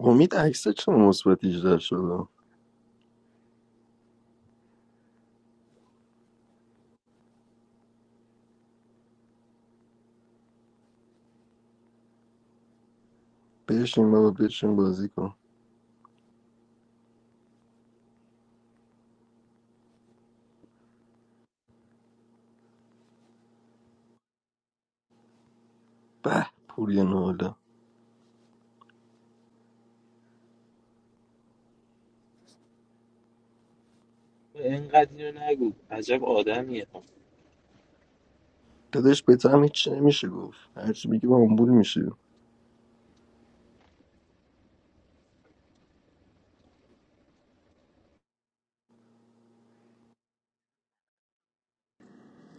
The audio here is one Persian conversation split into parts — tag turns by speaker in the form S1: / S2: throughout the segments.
S1: امید عکس چه مثبت 18 شده بشین بابا بشین بازی کن به پوری ناله
S2: اینقدر اینو نگو عجب آدمیه
S1: داداش به تو هم هیچی نمیشه گفت هرچی بگی با آمبول میشی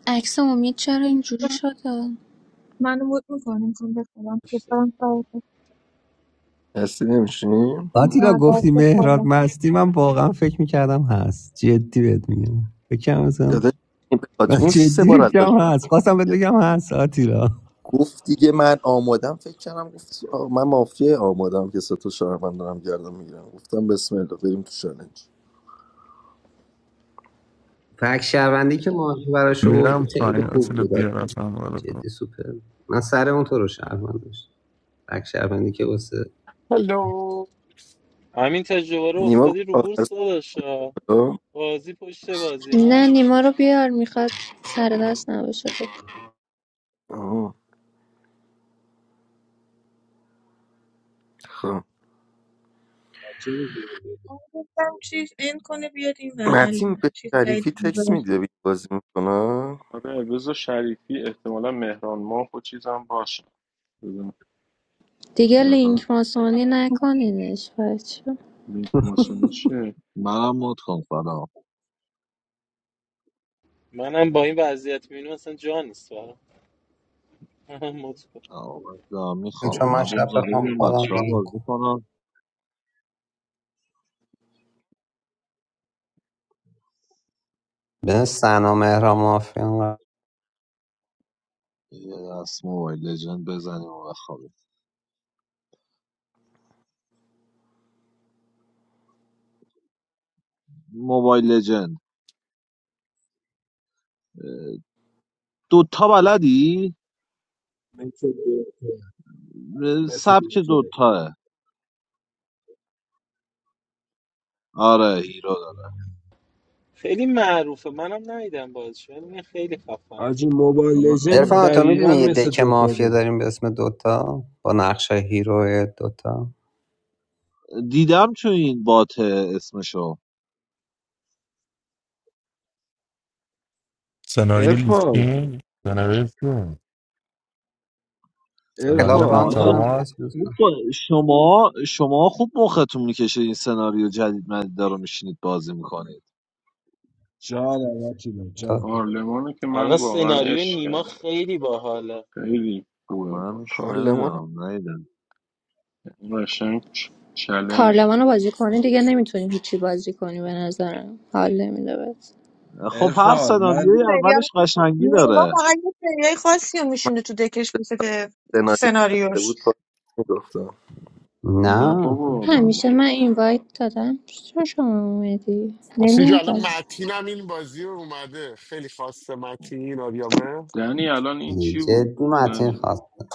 S3: عکس امید چرا اینجوری شده
S4: منو مود میکنه میخوام بخوابم خب برم سر
S1: هستی نمیشیم
S5: آتیلا گفتی
S4: کار.
S5: مهراد
S4: نه بخوابم
S5: مستی من واقعا فکر میکردم هست جدی بهت میگم فکرم مثلا
S1: داداش این
S5: من
S1: پلاتون سه
S5: جدی
S1: بار ازش
S5: فکرم هست خواستم بهت
S1: میگه
S5: بگم هست آتیلا
S1: گفت دیگه من آمادم فکر کردم گفت آه، من مافیه آمادم که سه تا شهروند دارم گردم میگیرم گفتم بسم الله بریم تو چالنج
S5: فکر شهروندی که ماهی براش
S6: میرم
S5: بود خیلی
S6: پایین
S5: خوب
S6: اصلا
S5: بود آتیلا.
S6: بیارت هم وارد کن.
S5: جدی سوپر من سر اون تو رو شهروند داشت فکر شهروندی که واسه
S7: Hello.
S2: همین تجربه رو
S1: نیما گفت
S2: افتادی رو
S1: آخر
S2: بورس داداش ها.
S1: سالا
S2: بازی پشت بازی
S3: نه
S2: ها
S3: نیما رو بیار میخواد سر دست نباشه
S1: آه، خب
S8: چرا بیاد بالا؟
S4: گفتم چیز این کنه بیاد این و
S1: متین
S4: الان
S1: به
S4: چیز بعید
S1: شریفی تکس
S4: می‌ذاره.
S1: میده بازی میکنه
S9: آره رضا شریفی احتمالا مهران ماه و چیزم باشه بزن.
S3: دیگه
S9: آها.
S3: لینک ماسونی نکنینش بچه
S9: لینک ماسونی چیه
S10: منم مد کن سلام
S2: منم با این وضعیت مینو اصلا جا نیست برام مطمئن.
S10: دارم
S5: چون
S10: میخوام
S5: من
S10: من روم
S5: شب
S10: زده
S5: بخوام
S10: بودم
S5: خودم
S10: بچه ها
S5: برم
S10: بازی
S5: کنم
S10: کنم
S5: به سنا مهرا مافیا
S10: یه دست موبایل لجند بزنیم و بخوابیم موبایل لجند دوتا بلدی؟
S8: مثل دوتا مثل
S10: سبک
S8: دوتا
S10: دوتاه آره هیرو دارم.
S2: خیلی معروفه منم ندیدم بازش ولی میگن خیلی خفنه
S8: آجی موبایل
S10: من-
S8: لژند
S5: ارفان
S10: آره.
S5: تو
S8: دقیقا
S5: میدونی یه
S8: مثل
S5: دک
S8: دوتا
S5: مافیا
S8: بود
S5: داریم به اسم دوتا با نقشه هیرو دوتا
S10: دیدم چون این بات اسمشو
S11: سناریو
S8: ارفان
S11: لیسکین سناریو چیه؟
S5: کلاب
S11: سناریو
S8: ارفان
S5: ران
S10: آجی
S5: کنم
S8: من
S11: ناچارما
S5: کسی دوست
S10: خوب
S5: نداره.
S10: با- شما شما خوب مختون میکشه این سناریو جدید مدیده رو میشینید بازی میکنید
S8: جانم آتیلا جان
S9: هارلمانه که من
S2: الان
S9: واقعا
S2: سناریو
S9: عشق
S2: نیما
S9: کردم
S2: خیلی باحاله
S9: خیلی خوبه
S10: من
S9: باشه
S1: پارلمان
S10: نمیدونم
S9: این قشنگ چلنج
S3: پارلمان رو بازی کنی دیگه نمیتونی هیچی بازی کنی به نظرم حال نمیده بس
S10: خب هر
S8: ارفان
S4: این
S10: سناریوی
S8: من
S4: سریال
S10: اولش قشنگی
S4: نیما
S10: داره
S4: فقط یه سریای خاصی رو میشونه تو دکش مثل که
S1: سناریو نوشته
S4: سناریوش
S1: بود پارمیس میگفتم
S9: نه
S5: نه
S9: بابا بنده
S3: همیشه من
S9: خدا
S3: اینوایت دادم چرا شما اومدی
S7: How's it
S3: نمیاد
S7: going?
S3: باز
S7: Matin, I'm in Bazi. How are you? Hello, Matin. Of your man.
S9: دنی الان این چی بود
S5: جدی متین
S9: دنی
S5: خواسته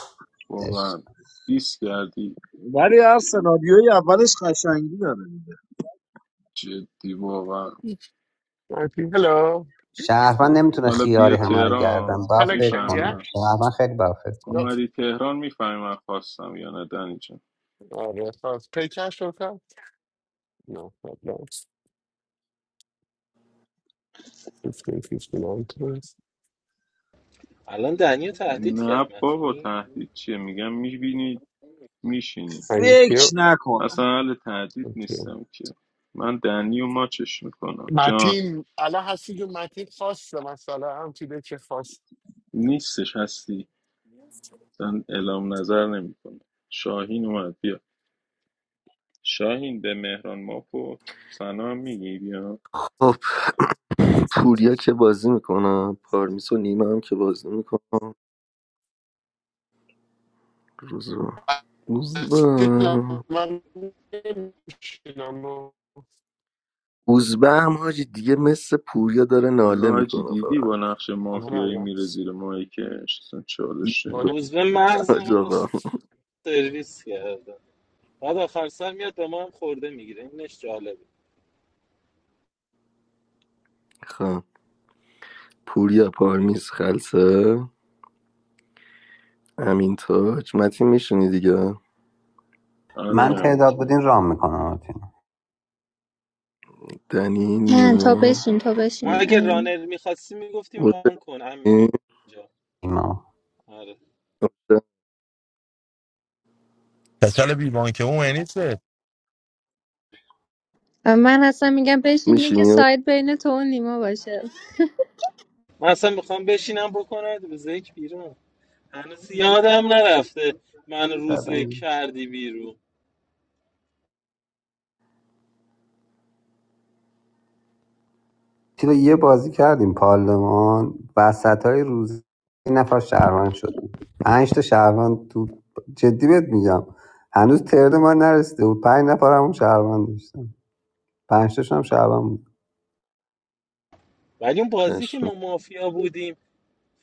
S5: عشق.
S9: واقعا دیس کردی
S10: ولی هر سناریوی اولش قشنگی داره
S9: جدی واقعا
S7: Matin. Hello.
S5: شهروند نمیتونه
S9: حالا
S5: خیاری
S9: بیا
S5: همه رو
S9: تهران
S5: گردن باید فکر
S7: Collection,
S9: میفهمی
S7: yeah.
S5: کنم
S9: من
S5: شهروند خیلی باید فکر کنم
S9: اومدی تهران میفهمی من خواستم یا نه دنی جان
S7: Are you first paycheck or what? No, no. Fifty, fifty months.
S2: الان دنیا تهدید
S9: نه
S2: کرد
S9: بابا
S2: متین
S9: تهدید چیه میگم میبینی میشینیم
S7: Thank
S10: فکر
S7: you.
S10: نکنم
S9: مثلا اهل تهدید
S7: Thank you.
S9: نیستم که من دنی و ماچش میکنم جان
S7: Matin, Allah has given Matin. First, the Masala. How did you
S9: نیستش هستی مثلا اعلام نظر نمیکنه شاهین اومد بیا شاهین به مهران ماپو سلام میگی بیا
S1: خب پوریا که بازی میکنم پارمیس و نیمه هم که بازی میکنم روزبه روزبه
S7: first?
S1: روزبه هم حاجی دیگه مثل پوریا داره
S9: آره
S1: ناله
S9: حاجی
S1: میکنه
S9: دیدی
S1: فقط
S9: با نقش
S7: Abone ol
S9: مافیایی
S7: lan.
S9: میره زیر ماهیکش اصلا چالش
S7: Abone.
S9: نمی‌گیره.
S2: روز به مغز
S1: حاج
S2: ما رو
S1: آقا
S2: سرویس کرده بعد آخر سر میاد به ما هم خورده میگیره اینش جالبه
S1: خب پوریا پارمیس خلصه امین تاج متین میشونی دیگه
S5: من
S9: آره
S5: تعداد
S9: اوکی
S5: بودین رام میکنم
S1: دنی
S3: نه تا
S1: نیما
S3: بشین تا
S2: ما
S3: بشین
S2: اگه
S3: امین
S2: رانر میخواستیم میگفتیم ران
S1: اوشنی
S2: کن همین جا
S5: ایمان
S2: آره
S11: کچل بی بانکه اون یعنی چه
S3: و من اصلا میگم بشین که
S1: میشینی
S3: سایت بین تو و نیما باشه
S2: من اصلا میخوام بشینم بکنم روز یک بیرون هنوز یادم نرفته من روزه کردی بیرون
S5: چرا یه بازی کردیم پارلمان وسط های روز یه نفر شهروند شدیم پنج تا شهروند تو جدی بهت میگم هنوز ترد ما نرسیده بود پنج نفر همون شهروند داشتم پنج تاشون هم شهروند بود
S2: ولی اون بازی که
S1: پشم.
S2: ما مافیا بودیم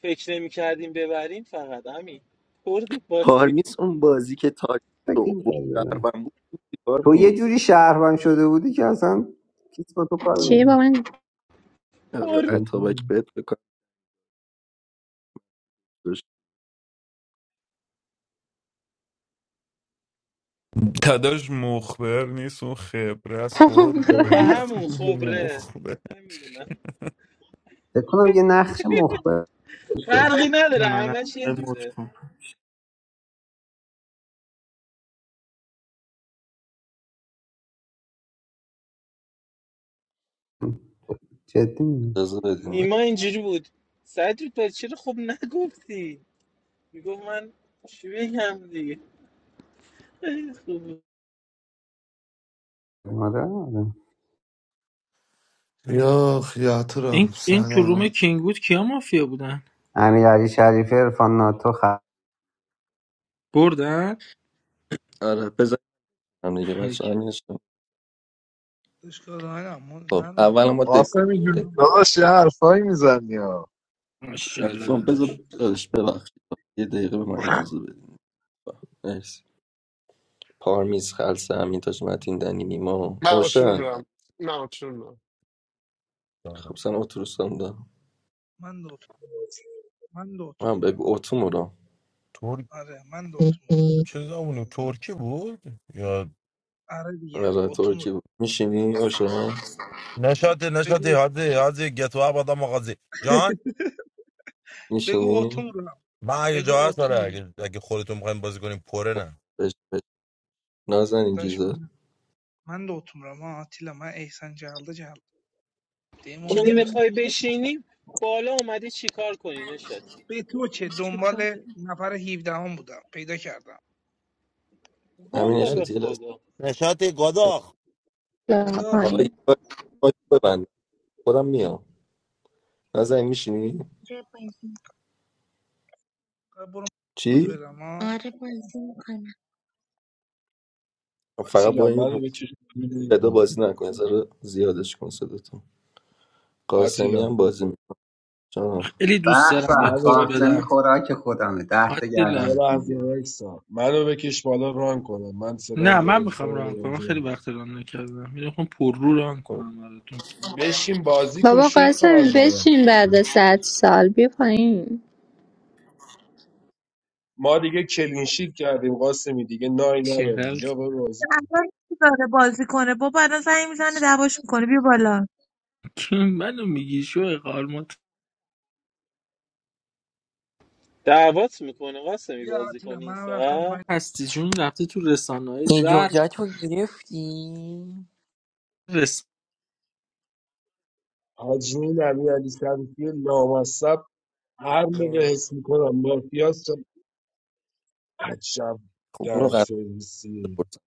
S2: فکر نمی کردیم ببریم فقط همین پردیم بازی
S1: پارمیس اون بازی که تاج
S5: فکر
S1: تو بود
S5: نمی‌کردی بزنی.
S1: شهروند بود،
S5: تو یه
S1: پارمیس
S5: جوری شهروند شده بودی که اصلا کس با تو کار
S3: چی با
S5: نداره.
S3: من
S1: آره
S2: پر
S1: اتابک بهت بکنم روش
S6: داداش مخبر نیست اون خبره است قربونت
S2: آه، همون
S6: برم.
S2: خبره
S6: مخبر
S2: نمیدونم
S5: فکر کنم یه نقش مخبر داشت.
S2: فرقی نداره
S12: منم
S2: همش یه
S12: موت
S2: جوره
S12: کن
S5: جدی میگم
S1: اجازه بدیم بعد.
S2: نیما اینجوری بود سجید چرا خب نگفتی میگفت من چی بگم دیگه خوبه.
S5: آره آره
S13: Yeah, I'm tired.
S12: این
S13: I'm
S12: این تو
S13: sick.
S12: روم کینگ بود کیا مافیا بودن
S5: امیرعلی شریفی عرفان ناتو
S12: بردن
S1: آره بزن دیگه بچه همین شد.
S14: اشکال ندارم من
S1: خب
S14: ندارم
S1: اول ما دک
S10: قاسم
S1: دک
S10: جون داداش یه حرفایی میزنی ها
S12: ماشاءالله
S1: الفون بذار
S12: داداش
S1: داداش ببخشید یه دقیقه به ما اجازه بدیم مرسی پارمیز خلصه همین تاج متین دنی نیما
S7: Ben açıyorum
S1: اوشن
S7: lan. Ben açıyorum lan.
S1: خب سن اتروسم دارم
S14: من دوتون من دو
S1: من
S14: رو
S1: بگو اتومو رو
S11: ترک
S14: آره من دو
S11: چه زمونه
S14: بزن
S11: ترکی بود یا
S14: آره دیگه
S1: برای
S14: اتومور
S1: ترکی میشینی اوشن
S11: نشاطی نشاطی
S14: بگو
S11: هادی هادی گتو اب آدم آغازی جان
S14: بگو
S1: میشینی
S14: اتومورم
S11: من اگه
S14: بگو
S11: جا هست آره
S14: اتومورم
S11: اگه, اگه خودتون میخوایم بازی کنیم پره نه
S1: بش بش نازن این
S14: داش
S1: چیزا
S14: من من دوتومورم ها آتیلا من احسن جلده جلد دیم
S2: خب
S15: جمع
S14: اون
S2: نمیخوای بشینی بالا اومدی چیکار کنی نشاتی
S14: به تو چه
S15: شد
S14: دنبال نفر 17 هم بودم پیدا کردم
S1: همین
S2: والا
S11: نش-
S2: به
S1: اشتاتی لازم
S2: خدا
S11: نشاطی گداخ
S3: رس
S14: خدا
S1: آقا یه
S3: پایین
S1: بار مایک ببند خودم میام نازن میشینی
S15: آره بازی
S14: خدا برو خود
S1: چی؟
S14: بدم ها
S15: آره بازی میکنم
S1: فقط با
S8: آتیلا من رو
S1: این
S8: بکش بیرون
S1: صدا
S8: کن
S1: بازی نکن یه ذره زیادش کن صداتو قاسمی
S8: آتیلا
S1: هم بازی میکنه
S12: خیلی دوست
S5: به
S12: دارم
S8: من
S5: به
S12: یه
S8: رو
S12: کد
S8: بکش
S5: قاسمی
S12: بدم
S5: خوراک خودمه ده تا
S12: آتیلا
S8: یه
S5: گردنت
S8: لحظه
S5: میگیرم
S8: وایسا منو بکش بالا ران کنم من صدام
S12: نه من
S8: گرفته
S12: میخوام
S8: ولی
S12: ران کنم من
S8: بازی
S12: خیلی
S8: ندارم
S12: وقت ران نکردم میخوام پر رو ران
S1: خب
S12: کنم براتون
S8: بشین بازی کن
S3: بابا
S8: شوی خار
S3: قاسمی
S8: مادر
S3: بشین بعد صد سال بیا پایین
S8: ما دیگه کلینشیت کردیم قاسمی دیگه نای نداریم
S12: چقدر
S8: یا برو بازی کن
S4: الان چی داره بازی کنه بابا الان زنگ میزنه
S15: چی
S4: دعواش
S15: بازی
S4: میکنه بیا بالا
S15: می‌کنی؟
S12: کی منو میگی شو قارمات
S2: دعوت میکنه قاسمی
S14: بیا
S2: بازی
S14: آتیلا
S2: کنی این
S14: منم رفتم
S2: ساعت
S14: پایین
S12: هستی جون رفته تو رسانه های زرد رس...
S8: حاجی نبی علی شریفی لامصب هر موقع حس میکنم مافیاست عجب
S1: اونو
S8: در
S1: قرار
S8: سرویسی
S1: بپرسم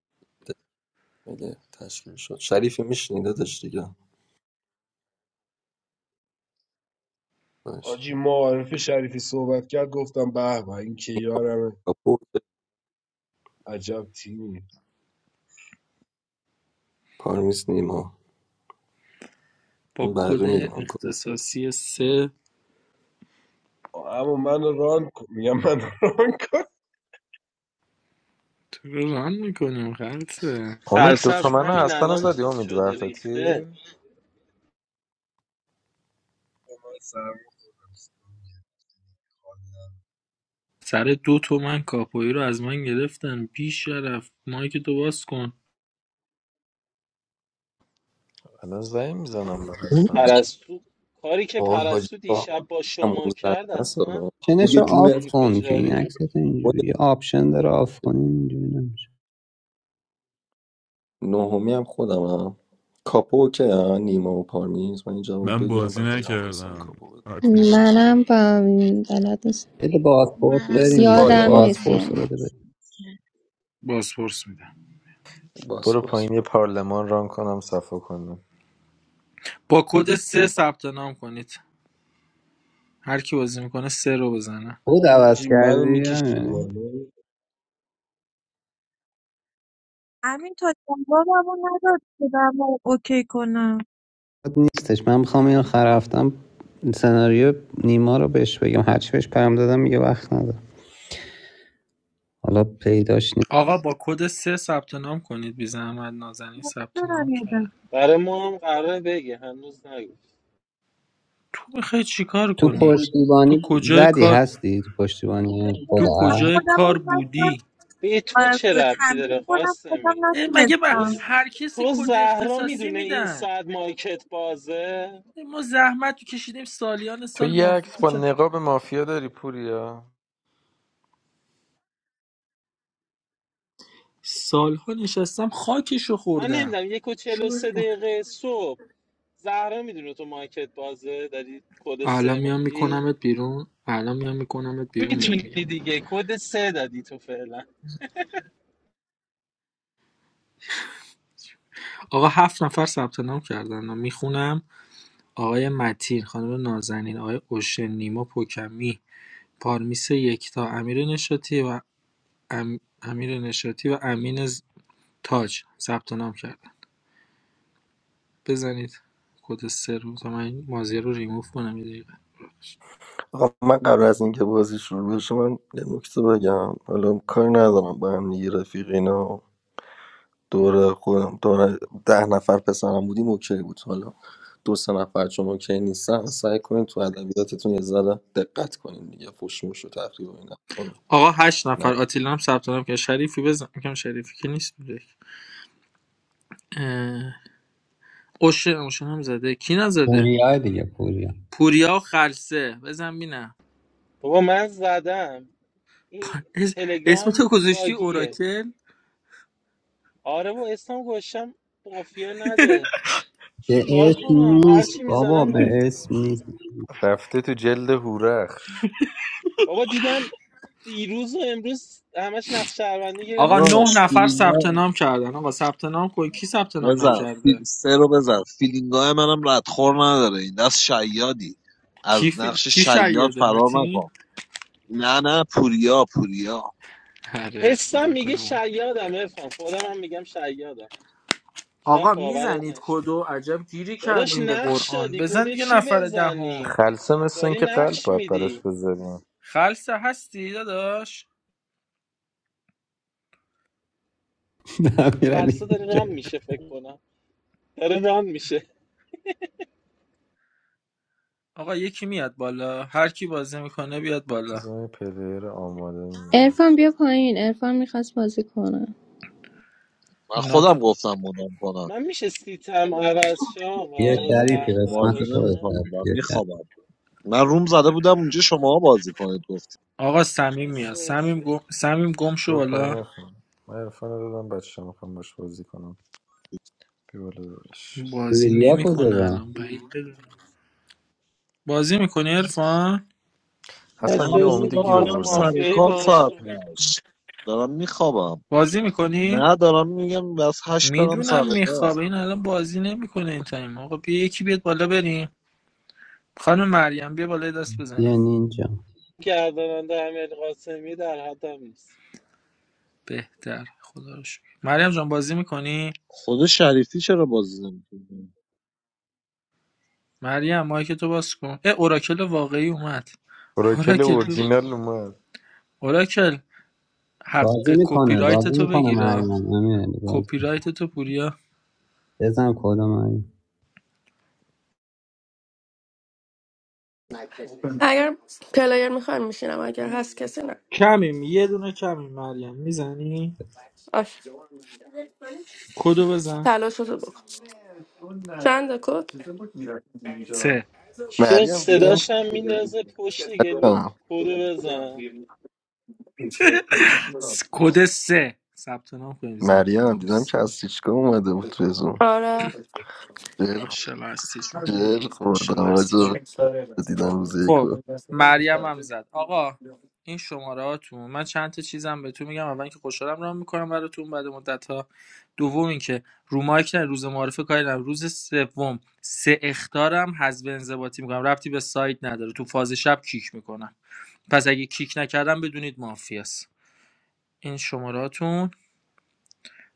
S1: میگه تشکیل شد شریفی میشنیده داشت دیگه باش
S8: حاجی
S1: نیما
S8: معارف شریفی صحبت کرد گفتم به به این که یارمه
S1: کاپو
S8: عجب تیمی
S1: پارمیس نیما
S12: با
S1: اون
S12: کد
S1: بقیه میدونم که
S12: اختصاصی سه
S8: اما من ران کن- میگم من ران کنم
S12: تو رو ران میکنیم خلصه
S16: امید
S2: خلصه از
S16: دوتا
S2: همین
S16: تا منو
S2: الان
S16: زدی
S2: چیز
S16: امید
S2: شده
S16: ورداتی
S2: ریخته
S8: من سرما خوردم.
S12: سر دو تومن کاپوئی رو از من گرفتن بی شرف مایک تو باز کن
S16: الان زنگ میزنم به
S5: اون
S16: هستم
S2: پرستو کاری که
S1: آقای حاجی
S2: پرستو
S1: آقا،
S2: دیشب با
S1: همون
S2: شما
S1: زن
S2: کرد
S1: هست
S2: اصلا
S1: آقا.
S5: آپشنش
S1: پوری
S5: رو آف
S1: جونت
S5: کن که این
S2: انفجاری
S5: عکس
S2: بود
S5: تو
S1: خود
S5: اینجوری یه آپشن داره آف کنی اینجوری نمیشه
S1: نهمی هم خودم هم کاپو که ها، نیما و پارمیز من این جواب
S6: من
S1: بگیرم
S6: بازی
S1: بعد بگم قاسم
S6: نکردم
S1: کاپو بده
S6: آتیلا
S3: منم با بلد نیست
S5: بده بازپورس
S15: منم
S1: مثل
S5: بریم دیگه
S15: آخرین
S3: یادم
S15: بار
S1: پارلمان
S3: نیست
S15: دیدم.
S5: بازپورس
S3: یعنی
S5: رو بده بریم
S12: بازپرس میدم
S1: باس
S16: برو
S1: باس
S16: پایین یه پارلمان ران کنم صفا کنم
S12: با کد سه ثبت نام کنید هر کی بازی میکنه سه رو بزنه
S5: خود عوض
S8: حاجی منو
S5: کردی
S8: میکشید
S5: امیرعلی؟
S8: بالا
S4: همین تا جوابمو نداد که دمو اوکی کنم
S5: نیستش من میخوام اینو خرفتم سناریو نیما رو بهش بگم هرچی بهش پیام دادم میگه وقت ندارم حالا پیداش نیست
S12: آقا با کد سه ثبت نام کنید بی زحمت نازنین ثبت
S4: دارم
S12: نام
S4: یه
S12: کرد
S2: برای ما هم قراره بگه هنوز نگفت
S12: تو میخوای چیکار
S5: تو
S12: کنی تو
S5: پشتیبانی
S12: کجای
S5: زدی
S12: کار
S5: هستی تو پشتیبانی
S12: تو
S4: دفعه. من
S5: خدا
S12: کجای
S4: خودم هم
S12: کار
S4: نتونم
S12: بودی
S2: به تو چه
S4: آه،
S2: ربطی
S4: تنبیه
S2: داره
S4: کنم خودم
S2: قاسمی
S12: اه، مگه با
S2: تو
S4: نتونستم
S2: ز-
S12: هر کسی
S2: تو
S12: کد
S2: زهرا
S12: اختصاصی
S2: میدونه این
S12: میدن
S2: ساعت مایکت بازه
S12: ما زحمت کشیدیم سالیان
S16: تو
S12: سال
S16: یه عکس
S12: مافیا
S16: با نقاب مافیا داری پوریا
S12: سالها نشستم خاکشو
S2: من
S12: خوردم
S2: نمیدونم یک و چهل و
S12: شو
S2: سه دقیقه صبح زهرا میدونه تو مارکت بازه داری کد سه
S12: الان میام
S2: میدی
S12: میکنمت بیرون الان میام میکنمت بیرون بهت
S2: میتونی
S12: میگم
S2: دیگه کد سه دادی تو فعلا
S12: آقا هفت نفر ثبت نام کردن میخونم آقای متین خانم نازنین آقای اوشن نیما پوکمی پارمیس یکتا امیر نشاتی و ام... امیر نشاتی و امین ز- تاج ثبت نام کردن بزنید کد سر رو تا من مازیه رو ریموف کنم یه دقیقه
S1: آقا من قبل از اینکه بازی شروع بشه من یه نکته بگم حالا کاری ندارم با هم دیگه رفیق اینا دور خودم دور ده نفر پسرم بودیم اوکی بود حالا دو سه نفر چون اوکی نیستن سعی کنین تو ادبیاتتون یه ذره دقت کنین دیگه فوشموش و تقریب و تقریبا اینا رو
S12: آقا هشت
S1: نه
S12: نفر آتیلا هم ثبت نام کرد شریفی بزن میگم شریفی که نیست اه، اوشن اوشن هم زده کی نزده
S5: پوریا دیگه پوریا
S12: پوریا و خلصه بزن بینم
S2: بابا من زدم این
S12: اس- اسم
S2: تلگرام
S12: تو گذاشتی
S2: باگیه
S12: اوراکل
S2: آره و اسم گوشم مافیا نده
S5: به
S2: چیکار
S5: اسم
S2: کنم
S5: نیست
S2: هرچی
S5: بابا
S2: میزنم
S5: به
S2: مافیا
S5: اسم نیست
S16: رفته تو جلد هورخش
S2: بابا دیدم دیروز و امروز همش نقش شهروندی گرفت
S12: آقا نه
S2: گفتم
S12: نفر
S10: داداش
S2: بزنم چی
S12: ثبت نام
S2: میشه
S12: کردن آقا ثبت نام کن کی ثبت نام
S10: بزن
S12: نکرده
S10: فیل... سه رو بزن فیلینگای منم ردخور نداره این دست شیادی
S12: کی
S10: از
S12: ف...
S10: نقش
S12: کی
S10: شیاد
S12: شیاده
S10: فرار
S12: متین
S10: نکن نه نه پوریا پوریا
S12: آره
S2: حسم
S12: خدا
S2: میگه
S12: کنم
S2: شیادم ارفان خودم هم میگم شیادم شاید
S12: آقا
S2: باورت
S12: میزنید
S2: نشه
S12: کدو عجب گیری
S2: داداش
S12: کردیم به
S2: نقش
S12: قرآن
S2: دادی
S12: بزن
S2: کد
S12: دیگه
S2: چی
S12: نفر دهم
S2: بزنیم
S16: خلصه مثل این
S2: داری
S16: که قلب
S2: نقش
S16: باید براش
S2: میدی
S16: بذاریم
S12: خلصه هستی داداش
S2: خلصه
S5: امیرعلی
S2: داری رام
S5: میگه
S2: میشه فکر کنم داره رام میشه
S12: آقا یکی میاد بالا هر کی بازی میکنه بیاد بالا
S16: بذار یه پلیر آماده میدم
S3: ارفان بیا پایین ارفان میخواست بازی کنه
S10: من
S12: نه
S10: خودم گفتم مودم کنن
S2: من میشه سیتم عوض شه
S5: یه
S2: آقا
S10: من
S5: شریفی
S2: ده
S5: قسمت
S10: بازی
S5: خودتن
S10: نمیکنم
S2: نباشم
S10: من
S5: یه شریف
S10: میخوابم من روم زده بودم اونجا شما بازی کنید گفتید
S12: آقا صمیم میاد
S2: استرس
S12: صمیم گم صمیم گم شو
S16: برو پایین
S12: بالا
S16: ارفان من ارفان رو دادم بچه میخوام باش بازی کنم بیا بالا داداش.
S12: بازی
S5: بوریا
S12: نمیکنه
S5: کجا
S12: الان بعید بدونم. بازی میکنی عرفان
S16: حسن
S10: نه
S16: بیا
S2: استرس
S16: امید رو
S10: برو من
S16: گیر
S2: کارت
S10: میرم سر
S16: آوردم
S2: مافیایی
S10: کار
S2: باز
S10: ساعت
S2: شد
S10: هشت دارم میخوابم
S12: بازی میکنی
S10: نه دارم میگم بس هشت برم سر
S12: میدونم
S10: کار
S12: میخوابه این الان بازی نمیکنه این تایم آقا بیا یکی بیاد بالا بریم خانم مریم بیا بالا یه دست بزنیم
S5: یه نینجا
S2: گرداننده امیر قاسمی در حدم نیست
S12: بهتر خدا رو شکر مریم جان بازی میکنی
S10: خود شریفی چرا بازی نمیکنه
S12: مریم مایک تو باز کن اه اوراکل واقعی اومد
S16: اوراکل
S12: اوراکل بگو.
S16: اورجینال اومد
S12: اوراکل حق
S5: بازی
S12: کپی
S5: میکنه
S12: رایت
S5: بازی
S12: تو
S5: میکنه
S12: بگیره
S5: مریم امیرعلی بازی
S12: کپی رایت تو پوریا
S5: بزن کدو مریم
S17: اگر پلیر میخوایم میشینم اگر هست کسی نه
S12: کمیم یه دونه کمیم مریم میزنی
S17: آش
S12: کدو بزن
S17: تلاش رو بکن چند کد
S12: سه
S2: چه
S1: مریم دیدم که
S2: صداش هم میندازه پشت گلو
S1: مریم
S2: کده بزن
S12: س- کد سه ثبت نام کنیم زن
S1: مریم دیدم
S12: مرسی.
S1: که از سیچکا اومده بود تو زون
S17: آره
S1: جر
S12: ماشاءالله هستی جون
S1: جر خوردم
S12: ماشاءالله هستی
S1: راجع
S12: جون
S1: به- دیدم روز یکو
S12: خب مریم هم زد آقا این شماره هاتون من چند تا چیزم بهتون میگم اول اینکه خوشحالم راه میکنم براتون بعد مدت ها دوم اینکه رو مایک نه روز معرفه کاری نه روز سوم سه اختارم حذف انضباطی میکنم ربطی به سایت نداره تو فاز شب کیک میکنم پس اگه کیک نکردم بدونید مافیاست این شماراتون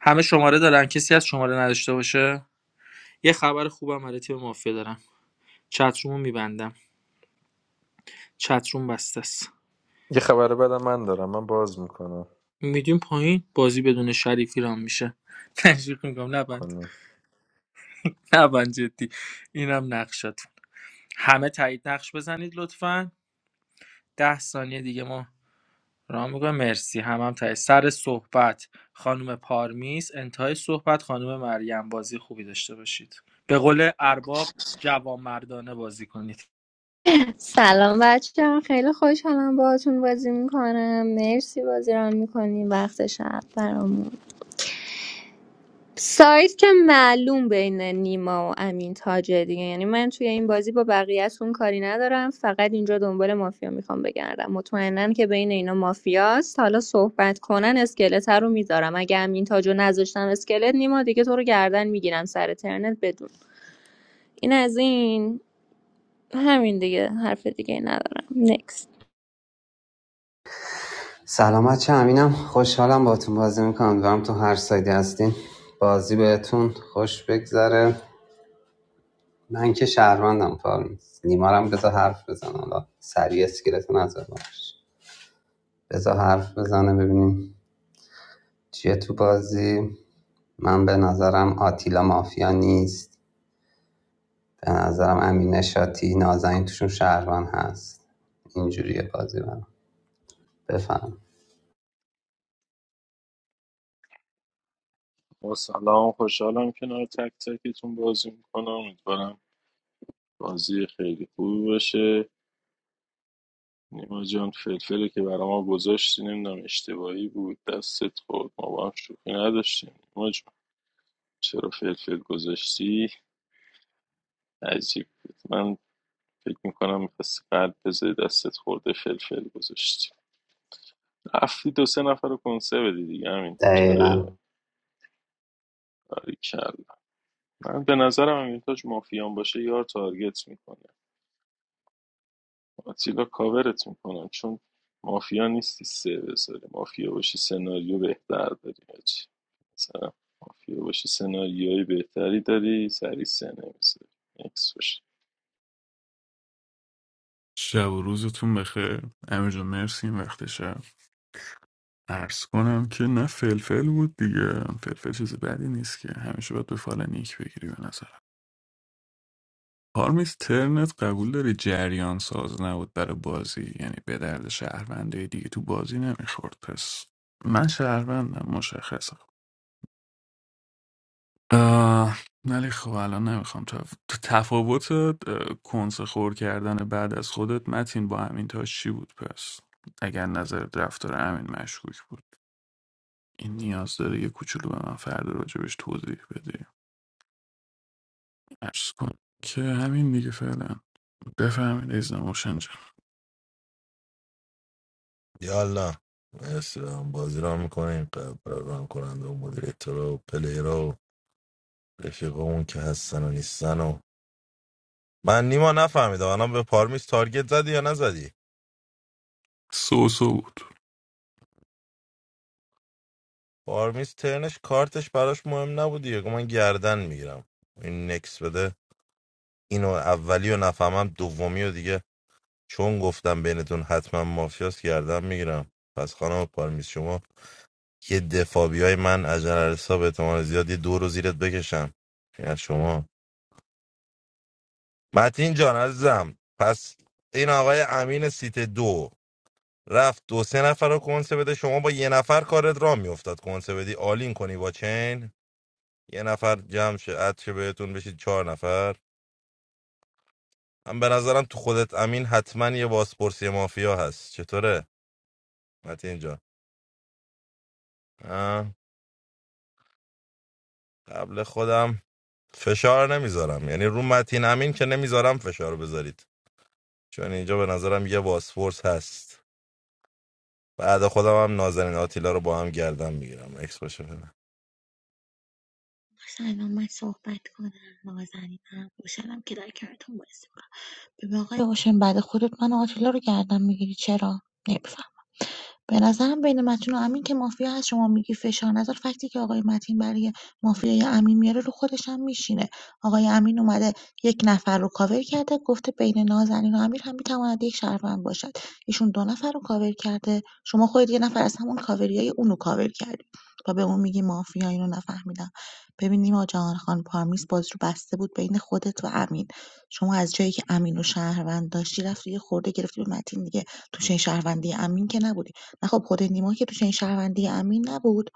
S12: همه شماره دارن کسی از شماره نداشته باشه یه خبر خوبم برای تیم مافیا دارم چترومو میبندم چتروم بسته است
S16: یه خبر بدم من دارم من باز میکنم
S12: میدیم پایین بازی بدون شریفی رام میشه تشویق میکنم نبند
S16: کنی.
S12: نبند جدی اینم نقشات همه تایید نقش بزنید لطفا ده ثانیه دیگه ما رام میکنم مرسی هم هم تایید سر صحبت خانم پارمیس انتهای صحبت خانم مریم بازی خوبی داشته باشید به قول ارباب جوان مردانه بازی کنید
S3: سلام بچه خیلی خوشحالم باهاتون بازی میکنم مرسی بازی رو میکنیم وقت شب برامون سایت که معلوم بین نیما و امین تاجه دیگه یعنی من توی این بازی با بقیه‌تون کاری ندارم فقط اینجا دنبال مافیا میخوام بگردم مطمئنم که بین اینا مافیاست حالا صحبت کنن اسکلت رو میذارم اگه امین تاجو نذاشتم اسکلت نیما دیگه تو رو گردن میگیرم سر ترنت بدون این از این همین دیگه حرف دیگه ندارم نکست
S5: سلامت چه امینم خوشحالم باتون بازی میکنم دارم تو هر سایدی هستین بازی بهتون خوش بگذره من که شهروندم کار نیست نیمارم بذار حرف بزن حالا سریع اسکلتو نظر باش بذار حرف بزنه ببینیم چیه تو بازی من به نظرم آتیلا مافیا نیست به نظرم امین شاتی نازنین توشون شهروان هست اینجوریه بازی برام بفهم
S9: با سلام خوشحالم کنار تک تکتون بازی میکنم امیدوارم بازی خیلی خوبی باشه نیما جان فلفلی که برای ما گذاشتی نمیدونم اشتباهی بود دستت خورد ما با هم شوخی نداشتیم نیما جان چرا فلفل گذاشتی عجیب بود من فکر میکنم میخواستی قلب بذاری دستت خورده فلفل گذاشتی رفتی دو سه نفر رو کنسه بدی دیگه همین
S5: دقیقا
S9: آره باریکلا من به نظرم همین مافیان باشه یار تارگت میکنه آتیلا کاورت میکنم چون مافیا نیستی سه بذاری مافیا باشی سناریو بهتر داری حاجی. مثلا مافیا باشی سناریوی بهتری داری سری سه نمیذاری نکس باشی
S6: شب و روزتون بخیر امیر جان مرسی این وقت شب عرض کنم که نه فلفل بود دیگه فلفل چیز بدی نیست که همیشه باید به فال نیک بگیری به نظر پارمیز ترنت قبول داری جریان ساز نبود برای بازی یعنی به درد شهرونده دیگه تو بازی نمیخورد پس من شهروندم مشخصه آه، ولی خب الان نمیخوام تو تفاوت اه، کنس خور کردن بعد از خودت متین با همین تاش چی بود پس اگر نظر رفتار همین مشکوک بود این نیاز داره یه کوچولو به من فردا راجبش توضیح بدی عرض کن که همین دیگه فعلا بفهمید ایزن موشن جان
S11: یالا مرسی هم بازی را میکنیم قبل ران کننده و مدیریتر و پلیر و رفیق که هستن و نیستن و من نیما نفهمیدم الان به پارمیس تارگت زدی یا نزدی
S6: سو سو بود
S11: پارمیز ترنش کارتش براش مهم نبود دیگه گفت من گردن میگیرم این نکس بده اینو اولی و نفهمم دومی و دیگه چون گفتم بینتون حتما مافیاس گردن میگیرم پس خانم پارمیز شما یه دفابی های من از جنرالسا به اعتماد زیاد یه دو رو زیرت بکشم این از شما متین جان عزیزم پس این آقای امین سیت دو رفت دو سه نفر رو کنسه بده شما با یه نفر کارت را میافتاد کنسه بدی آلین کنی با چین یه نفر جمع شه عطشه بهتون بشید چهار نفر من به نظرم تو خودت امین حتما یه بازپرسی مافیا هست چطوره متین جان آه، قبل خودم فشار نمیذارم یعنی رو متین امین که نمیذارم فشار بذارید چون اینجا به نظرم یه بازپرس هست بعد خودم هم نازنین آتیلا رو با هم گردن میگیرم اکس باشه فعلا.
S15: سلام من صحبت کنم نازنینم خوشحالم که در کارتون بازی میکنم ببین آقای اوشن بعد خودت من و آتیلا رو گردم میگیری چرا نمی‌فهمم به نظرم بین متین و امین که مافیا هست شما میگی فشار نظر فکتی که آقای متین برای مافیای امین میاره رو خودش هم میشینه آقای امین اومده یک نفر رو کاور کرده گفته بین نازنین و امیر هم میتواند یک شهروند باشد ایشون دو نفر رو کاور کرده شما خودت یه نفر از همون کاوریای اونو کاور کردی و به اون میگی مافیا اینو نفهمیدم ببینیم آقا جهان خان پارمیس باز رو بسته بود بین خودت و امین شما از جایی که امین و شهروند داشتی رفتی یه خورده گرفتی به متین دیگه تو چه شهروندی امین که نبودی نه خب خود نیما که تو چنین شهروندی امین نبود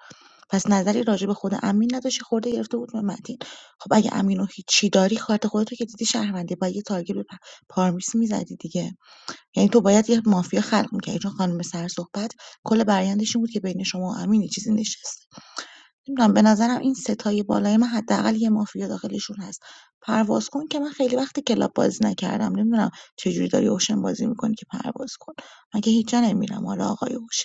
S15: پس نظری راجع به خود امین نداشتی خورده گرفته بود به متین خب اگه امینو هیچی داری کارت خودتو که دیدی شهروندی با یه تارگت به پ- پارمیس میزدی دیگه یعنی تو باید یه مافیا خلق میکردی چون خانم سر صحبت کل برایندش این بود که بین شما و امین یه چیزی نشست نمیدونم به نظرم این ستای بالای من حداقل یه مافیا داخلشون هست پرواز کن که من خیلی وقت کلاب بازی نکردم نمیدونم چجوری داری اوشن بازی میکنی که پرواز کن مگه هیچ جا نمیرم حالا آقای اوشن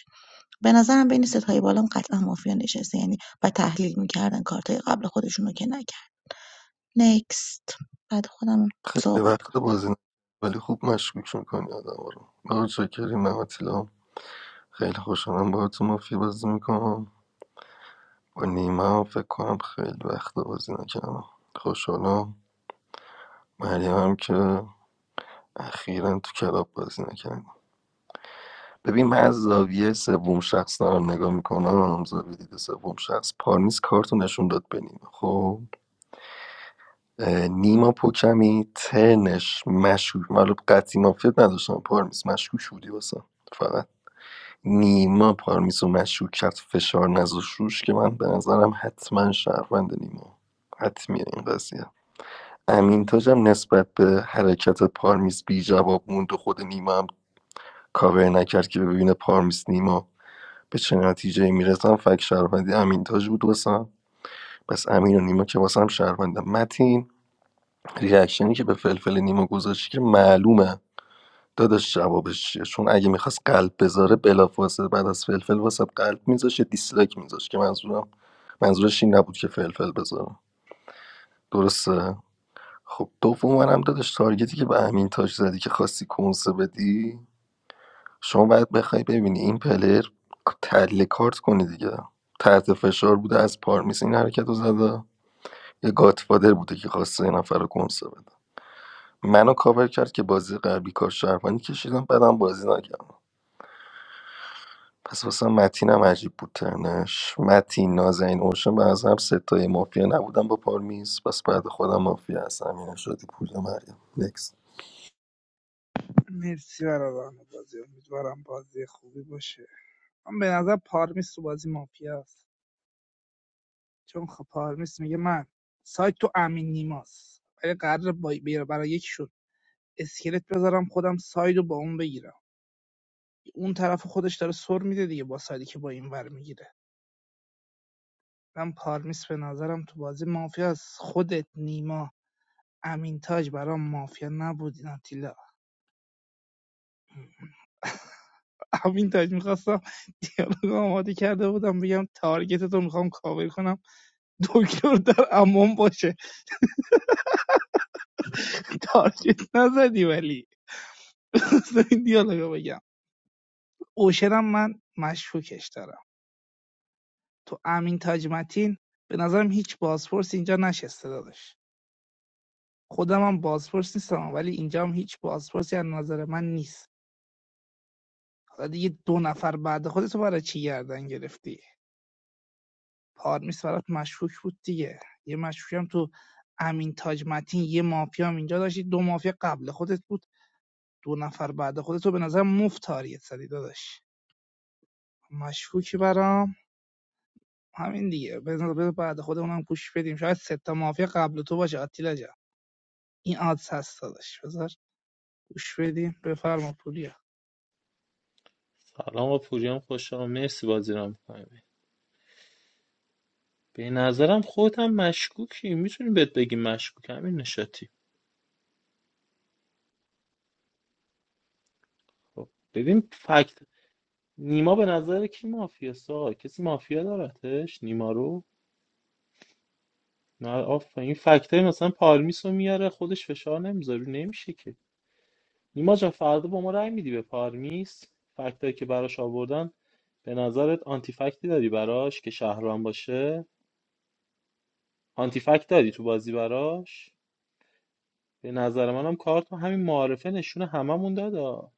S15: به نظرم بین ستای بالام قطعا مافیا نشسته یعنی و تحلیل میکردن کارتای قبل خودشون رو که نکرد نکست بعد خودم
S1: خیلی
S15: صحبت
S1: وقت
S15: کنم
S1: بازی نکردم، ولی خوب مشکوک میکنی آدم رو آقا چاکریم من سلام خیلی خوشحالم با تو مافیا بازی میکنم با نیما هم فکر کنم خیلی وقت بازی نکردم خوشحالم مریم هم که اخیرا تو کلاب بازی نکردم ببین من از زاویه سوم شخص دارم نگاه میکنم زاویه دید سوم شخص پارمیز کارتو نشون داد به نیما خب اه، نیما پوکمی تنش مشکوک من قطعی مافیت نداشتم پارمیز مشکوک بودی واسه فقط نیما پارمیز و مشکوک کرد فشار نذاش روش که من به نظرم حتما شهروند نیما حتمیه این قضیه امین تاجم نسبت به حرکت پارمیز بی جواب موند و خود نیما هم کاور نکرد که ببینه پارمیز نیما به چه نتیجه میرسن فک شهروندی امین تاج بود واسم پس امین و نیما که واسم شهروندم متین ریاکشنی که به فلفل نیما گذاشتی که معلومه داداش جوابش چیه چون اگه میخواست قلب بذاره بلافاصله بعد از فلفل واسه قلب میذاش یه دیسلایک میذاش که منظورم منظورش این نبود که فلفل بذاره درسته خب دوم منم داداش تارگتی که به امین تاج زدی که خواستی کنسه بدی شما باید بخوای ببینی این پلر تله کارت کنی دیگه تحت فشار بوده از پارمیس این حرکت رو زده یه گاتفادر بوده که خواسته یه نفر رو کنسه بده منو کاور کرد که بازی قبلی کار شهروندی کشیدم بعدم بازی نکرد پس واسه متینم عجیب بود ترنش متین نازنین اوشن به هم ستای مافیا نبودن با پارمیز پس بعد خودم مافیا هستم یعنی شدی پول مریم نکس
S14: مرسی برادران بازی امیدوارم بازی خوبی باشه من به نظر پارمیس تو بازی مافیا چون خب پارمیس میگه من سایت تو امین نیماست ولی قرار برای یکشون اسکلت بذارم خودم ساید رو با اون بگیرم اون طرف خودش داره سر میده دیگه با سایدی که با این ور میگیره من پارمیس به نظرم تو بازی مافیا از خودت نیما امین تاج برام مافیا نبودین این آتیلا امین تاج میخواستم دیالوگ آماده کرده بودم بگم تارگت تو میخوام کاور کنم دکتر در امان باشه تارگت نزدی ولی این دیالوگو بگم اوشنم من مشکوکش دارم تو امین تاج متین به نظرم هیچ بازپرس اینجا نشسته دادش خودم هم بازپرس نیستم ولی اینجا هم هیچ بازپرسی از نظر من نیست حالا دیگه دو نفر بعد خودتو برای چی گردن گرفتی پارمیس برات مشکوک بود دیگه یه مشکوکی هم تو امین تاج متین یه مافیا هم اینجا داشتی دو مافیا قبل خودت بود دو نفر بعد خودتو به نظر مفت تاریت زدی داداش مشکوکی برام همین دیگه بذار بذار بعد خودمون هم گوش بدیم شاید سه تا مافیا قبل تو باشه آتیلا جان این آدس هست داداش بذار گوش بدیم بفرما پوریا
S2: سلام و پوریام خوش آمد مرسی بازی رو می‌کنی. به نظرم خودت هم مشکوکی میتونیم بهت بگیم مشکوک همین نشاتی خب ببین فکت نیما به نظر کی مافیاست آقا کسی مافیا دارتش نیما رو نه آفرین این فکت مثلا پارمیس رو میاره خودش فشار نمیذاره نمیشه که نیما جان فردا با ما رأی میدی به پارمیس فکتایی که براش آوردن به نظرت آنتی فکتی داری براش که شهران باشه آنتی فکت داری تو بازی براش به نظر منم کارت همین معارفه نشونه هممون دادا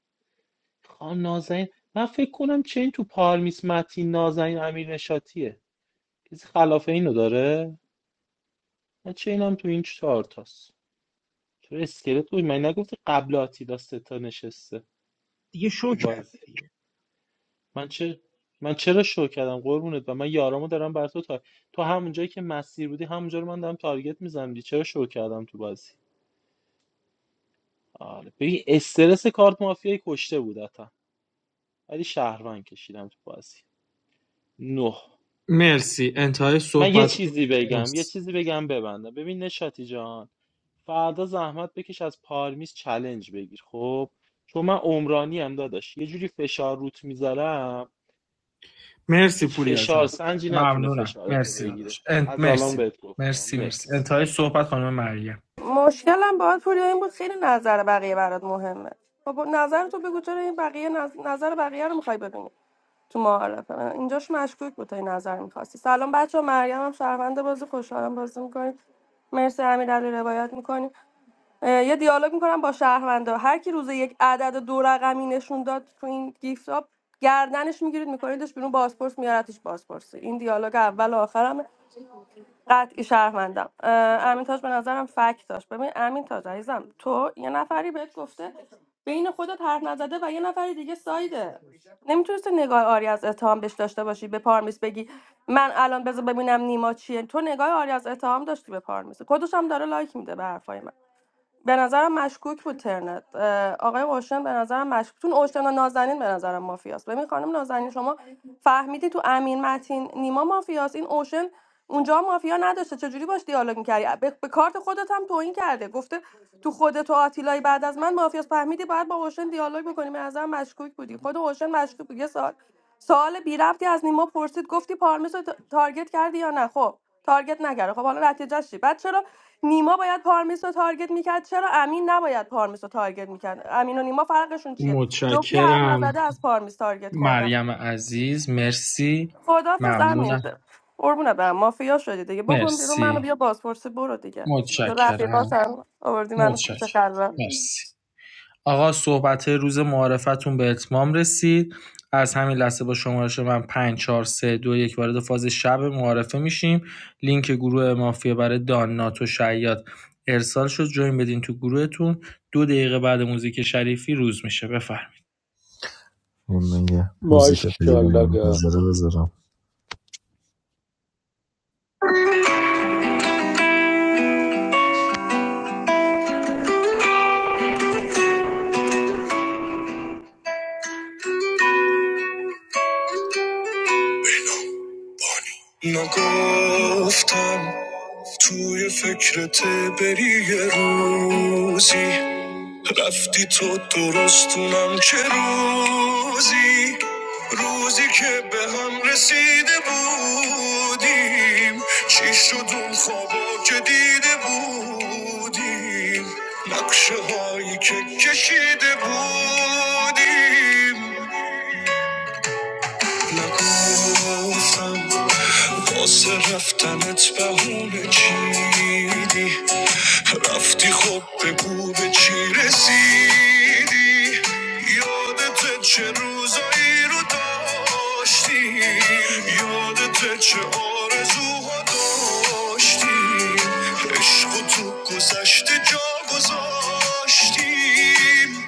S2: خان نازنین من فکر کنم چه این تو پارمیس متین نازنین امیر نشاتیه کسی خلاف اینو داره من چه چینم تو این چهار تاست چرا اسکلت بود من نگفتی قبل آتیلا سه نشسته
S14: دیگه شو
S2: تو بازی
S14: کردی دیگه
S2: من چه من چرا شو کردم قربونت و من یارامو دارم بر تو تا تو همون جایی که مسیر بودی همونجا رو من دارم تارگت میزنم چرا شو کردم تو بازی آره ببین استرس کارت مافیایی کشته بود حتی ولی شهروند کشیدم تو بازی نه
S12: مرسی انتهای
S2: من یه
S12: صحبت
S2: چیزی بگم یه
S12: مرسی
S2: چیزی بگم ببندم ببین نشاتی جان فردا زحمت بکش از پارمیز چلنج بگیر خب چون من عمرانی هم داداش یه جوری فشار روت میذارم
S12: مرسی
S2: هیچ
S12: پوریا
S2: فشار
S12: جان
S2: سنجی نتونه
S12: ممنونم
S2: فشارتو
S12: مرسی
S2: بگیره
S12: داداش انت
S2: از الان
S12: مرسی
S2: بهت
S12: مرسی
S2: گفتم
S12: مرسی
S2: نکس
S12: انتهای صحبت خانم مریم
S17: مشکلم باید پوریا این بود خیلی نظر بقیه برات مهمه خب نظر تو بگو چرا این بقیه نظ- نظر بقیه رو میخوای بدونی تو معارفه اینجاش مشکوک بود تا این نظر میخواستی سلام بچه مریم هم شهروند بازی خوشحالم بازی میکنیم مرسی امیرعلی روایت میکنیم اه، یه دیالوگ میکنم با شهروندا هر کی روز یک عدد دو رقمی نشون داد تو این گیفت آب گردنش میگیرید میکنیدش بیرون بازپرس میارتش بازپرسی این دیالوگ اول و آخرم قطعی شهروندم اه، امین تاج به نظرم فکت داشت ببین امین تاج عزیزم تو یه نفری بهت گفته بین خودت حرف نزده و یه نفر دیگه سایده نمیتونستی نگاه آری از اتهام بهش داشته باشی به پارمیس بگی من الان بذار ببینم نیما چیه تو نگاه آری از اتهام داشتی به پارمیس خودش هم داره لایک میده به حرفای من به نظرم مشکوک بود ترنت اه، آقای اوشن به نظرم مشکوک چون اوشن و نازنین به نظرم مافیاست ببین خانم نازنین شما فهمیدی تو امین متین نیما مافیاست این اوشن اونجا مافیا نداشته چجوری باش دیالوگ میکردی به, به کارت خودت هم توهین کرده گفته تو خودت و آتیلای بعد از من مافیاست فهمیدی باید با اوشن دیالوگ بکنی به نظرم مشکوک بودی خود اوشن مشکوک بود یه سال سوال بی ربطی از نیما پرسید گفتی پارمیس رو تا- تارگت کردی یا نه خب تارگت نکرده خب حالا نتیجهش چی بعد چرا نیما باید پارمیس رو تارگت میکرد چرا امین نباید پارمیس رو تارگت میکرد امین و نیما فرقشون چیه جفتی حرف
S12: متشکرم
S17: نزده از پارمیس تارگت خوردن
S12: مریم عزیز مرسی
S17: خدافظ
S12: ممنونم
S17: امین قربونه برم مافیا شدی دیگه بکن بیرون منو
S12: مرسی
S17: بیا بازپرسی برو دیگه جو
S12: متشکرم
S17: رفیقاتم آوردی منو کوچه
S12: متشکرم
S17: خلوت
S12: مرسی آقا صحبت روز معارفتون به اتمام رسید از همین لحظه با شمارش من 5 4 3 2 1 وارد فاز شب معارفه میشیم لینک گروه مافیا برای دان ناتو شیاد ارسال شد جوین بدین تو گروهتون دو دقیقه بعد موزیک شریفی روز میشه بفرمایید
S16: این میگه موزیک پلیر
S18: Bashalaka.
S16: منتظره بذارم نگفتم توی فکرت بری یه روزی رفتی تو درستونم چه روزی روزی که به هم رسیده بودیم چی شد اون خوابا که دیده بودیم نقشه هایی که کشیده بودیم نگفتم واسه رفتنت بهونه چیدی رفتی خب بگو به چی رسیدی یادت چه روزایی رو داشتی یادت چه آرزوها داشتی عشق و تو گذشته جا گذاشتی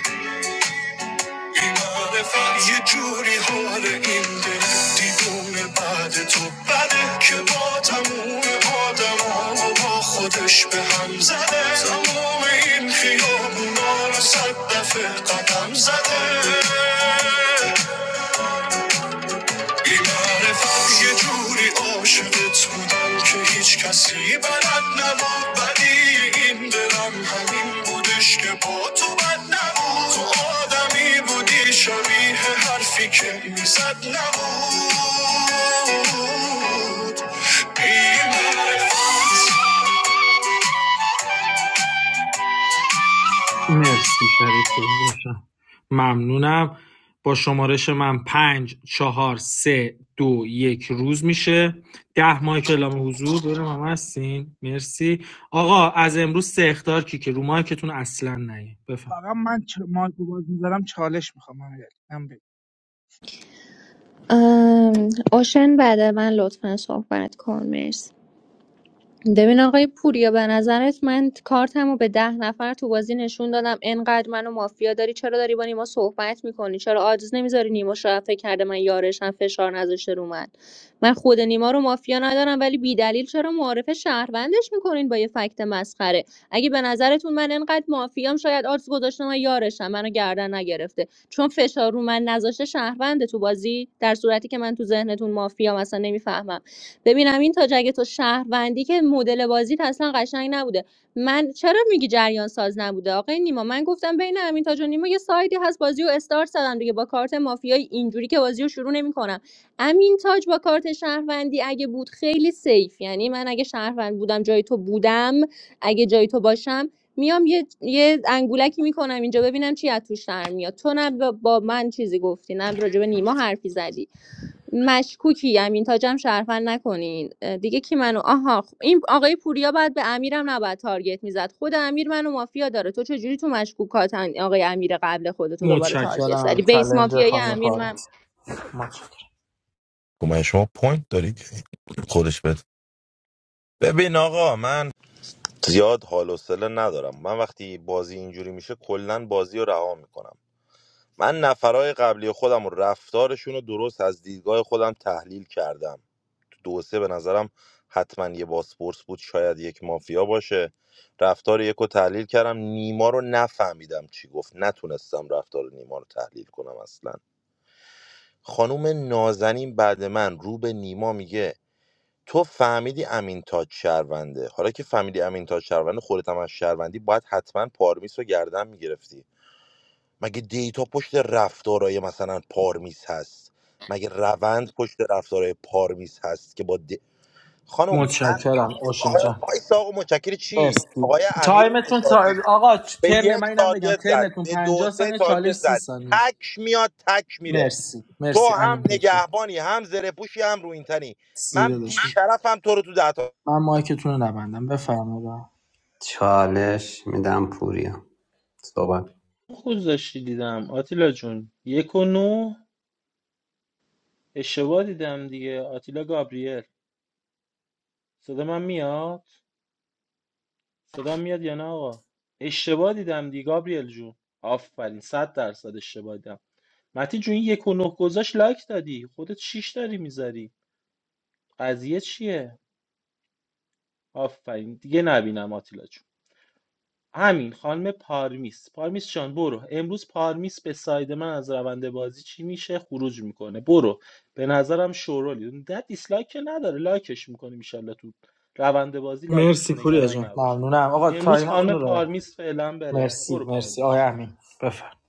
S16: بیمار فقر یه جوری حال این دل دیوونه بعد تو بده که با تموم آدم و با خودش به هم زده تموم این خیابونا رو صد دفعه قدم زده بی‌معرفت یه جوری عاشقت بودم که هیچ کسی بلد نبود ولی این دلم همین بودش که با تو بد نبود تو آدمی بودی شبیه حرفی که میزد نبود بی‌معرفت
S12: مرسی شریفی داشتم ممنونم با شمارش من پنج چهار سه دو یک روز میشه ده ماه که اعلام حضور برم هم هستین مرسی آقا از امروز سه اختار کی که رو مایکتون اصلا نیه بفهم
S14: فقط من چ... مایکو باز میذارم چالش میخوام من من بگم
S3: اوشن بعد من لطفا صحبت کن مرسی. ببین آقای پوریا به نظرت من کارتم رو به ده نفر تو بازی نشون دادم انقدر منو مافیا داری چرا داری با نیما صحبت میکنی چرا آجز نمیذاری نیما شاید فکر کرده من یارشم فشار نذاشته رو من من خود نیما رو مافیا ندارم ولی بی دلیل چرا معارف شهروندش میکنین با یه فکت مسخره اگه به نظرتون من انقدر مافیام شاید آجز گذاشته من یارشم منو گردن نگرفته چون فشار رو من نذاشته شهرونده تو بازی در صورتی که من تو ذهنتون مافیام اصلا نمیفهمم ببینم این تاج اگه تو شهروندی که مدل بازیت اصلا قشنگ نبوده من چرا میگی جریان ساز نبوده آقای نیما من گفتم بین امین تاج و نیما یه سایدی هست بازی و استارت زدم دیگه با کارت مافیای اینجوری که بازی رو شروع نمیکنم امین تاج با کارت شهروندی اگه بود خیلی سیف یعنی من اگه شهروند بودم جای تو بودم اگه جای تو باشم میام یه, یه انگولکی میکنم اینجا ببینم چی از توش در میاد تو نه با با من چیزی گفتی نه راجع به نیما حرفی زدی مشکوکی امین تاجم شرفن نکنین دیگه کی منو آها خب، این آقای پوریا بعد به امیرم نباید تارگت میزد خود امیر منو مافیا داره تو چجوری تو مشکوکات آقای امیر قبل خودتو دوباره تارگت زدی
S12: متشکرم
S3: بیس
S12: چلنج
S3: مافیای
S12: خانم
S3: امیر
S12: پارو
S3: من
S12: متشکرم
S11: گمان شما پوینت دارید خودش بده ببین آقا من زیاد حال و سله ندارم من وقتی بازی اینجوری میشه کلا بازی رو رها میکنم من نفرای قبلی خودم و رفتارشون رو درست از دیدگاه خودم تحلیل کردم تو دو سه به نظرم حتما یه باسپورس بود شاید یک مافیا باشه رفتار یک رو تحلیل کردم نیما رو نفهمیدم چی گفت نتونستم رفتار نیما رو تحلیل کنم اصلا خانوم نازنین بعد من رو به نیما میگه تو فهمیدی امین تاج شهرونده حالا که فهمیدی امین تاج شهرونده خودت هم از شهروندی باید حتما پارمیس رو گردن میگرفتی مگه دیتا پشت رفتارای مثلا پارمیز هست مگه روند پشت رفتارای پارمیز هست که با د... خانم من من
S12: متشکرم
S11: که-
S12: اوشن
S11: آقای
S12: جان
S11: وایسا آقا متشکر چی
S12: مرسی
S11: آقای امیر
S12: تایمتون تا...
S11: نشاطی
S12: آقا
S11: به
S12: ترن
S11: یک
S12: من اینم بگم
S11: تارگت زد
S12: ترنتون
S11: به دو
S12: 50
S11: سه
S12: ثانیه چالش
S11: تارگت
S12: سی
S11: زد
S12: ثانیه
S11: تک میاد تک میره
S12: مرسی
S11: تو
S12: مرسی
S11: هم
S12: امین تشکر
S11: نگهبانی هم زره پوشی هم روینتنی
S12: سی
S11: من
S12: داداش
S11: بیشرفم تو رو تو ده تا
S12: من مایکتون رو نبندم بفرمایید
S5: چالش میدم پوریا صحبت
S2: خود داشتی دیدم آتیلا جون یک و نو اشتباه دیدم دیگه آتیلا گابریل صدا من میاد صدا میاد یا نه آقا اشتباه دیدم دیگه گابریل جون آفرین صد درصد اشتباه دیدم متی جون یک و نه گذاشت لایک دادی خودت شیش داری میذاری قضیه چیه آفرین دیگه نبینم آتیلا جون همین خانم پارمیس پارمیس جان برو امروز پارمیس به ساید من از روند بازی چی میشه خروج میکنه برو به نظرم شورولی نه دیسلایک که نداره لایکش میکنه میشالله تو روند بازی لایک میشه
S12: مرسی پوریا
S2: نگران
S12: جان
S2: نباش
S12: ممنونم آقا
S2: امروز خانم
S12: تایمتون رو ببند.
S2: پارمیس فعلا بره
S12: مرسی
S2: برو
S12: مرسی
S2: پارمیس
S12: آقای
S2: جون
S12: امین بفرم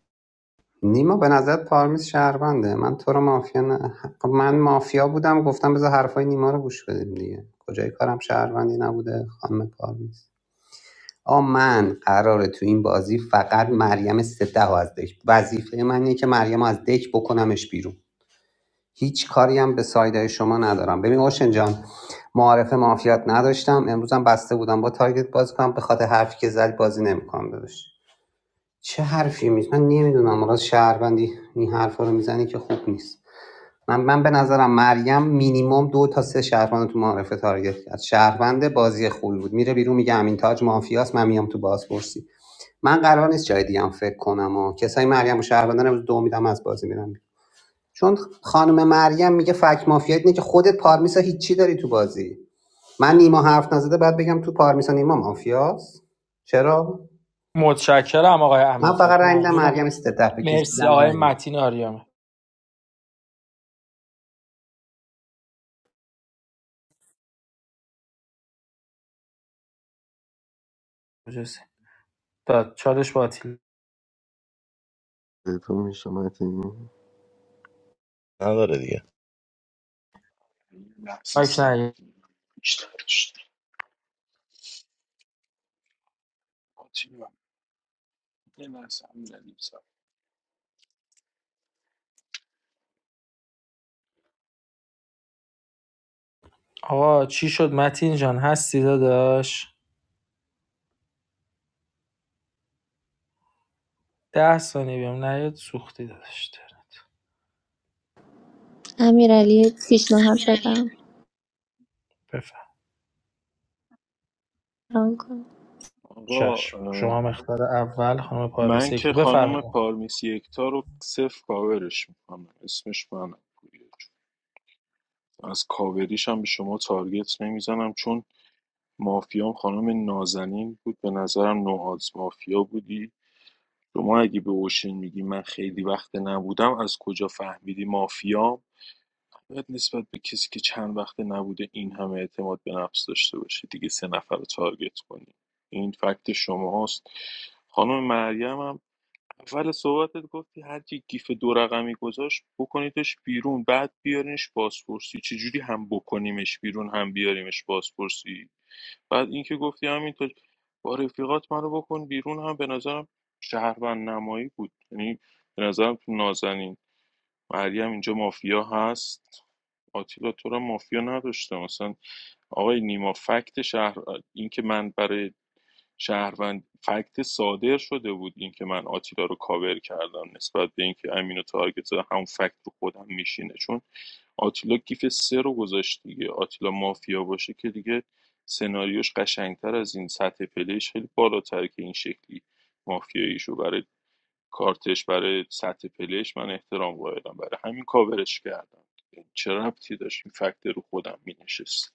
S5: نیما به نظر پارمیز شهرونده من تو رو مافیا نه... خب من مافیا بودم گفتم بذار حرفای نیما رو گوش بدیم دیگه کجای کارم شهروندی نبوده خانم پارمیز آقا من قراره تو این بازی فقط مریم سپه رو از دک وظیفه من اینه که مریم از دک بکنمش بیرون هیچ کاری هم به سایدهای شما ندارم ببین اوشن جان معارف مافیات نداشتم امروزم بسته بودم با تارگت بازی کنم به خاطر حرفی که زد بازی نمیکنم داداش چه حرفی می من نمیدونم راز شهروندی این حرفا رو میزنی که خوب نیست من من به نظرم مریم مینیمم دو تا سه شهروند تو معارفه تارگت کرد شهروند بازی خوبی بود میره بیرون میگه امین تاج مافیاست من میام تو بازپرسی من قرار نیست جای دیگه هم فکر کنم و کسای مریم و شهروندان امروز دو میدم از بازی میرم چون خانم مریم میگه فک مافیا اینه که خودت پارمیسا هیچی داری تو بازی من نیما حرف نزده بعد بگم تو پارمیسا نیما مافیاست چرا
S12: متشکرم آقای
S5: من
S12: امین
S5: فقط
S12: تاج
S5: رای میدم
S12: ممنونم
S5: مریم استده به کسی
S12: مرسی
S5: دیدم
S12: آقای
S5: رای
S12: متین آریام مجلسی. داد چالش باطل
S1: تو میشه متین
S11: نداره دیگه
S9: لحظه
S12: مایک
S9: سب
S12: نگیر.
S9: بیشتر داشت آتیلا یه لحظه هم داریم سب
S12: آقا چی شد متین جان هستی داداش ده ثانیه بیام نیاد سوختی داداش
S3: امیرعلی پیشنهاد
S12: امیرعلی
S3: بدم
S12: بفرم
S3: ران کن
S9: آقا
S12: چشم شما
S9: اه،
S12: هم اختار اول خانم پارمیس
S9: من
S12: یک
S9: که
S12: تا.
S9: خانوم
S12: بفرمایید
S9: پارمیس یکتا رو صفر کاورش میکنم اسمش منم پوریا از کاوریش هم به شما تارگت نمیزنم چون مافیام خانم نازنین بود به نظرم نوآز مافیا بودی شما اگه به اوشن میگی من خیلی وقت نبودم از کجا فهمیدی مافیام باید نسبت به کسی که چند وقت نبوده این همه اعتماد به نفس داشته باشی دیگه سه نفر رو تارگت کنی این فکت شماست خانم مریم هم اول صحبتت گفتی هر کی گیف دو رقمی گذاشت بکنیدش بیرون بعد بیارینش بازپرسی چجوری هم بکنیمش بیرون هم بیاریمش بازپرسی بعد اینکه گفتی همینطور با رفیقات منو بکن بیرون هم به نظرم شهروند نمایی بود یعنی به نظرم تو نازنین مریم اینجا مافیا هست آتیلا تو را مافیا نداشته مثلا آقای نیما فکت شهر اینکه من برای شهروند فکت صادر شده بود اینکه من آتیلا رو کاور کردم نسبت به اینکه امین و تارگت زده همون فکت رو خودم میشینه چون آتیلا گیف سه رو گذاشت دیگه آتیلا مافیا باشه که دیگه سناریوش قشنگتر از این سطح پلیش خیلی بالاتر که این شکلی مافیاییش رو برای کارتش برای سطح پلیش من احترام قائلم برای همین کاورش کردم چه ربطی داشت این فکت رو خودم مینشست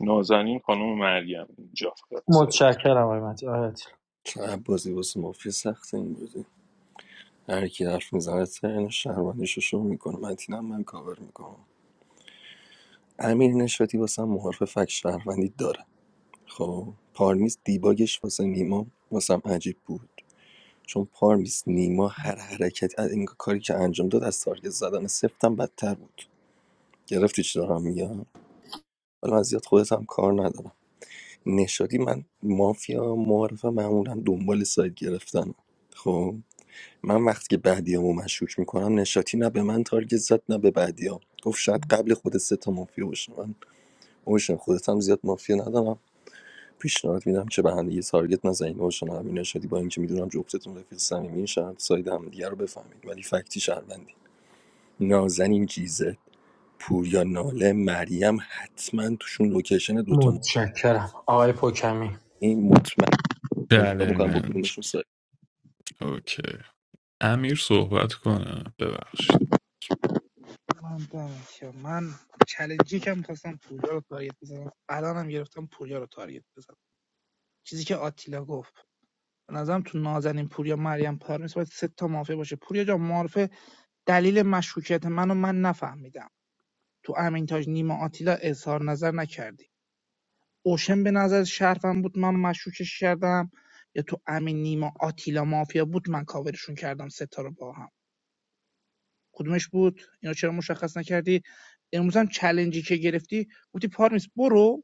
S9: نازنین خانم مریم اینجا فقط سعید.
S12: متشکرم آقای متین آقای عطیل.
S1: چه بازی واسه مافیا سخته این بوده هر کی حرف میزنه ترن شهروندیشو شو میکنه متینم من کاور میکنم امیر نشاتی واسه محرف فک شهروندی داره خب پارمیز دیباگش واسه نیما واسم عجیب بود چون پارمیس نیما هر حرکت از این کاری که انجام داد از تارگت زدن سفتم بدتر بود گرفتی چی دارم میگم حالا من زیاد خودت هم کار ندارم نشادی من مافیا معارفه معمولا دنبال سایت گرفتن خب من وقتی که بعدیامو مشکوک میکنم نشاتی نه به من تارگت زد نه به بعدیام گفت شاید قبل خود سه تا مافیا باشه من اوشن خودت هم زیاد مافیا ندارم پیشنهاد میدم که به هم تارگت نزنید اوشن امین شدی با اینکه میدونم جفتتون رفیق صمیمی شهر ساید هم دیگه رو بفهمید ولی فکتی شهروندی نازنین چیزه پوریا ناله مریم حتما توشون لوکیشن دوتا ما
S12: متشکرم آقای پوکمی
S1: این مطمئن انتخاب میکنم با
S6: چلنج
S1: کدومشون ساید
S6: اوکی امیر صحبت کنه ببخشید
S14: من دمت گرم. من چلنجی که میخواستم پوریا رو تارگت بزنم الانم گرفتم پوریا رو تارگت بزنم چیزی که آتیلا گفت به نظرم تو نازنین پوریا مریم پارمیس باید سه تا مافیا باشه پوریا جان معرفه دلیل مشکوکیت منو من نفهمیدم تو امینتاج نیما آتیلا اظهار نظر نکردی اوشن به نظر شرفم بود من مشکوکش کردم یا تو امین نیما آتیلا مافیا بود من کاورشون کردم ستا رو با هم کدومش بود اینو چرا مشخص نکردی امروز هم چلنجی که گرفتی گفتی پارمیس برو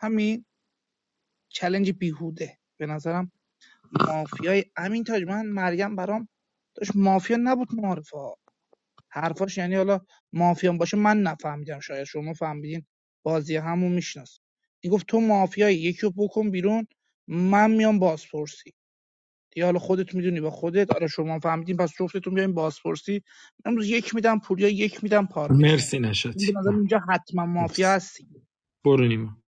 S14: همین چلنج بیهوده به نظرم مافیای امین تاج من مریم برام داشت مافیا نبود معارفه حرفاش یعنی حالا مافیا هم باشه من نفهمیدم شاید شما فهمیدین بازی همو میشناس میگفت تو مافیایی یکی رو بکن بیرون من میام بازپرسی دیگه حالا خودت میدونی با خودت آره شما هم فهمیدین پس جفتتون بیاین بازپرسی امروز یک میدم پوریا یک میدم پارمیز
S12: مرسی
S14: این
S12: نشاطی
S14: به نظر
S12: ممنون
S14: اینجا حتما مافیا
S12: مرسی
S14: هستی
S12: برو نیما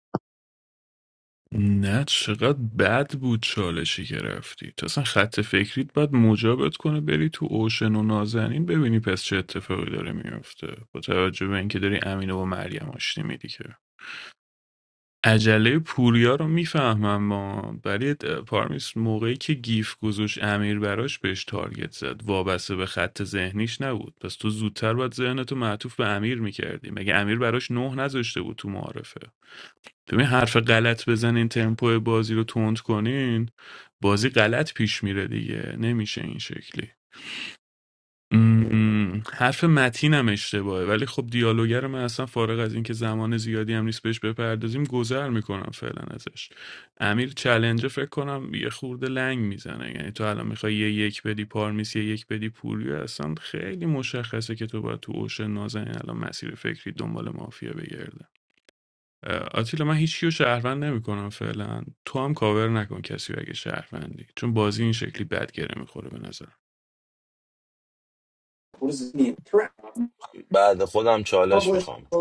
S6: نه چقدر بد بود چالشی که رفتی تو اصلا خط فکریت باید مجابت کنه بری تو اوشن و نازنین ببینی پس چه اتفاقی داره میفته با توجه به اینکه داری امینه و مریم آشتی میدی که عجله پوریا رو میفهمم ما ولی د- پارمیس موقعی که گیف گذاشت امیر براش بهش تارگت زد وابسته به خط ذهنیش نبود پس تو زودتر باید ذهنتو معطوف به امیر میکردی مگه امیر براش نه نذاشته بود تو معارفه ببین حرف غلط بزنین تمپو بازی رو تند کنین بازی غلط پیش میره دیگه نمیشه این شکلی م- حرف متینم اشتباهه ولی خب دیالوگر من اصلا فارغ از اینکه زمان زیادی هم نیست بهش بپردازیم گذر میکنم فعلا ازش امیر چلنجه فکر کنم یه خورده لنگ میزنه یعنی تو الان میخوای یه یک بدی پارمیس یه یک بدی پوریو اصلا خیلی مشخصه که تو باید تو اوشن نازنین الان مسیر فکری دنبال مافیا بگرده اه، آتیلا من هیچ کیو شهروند نمیکنم فعلا تو هم کاور نکن کسی رو اگه شهروندی چون بازی این شکلی بدگره میخوره به نظر
S11: بعد خودم چالش میخوام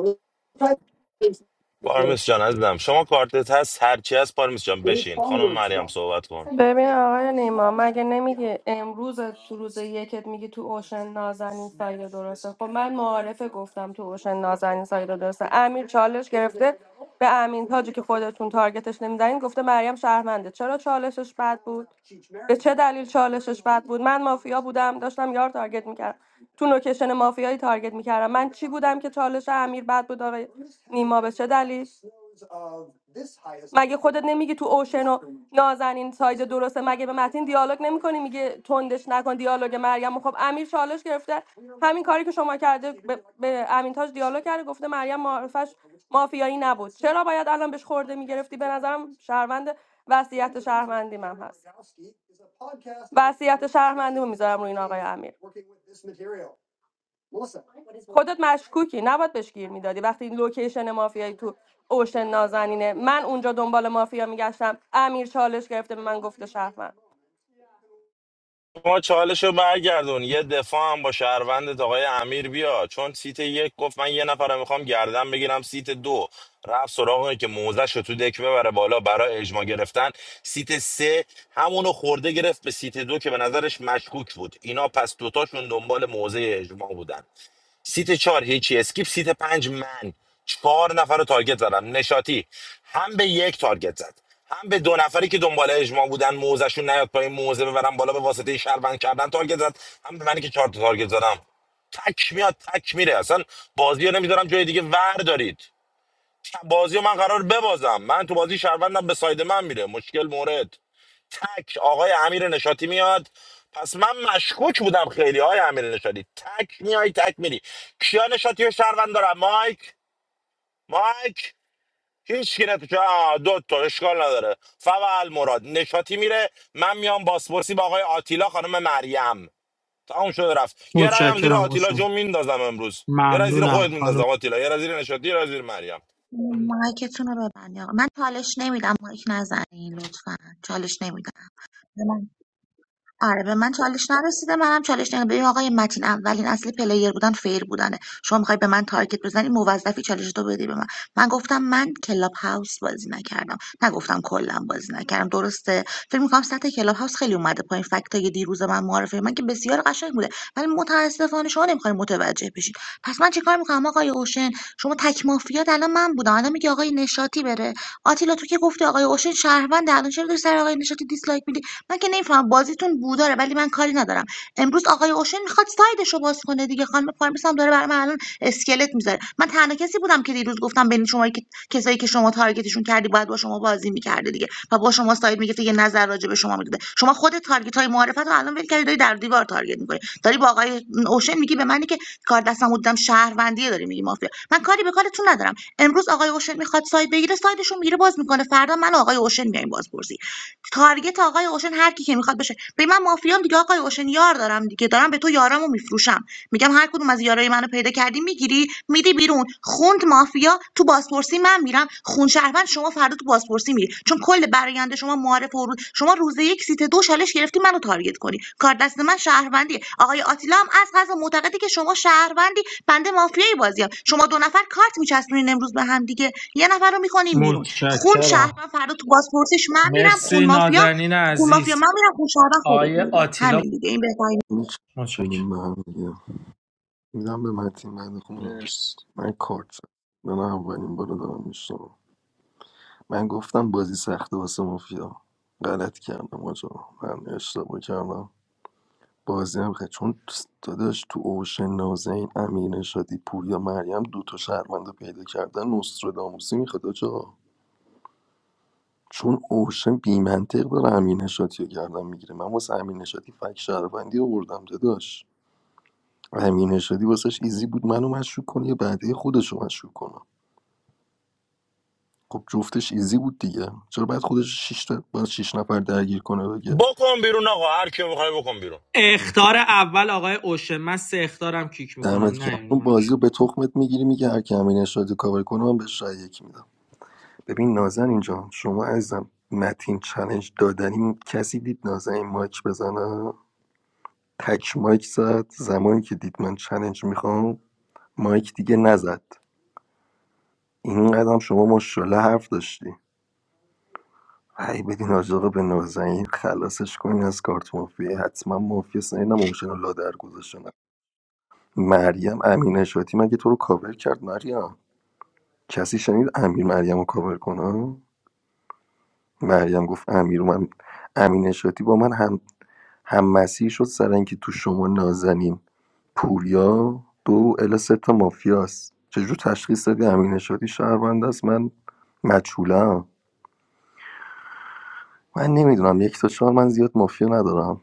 S11: پارمیس جان عزیزم شما کارتت هست هرچی هست پارمیس جان بشین خانم مریم صحبت کن
S17: ببین آقای نیما مگه نمیگه امروز تو روز یکت میگی تو اوشن نازنین سایه درسته خب من معارفه گفتم تو اوشن نازنین سایه درسته امیر چالش گرفته به امین تاجی که خودتون تارگتش نمیدنین گفته مریم شهرمنده چرا چالشش بد بود به چه دلیل چالشش بد بود من مافیا بودم داشتم یار تارگت میکردم تو نوکشن مافیایی تارگت میکردم من چی بودم که چالش امیر بد بود آقای نیما به چه دلیل مگه خودت نمیگی تو اوشن و نازنین ساید درسته مگه به متین دیالوگ نمیکنی میگه تندش نکن دیالوگ مریم رو. خب امیر چالش گرفته همین کاری که شما کرده به, به امین تاج دیالوگ کرده گفته مریم معرفش مافیایی نبود چرا باید الان بهش خورده میگرفتی به نظرم شهروند وصیت شهروندی من هست وصیت شهروندی رو میذارم روی این آقای امیر خودت مشکوکی نباید بهش گیر میدادی وقتی این لوکیشن مافیایی تو اوشن نازنینه من اونجا دنبال مافیا میگشتم امیر چالش گرفته به من گفته شهروند
S11: شما چالش رو برگردون یه دفاع هم با شهروندت آقای امیر بیا چون سیت یک گفت من یه نفر رو میخوام گردن بگیرم سیت دو رفت سراغ اونی که موزش رو تو دک ببره بالا برای اجماع گرفتن سیت سه همونو خورده گرفت به سیت دو که به نظرش مشکوک بود اینا پس دوتاشون دنبال موزه اجماع بودن سیت چهار هیچی اسکیپ سیت پنج من چهار نفر رو تارگت زدم نشاتی هم به یک تارگت زد هم به دو نفری که دنبال اجماع بودن موزشون نیاد پایین موزه ببرن بالا به واسطه شهروند کردن تارگت زد هم به منی که چهار تا تارگت زدم تک میاد تک میره اصلا بازی رو نمیذارم جای دیگه ور دارید بازی رو من قرار ببازم من تو بازی شهروندم به ساید من میره مشکل مورد تک آقای امیر نشاتی میاد پس من مشکوک بودم خیلی آقای امیر نشاتی تک میای تک میری کیا نشاتی و شهروند دارم مایک مایک هیچ کی نتوشه آه، دو تا اشکال نداره فول مراد نشاتی میره من میام باسپورسی با آقای آتیلا خانم مریم تمام شده رفت یه رای هم
S12: متشکرم
S11: زیر آتیلا
S12: اوشا
S11: جون میندازم امروز یه رأی زیر
S12: ممنونم
S11: خودت
S12: خانم
S11: میندازم آتیلا یه رأی زیر نشاتی یه رأی زیر مریم
S15: مایکتون رو ببندید آقا. من چالش نمیدم مایک نزنین لطفا چالش نمیدم آره به من چالش نرسیده منم چالش نگم ببین آقای متین اولین اصل پلیر بودن فیر بودنه شما میخوای به من تارگت بزنی موظفی چالش تو بدی به من من گفتم من کلاب هاوس بازی نکردم نگفتم کلا بازی نکردم درسته فکر میکنم سطح کلاب هاوس خیلی اومده پایین فکت های دیروز من معرفه من که بسیار قشنگ بوده ولی متاسفانه شما نمیخواین متوجه بشین پس من چیکار میکنم آقای اوشن شما تک مافیات الان من بودم الان میگه آقای نشاطی بره آتیلا تو که گفتی آقای اوشن شهروند الان چرا داری سر آقای نشاطی دیسلایک میدی من که نمیفهمم بازیتون بو داره ولی من کاری ندارم امروز آقای اوشن میخواد سایدش رو باز کنه دیگه خانم پارمیس هم داره برای من الان اسکلت میذاره من تنها کسی بودم که دیروز گفتم بین شما که کسایی که شما تارگتشون کردی باید با شما بازی میکرده دیگه و با شما ساید میگه یه نظر راجع به شما میده شما خود تارگت های معرفت رو الان ول کردی داری در دیوار تارگت میکنی داری با آقای اوشن میگی به منی که کار دستم بودم شهروندیه داری میگی مافیا من کاری به کارتون ندارم امروز آقای اوشن میخواد ساید بگیره سایدشون میگیره باز میکنه فردا من آقای اوشن میایم بازپرسی تارگت آقای اوشن هر کی که میخواد بشه به من مافیام دیگه آقای اوشن یار دارم دیگه دارم به تو یارامو میفروشم میگم هر کدوم از یارای منو پیدا کردی میگیری میدی بیرون خوند مافیا تو بازپرسی من میرم خون شهروند شما فردا تو بازپرسی میری چون کل برآینده شما معارف و روز شما روز یک سیت دو چالش گرفتی منو تارگت کنی کار دست من شهروندی آقای آتیلا هم از قضا معتقده که شما شهروندی بنده مافیایی بازیام شما دو نفر کارت میچسبونین امروز به هم دیگه یه نفر رو میکنین بیرون خون
S12: متشکرم
S15: شهروند فردا تو بازپرسیش من میرم
S12: مرسی
S15: خون مافیا
S12: نازنین
S15: خون مافیا
S12: عزیز
S15: من میرم خون شهروند خودت
S12: آقای
S15: میری
S12: آتیلا
S15: همین دیگه این بهترین
S12: متشکرم
S1: می‌چینیم به هم دیگه میدم به متین بعد خودم
S9: مرسی
S1: من کارت زدم. من اولین بار دارم میشتم من گفتم بازی سخته واسه مافیا غلط کردم آجا من اشتباه کردم بازی هم خیلی چون داداش تو اوشن نازنین امیر نشادی پوریا مریم دوتا شهروند رو پیدا کردن نوستراداموسی میخواد آجا چون اوشن بیمنطق داره امیر نشادی رو گردن میگیره من واسه امیر نشادی فک شهروندی آوردم داداش امیر نشادی واسش ایزی بود منو مشکوک کنه یا بعده خودش رو مشکوک کنه خب جفتش ایزی بود دیگه چرا بعد خودش شش شیش تا باز شیش نفر درگیر کنه بگه
S11: بکن بیرون آقا هر کیو میخوای بکن بیرون
S12: اختار اول آقای اوشه من سه اختارم کیک
S1: دمت
S12: میکنم نه
S1: گرم
S12: این
S1: اون بازی رو به تخمت میگیری میگه هر کی امیر نشادی کاور کنه من بهش رأی یک میدم ببین نازن اینجا شما عزیزم متین چلنج دادنی کسی دید نازن این مایک بزنه تک مایک زد زمانی که دید من چالش میخوام مایک دیگه نزد این قدم شما ماشاءالله حرف داشتی ای بدین آجاقه به نازنین خلاصش کنین از کارت مافیه حتما مافیه سنینم اوشن و لادر گذاشتن مریم امین اشاتی مگه تو رو کاور کرد مریم کسی شنید امیر مریم رو کاور کنه مریم گفت امیر من امین اشاتی با من هم هم هم‌مسیر شد سر اینکه تو شما نازنین، پوریا، دو ال سه تا مافیاست چجور تشخیص دادی امین شادی شهروند است من مجهولم من نمیدونم یک تا چهار من زیاد مافیا ندارم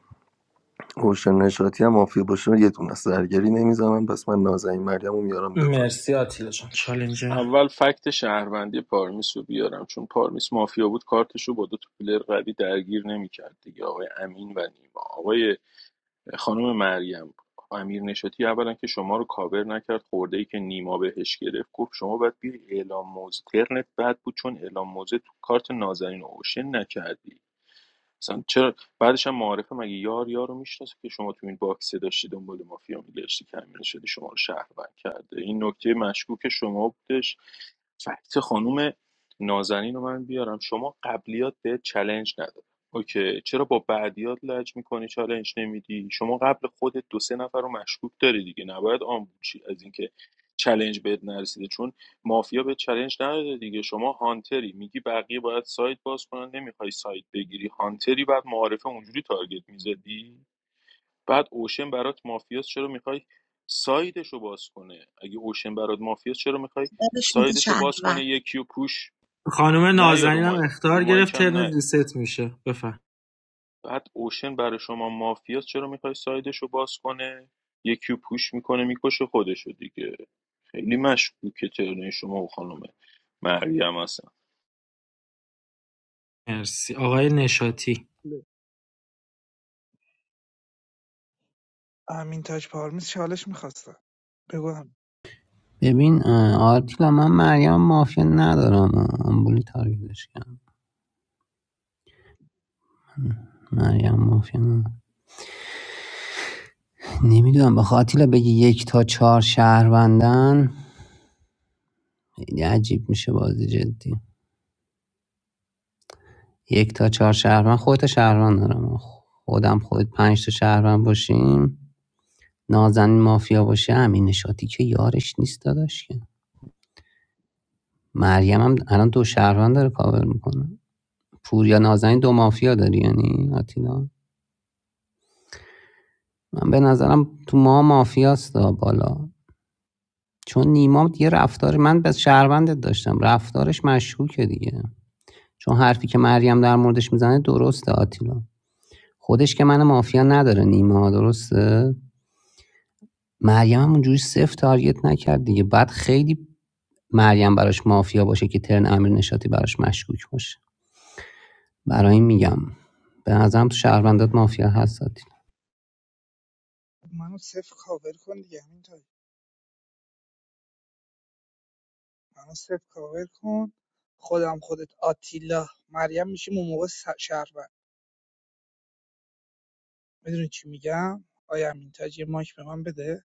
S1: روشن نشاطی هم مافیا باشه یه دونه است درگیری نمیزنم پس من نازنین مریم رو میارم دفاعی
S12: مرسی آتیلا جان چالنجه
S9: اول فکت شهروندی پارمیس رو بیارم چون پارمیس مافیا بود کارتشو با دو تا پلیر قوی درگیر نمیکرد دیگه آقای امین و نیما آقای خانم مریم امیر نشاتی اولا که شما رو کاور نکرد خورده ای که نیما بهش گرفت گفت شما باید بیای اعلام موضع ترنت بد بود چون اعلام موضع تو کارت نازنین اوشن نکردی مثلا چرا بعدش هم معارفه مگه یار یار رو میشناسه که شما تو این باکسه داشتی دنبال مافیا میگشتی که امیر شدی شما رو شهروند کرده این نکته مشکوک شما بودش فکت خانوم نازنین رو من بیارم شما قبلیات به چلنج نداد اوکی چرا با بعدیات لج میکنی چالنج نمیدی شما قبل خودت دو سه نفر رو مشکوک داری دیگه نباید آمبول شی از اینکه چلنج بهت نرسیده چون مافیا به چلنج نداده دیگه شما هانتری میگی بقیه باید سایت باز کنن نمیخوای سایت بگیری هانتری بعد معارفه اونجوری تارگت میزدی بعد اوشن برات مافیاس چرا میخوای سایدش رو باز کنه اگه اوشن برات مافیاس چرا میخوای
S15: بهش میگه
S9: سایدش رو باز کنه
S15: شهروند
S9: یکی و پوش
S12: خانم
S9: نه یا
S12: نازنین هم
S9: رومای
S12: اختار
S9: رومای
S12: گرفت
S9: کم
S12: ترن
S9: نه
S12: ریست میشه بفهم
S9: بعد اوشن برای شما مافیاس چرا میخوای سایدش رو باز کنه یکی و پوش میکنه میکشه خودشو دیگه خیلی مشکوکه ترنه شما و خانم مریم هستن
S12: مرسی آقای نشاطی
S14: امین تاج پارمیز چالش میخواستم بگو هم
S5: ببین اه، آرتیلا من مریم مافیا ندارم اه، آمبولی تارگتش کردم مریم مافیا نمیدونم به آرتیلا بگی یک تا چهار شهروندن خیلی عجیب میشه بازی جدی یک تا چهار شهروند خودت تا شهروند دارم خودم خود پنج تا شهروند باشیم نازنین مافیا باشه امین نشاتی که یارش نیست داداش که مریم هم الان دو شهروند داره کاور میکنه پوریا نازنین دو مافیا داری یعنی آتیلا من به نظرم تو ما مافیاست دا بالا چون نیما یه رفتار من به شهروندت داشتم رفتارش مشکوکه دیگه چون حرفی که مریم در موردش میزنه درسته آتیلا خودش که من مافیا نداره نیما درسته مریم هم اونجوری صفر تارگت نکرد دیگه بعد خیلی مریم براش مافیا باشه که ترن امیر نشاتی براش مشکوک باشه برای این میگم به نظرم تو شهروندات مافیا هست آتیلا
S14: منو صفر کاور کن دیگه امین تاج منو صفر کاور کن خودم خودت آتیلا مریم میشیم اون موقع شهر میدونی چی میگم آیا امین تاج یه ماک به من بده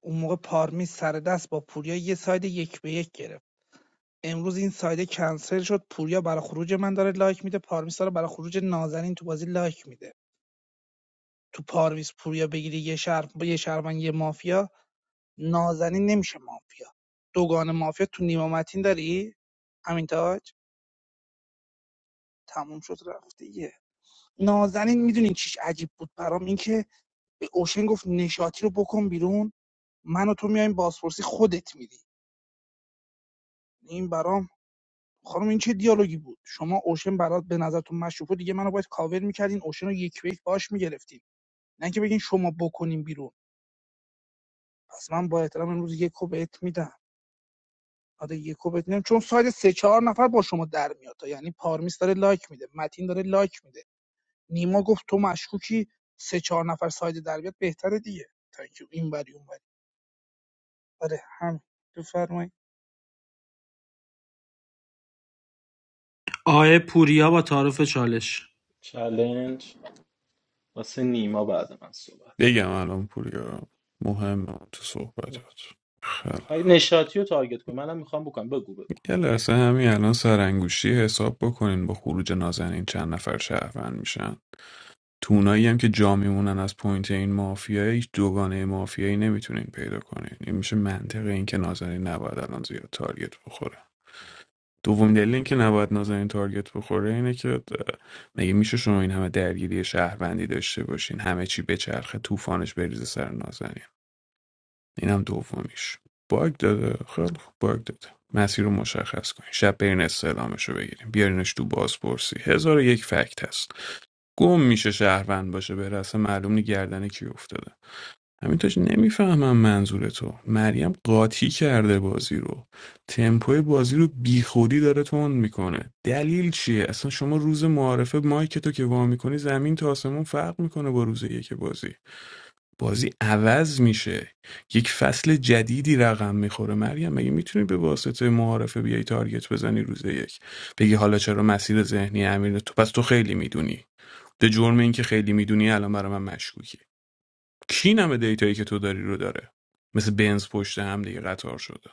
S14: اون موقع پارمیز سر دست با پوریا یه ساید یک به یک گرفت امروز این سایده کنسل شد پوریا برای خروج من داره لایک میده پارمیز داره برای خروج نازنین تو بازی لایک میده تو پارمیز پوریا بگیری یه شهر با یه شهروند یه مافیا نازنین نمیشه مافیا دوگان مافیا تو نیمه متین داری امین تاج تموم شد رفت دیگه نازنین میدونین چیش عجیب بود برام اینکه به اوشن گفت نشاطی رو بکن بیرون من و تو میایم بازپرسی خودت میدی. این برام خانم این چه دیالوگی بود شما اوشن برات به نظرتون مشروب بود دیگه منو باید کاور میکردین اوشن رو یک به یک باش میگرفتین نه اینکه بگین شما بکنین بیرون پس من با احترام امروز یکو بهت میدم آره یکو بهت میدم چون ساید سه چهار نفر با شما در میاد یعنی پارمیس داره لایک میده متین داره لایک میده نیما گفت تو مشکوکی سه چهار نفر ساید در بیاد بهتره دیگه تا اینکه این وری اون وری آره هم بفرمایید
S12: آقای پوریا با تعارف چالش
S2: چلنج واسه نیما بعد من صحبت کن
S6: بگم الان پوریا مهم تو صحبتات خیلی
S2: خیلی نشاطی رو تارگت کن منم میخوام بکنم بگو بگو
S6: یه لحظه همین الان سرانگوشی حساب بکنین با خروج نازنین چند نفر شهروند میشن تو هم که جا میمونن از پوینت این مافیا هیچ دوگانه مافیایی نمیتونین پیدا کنین این میشه منطق این که نازنین نباید الان زیاد تارگت بخوره دومین دلیل این که نباید نازنین تارگت بخوره اینه که اه، مگه میشه شما این همه درگیری شهروندی داشته باشین همه چی بچرخه طوفانش بریزه سر نازنین اینم دومیش باگ داده خیلی خوب باگ داده مسیر رو مشخص کنین شب برین استعلامش رو بگیریم بیارینش تو بازپرسی هزار و یک فکت هست گم میشه شهروند باشه به رسم معلوم نی گردن کی افتاده همینطورش نمیفهمم منظور تو مریم قاطی کرده بازی رو تمپوی بازی رو بیخودی داره تند میکنه دلیل چیه اصلا شما روز معارفه مایک تو که وا میکنی زمین تا آسمون فرق میکنه با روز یک بازی بازی عوض میشه یک فصل جدیدی رقم میخوره مریم مگه میتونی به واسطه معارفه بیای تارگت بزنی روز یک بگی حالا چرا مسیر ذهنی امیر تو پس تو خیلی میدونی به جرم اینکه خیلی میدونی الان برای من مشکوکی کی نمه دیتایی که تو داری رو داره مثل بنز پشت هم دیگه قطار شده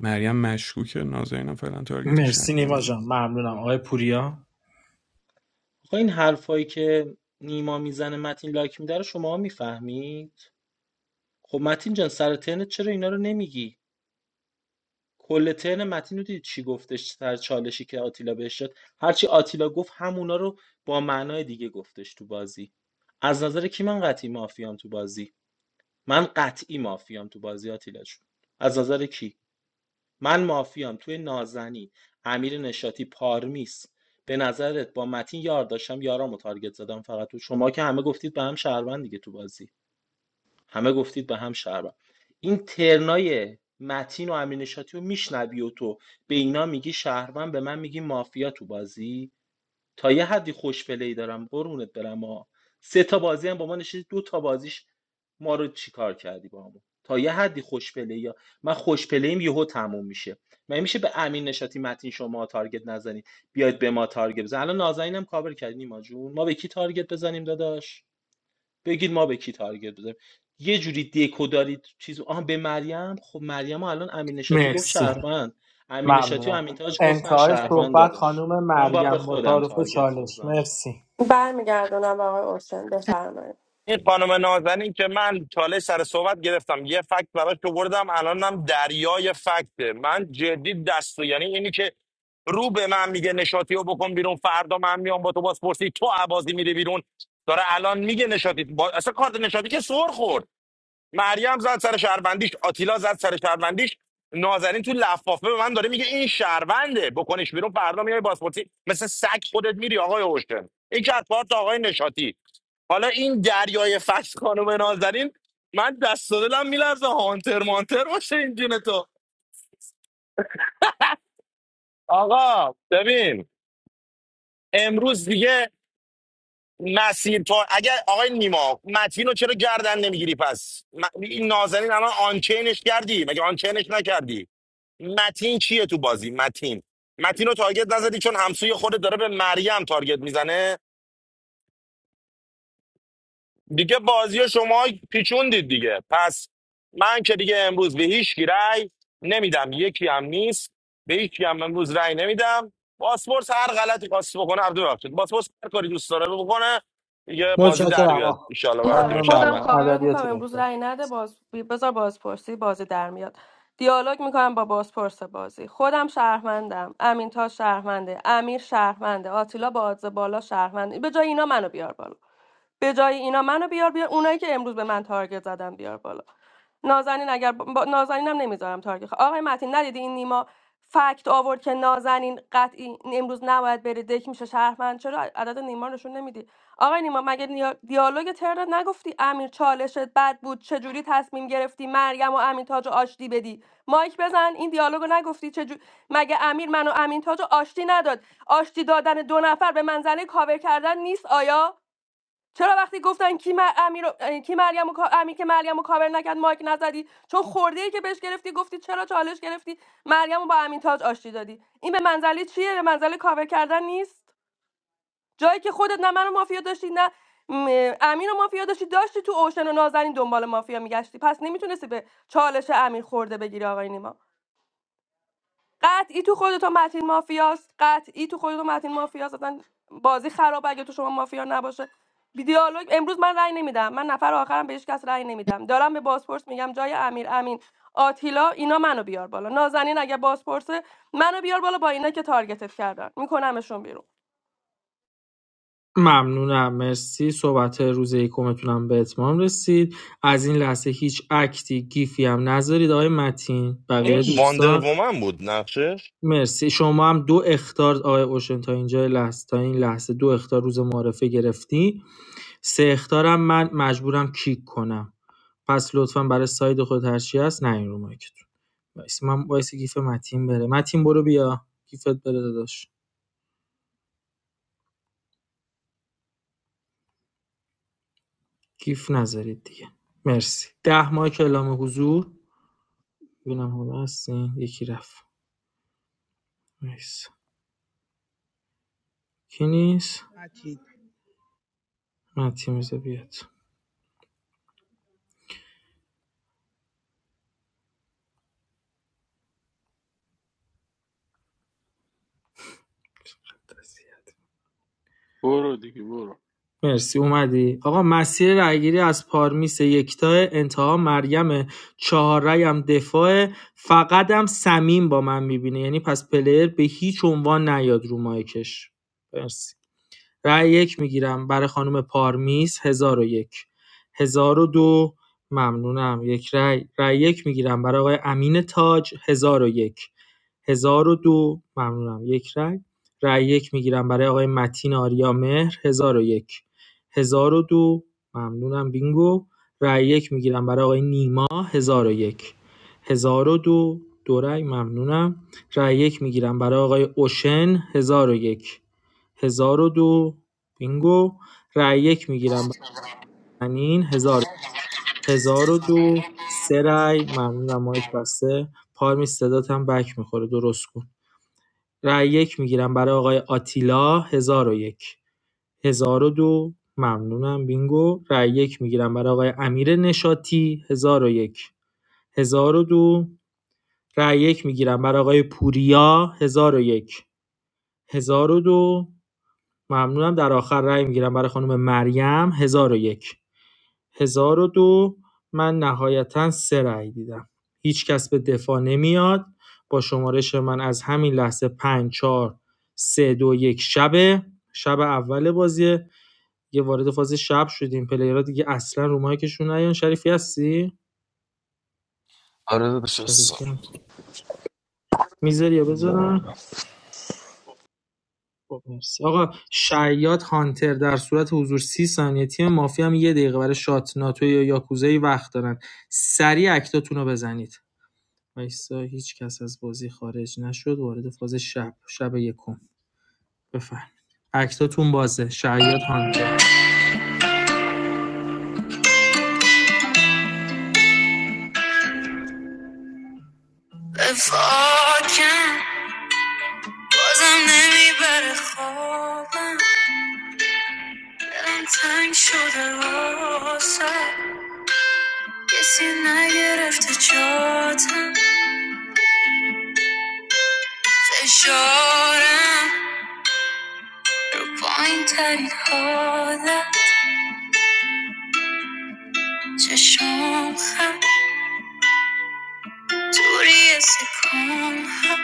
S6: مریم مشکوکه نازنینم فعلا تارگتش
S12: مرسی نیما
S6: نکنیم
S12: جان ممنونم آقای پوریا
S2: خب این حرفایی که نیما میزنه متین لایک میده رو شما میفهمید خب متین جان سر ترنت چرا اینا رو نمیگی کل ترن متین رو دیدی چی گفتش سر چالشی که آتیلا بهش شد هرچی آتیلا گفت همونا رو با معنای دیگه گفتش تو بازی از نظر کی من قطعی مافیام تو بازی من قطعی مافیام تو بازی آتیلا جون از نظر کی من مافیام توی نازنین امیر نشاطی پارمیس به نظرت با متین یار داشتم یارامو تارگت زدم فقط تو شما که همه گفتید به هم شهروند دیگه تو بازی همه گفتید به هم شهروند این ترنای متین و امیر نشاطی رو میشنوی و تو به اینا میگی شهروند به من میگی مافیا تو بازی تا یه حدی خوش پلی دارم قرونت برم ها سه تا بازی هم با ما نشید دو تا بازیش ما رو چیکار کردی با ما تا یه حدی خوش پلی یا من خوش پلیم یهو تموم میشه من میشه به امین نشاتی متین شما تارگت نزنید بیاید به ما تارگت بزن الان نازنینم کاور کردی نیما جون ما به کی تارگت بزنیم داداش بگید ما به کی تارگت بزنیم یه جوری دکو دارید چیز آها به مریم خب مریم الان امین نشاطی گفت
S12: مرسی
S2: شهروند امین نشاطی و
S12: ممنونم
S2: امین تاج گفتن
S12: انتهای
S2: شهروند
S12: صحبت
S2: داداش
S12: خانم
S2: من باید به
S12: مریم با
S2: خودم
S12: تعارف
S2: تارگت
S12: چالش
S2: بزنم
S12: مرسی
S17: برمیگردونم به آقای اوشن بفرمایید
S11: این خانم نازنین که من چالش سر صحبت گرفتم یه فکت براش بردم الانم دریای فکته من جدی دست و- یعنی اینی که رو به من میگه نشاطی رو بکن بیرون فردا من میام با تو بازپرسی تو عبازی میری بیرون داره الان میگه نشاطی با... اصلا کارت نشاطی که سر خورد مریم زد سر شهروندیش آتیلا زد سر شهروندیش نازنین تو لفافه به من داره میگه این شهرونده بکنش بیرون فردا میای بازپرسی مثل سگ خودت میری آقای اوشتن این که از کارت آقای نشاطی حالا این دریای فکس خانم نازنین من دست و دلم میلرزه هانتر مانتر باشه این جون تو آقا ببین امروز دیگه مسیر پا اگر آقای نیما متین رو چرا گردن نمیگیری پس م- این نازنین الان آنچینش کردی مگه آنچینش نکردی متین چیه تو بازی متین متین رو تارگت نزدی چون همسوی خودت داره به مریم تارگت میزنه دیگه بازی شما پیچوندید دیگه پس من که دیگه امروز به هیچ کی رأی نمیدم یکی هم نیست به هیچ کی هم امروز رأی نمیدم پاسپورت هر غلطی خواست بکنه عبدو ببخشید پاسپورت هر کاری دوست داره بکنه یه بازی در
S12: متشکرم آ-
S11: بیاد ان برای
S17: آره،
S11: تیم
S12: خانم
S17: خودم
S12: مریم
S11: شهروند
S17: کاورت
S12: ادبیات
S17: میکنم امروز
S12: بهتر
S17: رأی نده باز بذار بازپرسی بازی در میاد دیالوگ میکنم با بازپرس بازی خودم شهروندم امین تا شهرمنده امیر شهرمنده آتیلا با آدز بالا شهرمنده به جای اینا منو بیار بالا به جای اینا منو بیار بیار اونایی که امروز به من تارگت زدن بیار بالا نازنین اگر با... نازنینم نمیذارم تارگت خ- آقای متین ندیدی این نیما فکت آورد که نازنین قطعی امروز نباید بره دک میشه شهرمند چرا عدد نیما نشون نمیدی آقای نیما مگه دیالوگ ترنت نگفتی امیر چالشت بد بود چجوری تصمیم گرفتی مریم و امین تاج رو آشتی بدی مایک بزن این دیالوگو نگفتی چجوری مگه امیر منو امین تاج رو آشتی نداد آشتی دادن دو نفر به منزله کاور کردن نیست آیا چرا وقتی گفتن کی, مر... امیر... اه، کی مریم و... امیر که مریم رو کاور نکرد مایک نزدی چون خورده ای که بهش گرفتی گفتی چرا چالش گرفتی مریم رو با امین تاج آشتی دادی این به منزله چیه به منزله کاور کردن نیست جایی که خودت نه منو مافیا داشتی نه م، امین و مافیا داشتی داشتی تو اوشن و نازنین دنبال مافیا میگشتی پس نمیتونستی به چالش امین خورده بگیری آقای نیما قطعی تو خودتون متین مافیاست قطعی تو خودتون متین مافیاست اصلا بازی خرابه اگه تو شما مافیا نباشه بی دیالوگ امروز من رأی نمیدم من نفر آخرم به هیچ کس رأی نمیدم دارم به بازپرس میگم جای امیر امین آتیلا اینا منو بیار بالا نازنین اگه بازپرسه منو بیار بالا با اینا که تارگتت کردن میکنمشون بیرون
S12: ممنونم مرسی صحبت روز یکمتونم به اتمام رسید از این لحظه هیچ اکتی گیفی هم نذارید آقای متین بقیه
S11: این
S9: باش
S11: واندر
S12: دوستان
S11: وومن بود نقشش
S12: مرسی شما هم دو اختار آقای اوشن تا اینجا لحظه تا این لحظه دو اختار روز معرفه گرفتی سه اخطارم من مجبورم کیک کنم پس لطفا برای ساید خود هرچی هست نیاین رو مایکتون وایس من وایس گیف متین بره متین برو بیا گیفت بره داداش گیف نذارید دیگه مرسی ده ماه کلام حضور ببینم حالا هستین یکی رفت مرسی کی نیست
S14: متین
S12: متین بذار بیاد
S9: برو دیگه برو
S12: مرسی اومدی آقا مسیر رأیگیری از پارمیس یکتا انتها مریم چهار رأی هم دفاع فقط هم سمیم با من میبینه یعنی پس پلیر به هیچ عنوان نیاد رو مایکش مرسی رأی یک میگیرم برای خانم پارمیز 1001 دو ممنونم یک رأی رأی یک میگیرم برای آقای امین تاج 1001 دو ممنونم یک رأی رأی یک میگیرم برای آقای متین آریا مهر 1001 دو ممنونم بینگو رأی یک میگیرم برای آقای نیما 1001 1002 دو دو رأی ممنونم رأی یک میگیرم برای آقای اوشن هزار و یک هزار و دو بینگو رای یک میگیرم برای حنین 1000 1002 سه رای ممنونم مایک بسته پارمی صدات هم بک میخوره درست کن رای یک میگیرم برای آقای آتیلا 1001 دو ممنونم بینگو رای یک میگیرم برای آقای امیر نشاطی نشاتی 1001 دو رای یک میگیرم برای آقای پوریا 1001 دو ممنونم در آخر رأی میگیرم برای خانم مریم هزار هزار و یک هزار و دو من نهایتا سه رأی دیدم هیچ کس به دفاع نمیاد با شمارش من از همین لحظه پنج چهار سه دو یک شب شب اول بازیه یه وارد فاز شب شدیم پلیرها دیگه اصلا رو مایکشون نیان شریفی هستی شریفی هم خب. میذاری یا بذارم
S16: زارا.
S12: خب مرسی آقا شیاد هانتر در صورت حضور 30 ثانیه تیم مافیا هم یه دقیقه برای شات ناتو یا یاکوزایی وقت دارن سریع اکتاتون رو بزنید وایسا هیچ کس از بازی خارج نشد وارد فاز شب شب یکم بفهم اکتاتون بازه شیاد هانتر
S16: وفاکم بازم نمیبره خوابم دلم تنگ شده واسه کسی نگرفته جاتم فشارم رو پایین ترین حالم چشم خم توری سکون هم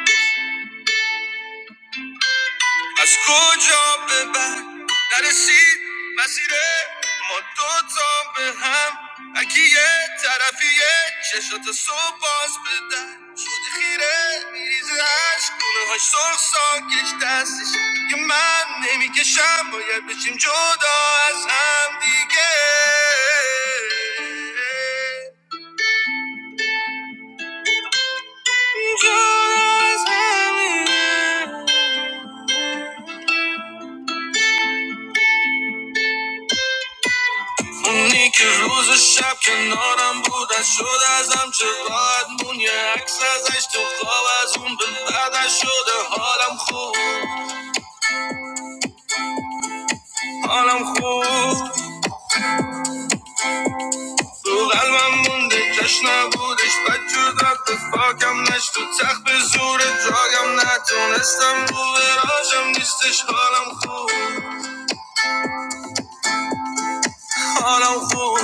S16: از کجا به بعد نرسید مسیر ما دوتا به هم اگه یه طرفیه چشات صبح باز بدن شده خیره میریزه عشق گونه های سرخ ساکش دستش که من نمیکشم باید بشیم جدا از هم دیگه جدا از هم دیگه. اونی که روز و شب کنارم بود از شد ازم چه راحت مون یه عکس ازش تو خواب از اون به بعدش شده حالم خوب حالم خوب رو قلبم مونده کش نبودش بد جد رفت فاکم نشت تو تخت به زور جاگم نتونستم رو براشم نیستش حالم خوب حالم خوب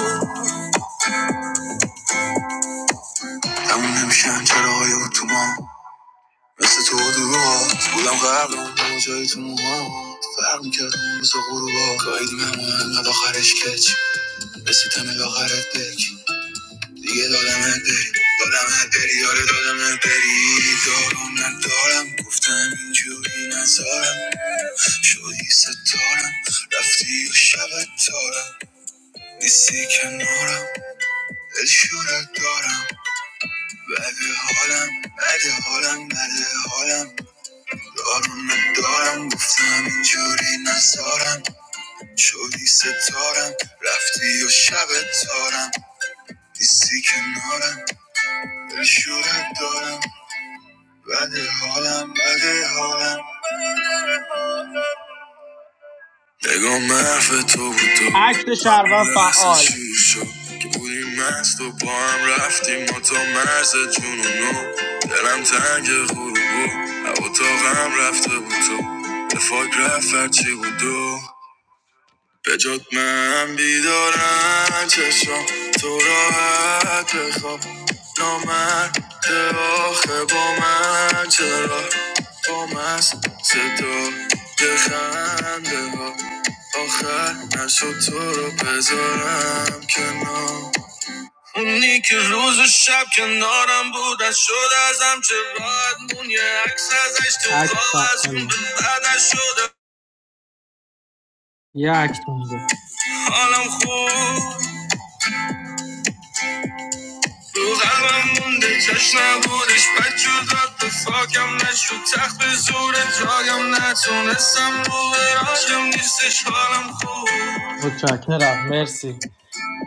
S16: تموم نمیشن چراهای اتوبان مثل تو دور بودم غرق اون جایی تو موها فرق میکرد اون روز غروبا گاهی دیگه همون انقدر آخرش کچ رسیدم الاخرت بک دیگه دادمت بری دادمت بری یاره دادمت بری دارم ندارم گفتم اینجوری نزارم شدی ستارم رفتی و شبت تارم نیستی کنارم دل شورت دارم بده حالم بده حالم بده حالم آرومه ندارم گفتم اینجوری نزارم شدی ستارم رفتی و شب تارم نیستی کنارم شورت دارم بده حالم بده حالم نگاه محف تو بود تو
S12: اکت
S16: همون
S12: شهروند
S16: لحظه
S12: فعال
S16: شیر شد که بودیم مست و با هم رفتیم ما تا مرز جنونو دلم تنگ غروبو هوا تا غم رفته بود تو به فاک رفت هرچی بود دو به جات من بیدارم چشم تو راحت بخواب نامرد آخه با من چرا با مست صدا خنده ها آخر نشد تو رو بذارم کنار اونی که روز و شب کنارم بود از شد ازم چه راحت مون یه عکس ازش تو
S12: اکت
S16: خواب از اون به
S12: فعاله
S16: بعدش شده
S12: یه اکت مونده
S16: حالم خوب تو قلبم مونده کش نبودش بد جداد به فاکم نشد تخت به زور جایم نتونستم رو به راجم نیستش حالم خوب
S12: متشکرم مرسی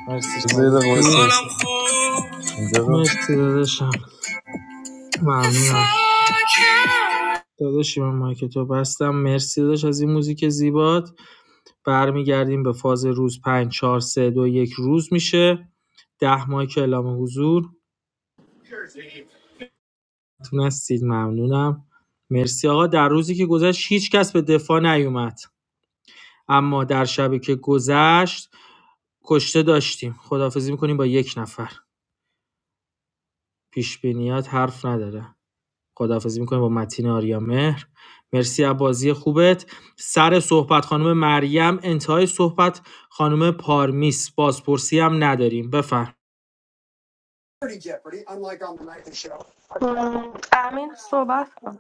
S12: مرسی
S16: زیر
S12: شریفی
S16: حالم خوب اینجا رو
S12: مرسی داداشم ممنونم داداشی من مایکتو بستم مرسی داداش از این موزیک زیبات برمیگردیم به فاز روز 5 4 3 2 یک روز میشه ده مایک اعلام حضور تونستید ممنونم مرسی آقا در روزی که گذشت هیچ کس به دفاع نیومد اما در شبی که گذشت کشته داشتیم خداحافظی میکنیم با یک نفر پیش بینیات حرف نداره خداحافظی می‌کنیم با متین آریامهر مرسی از بازی خوبت سر صحبت خانم مریم انتهای صحبت خانم پارمیس بازپرسی هم نداریم بفرم
S17: امین صحبت کن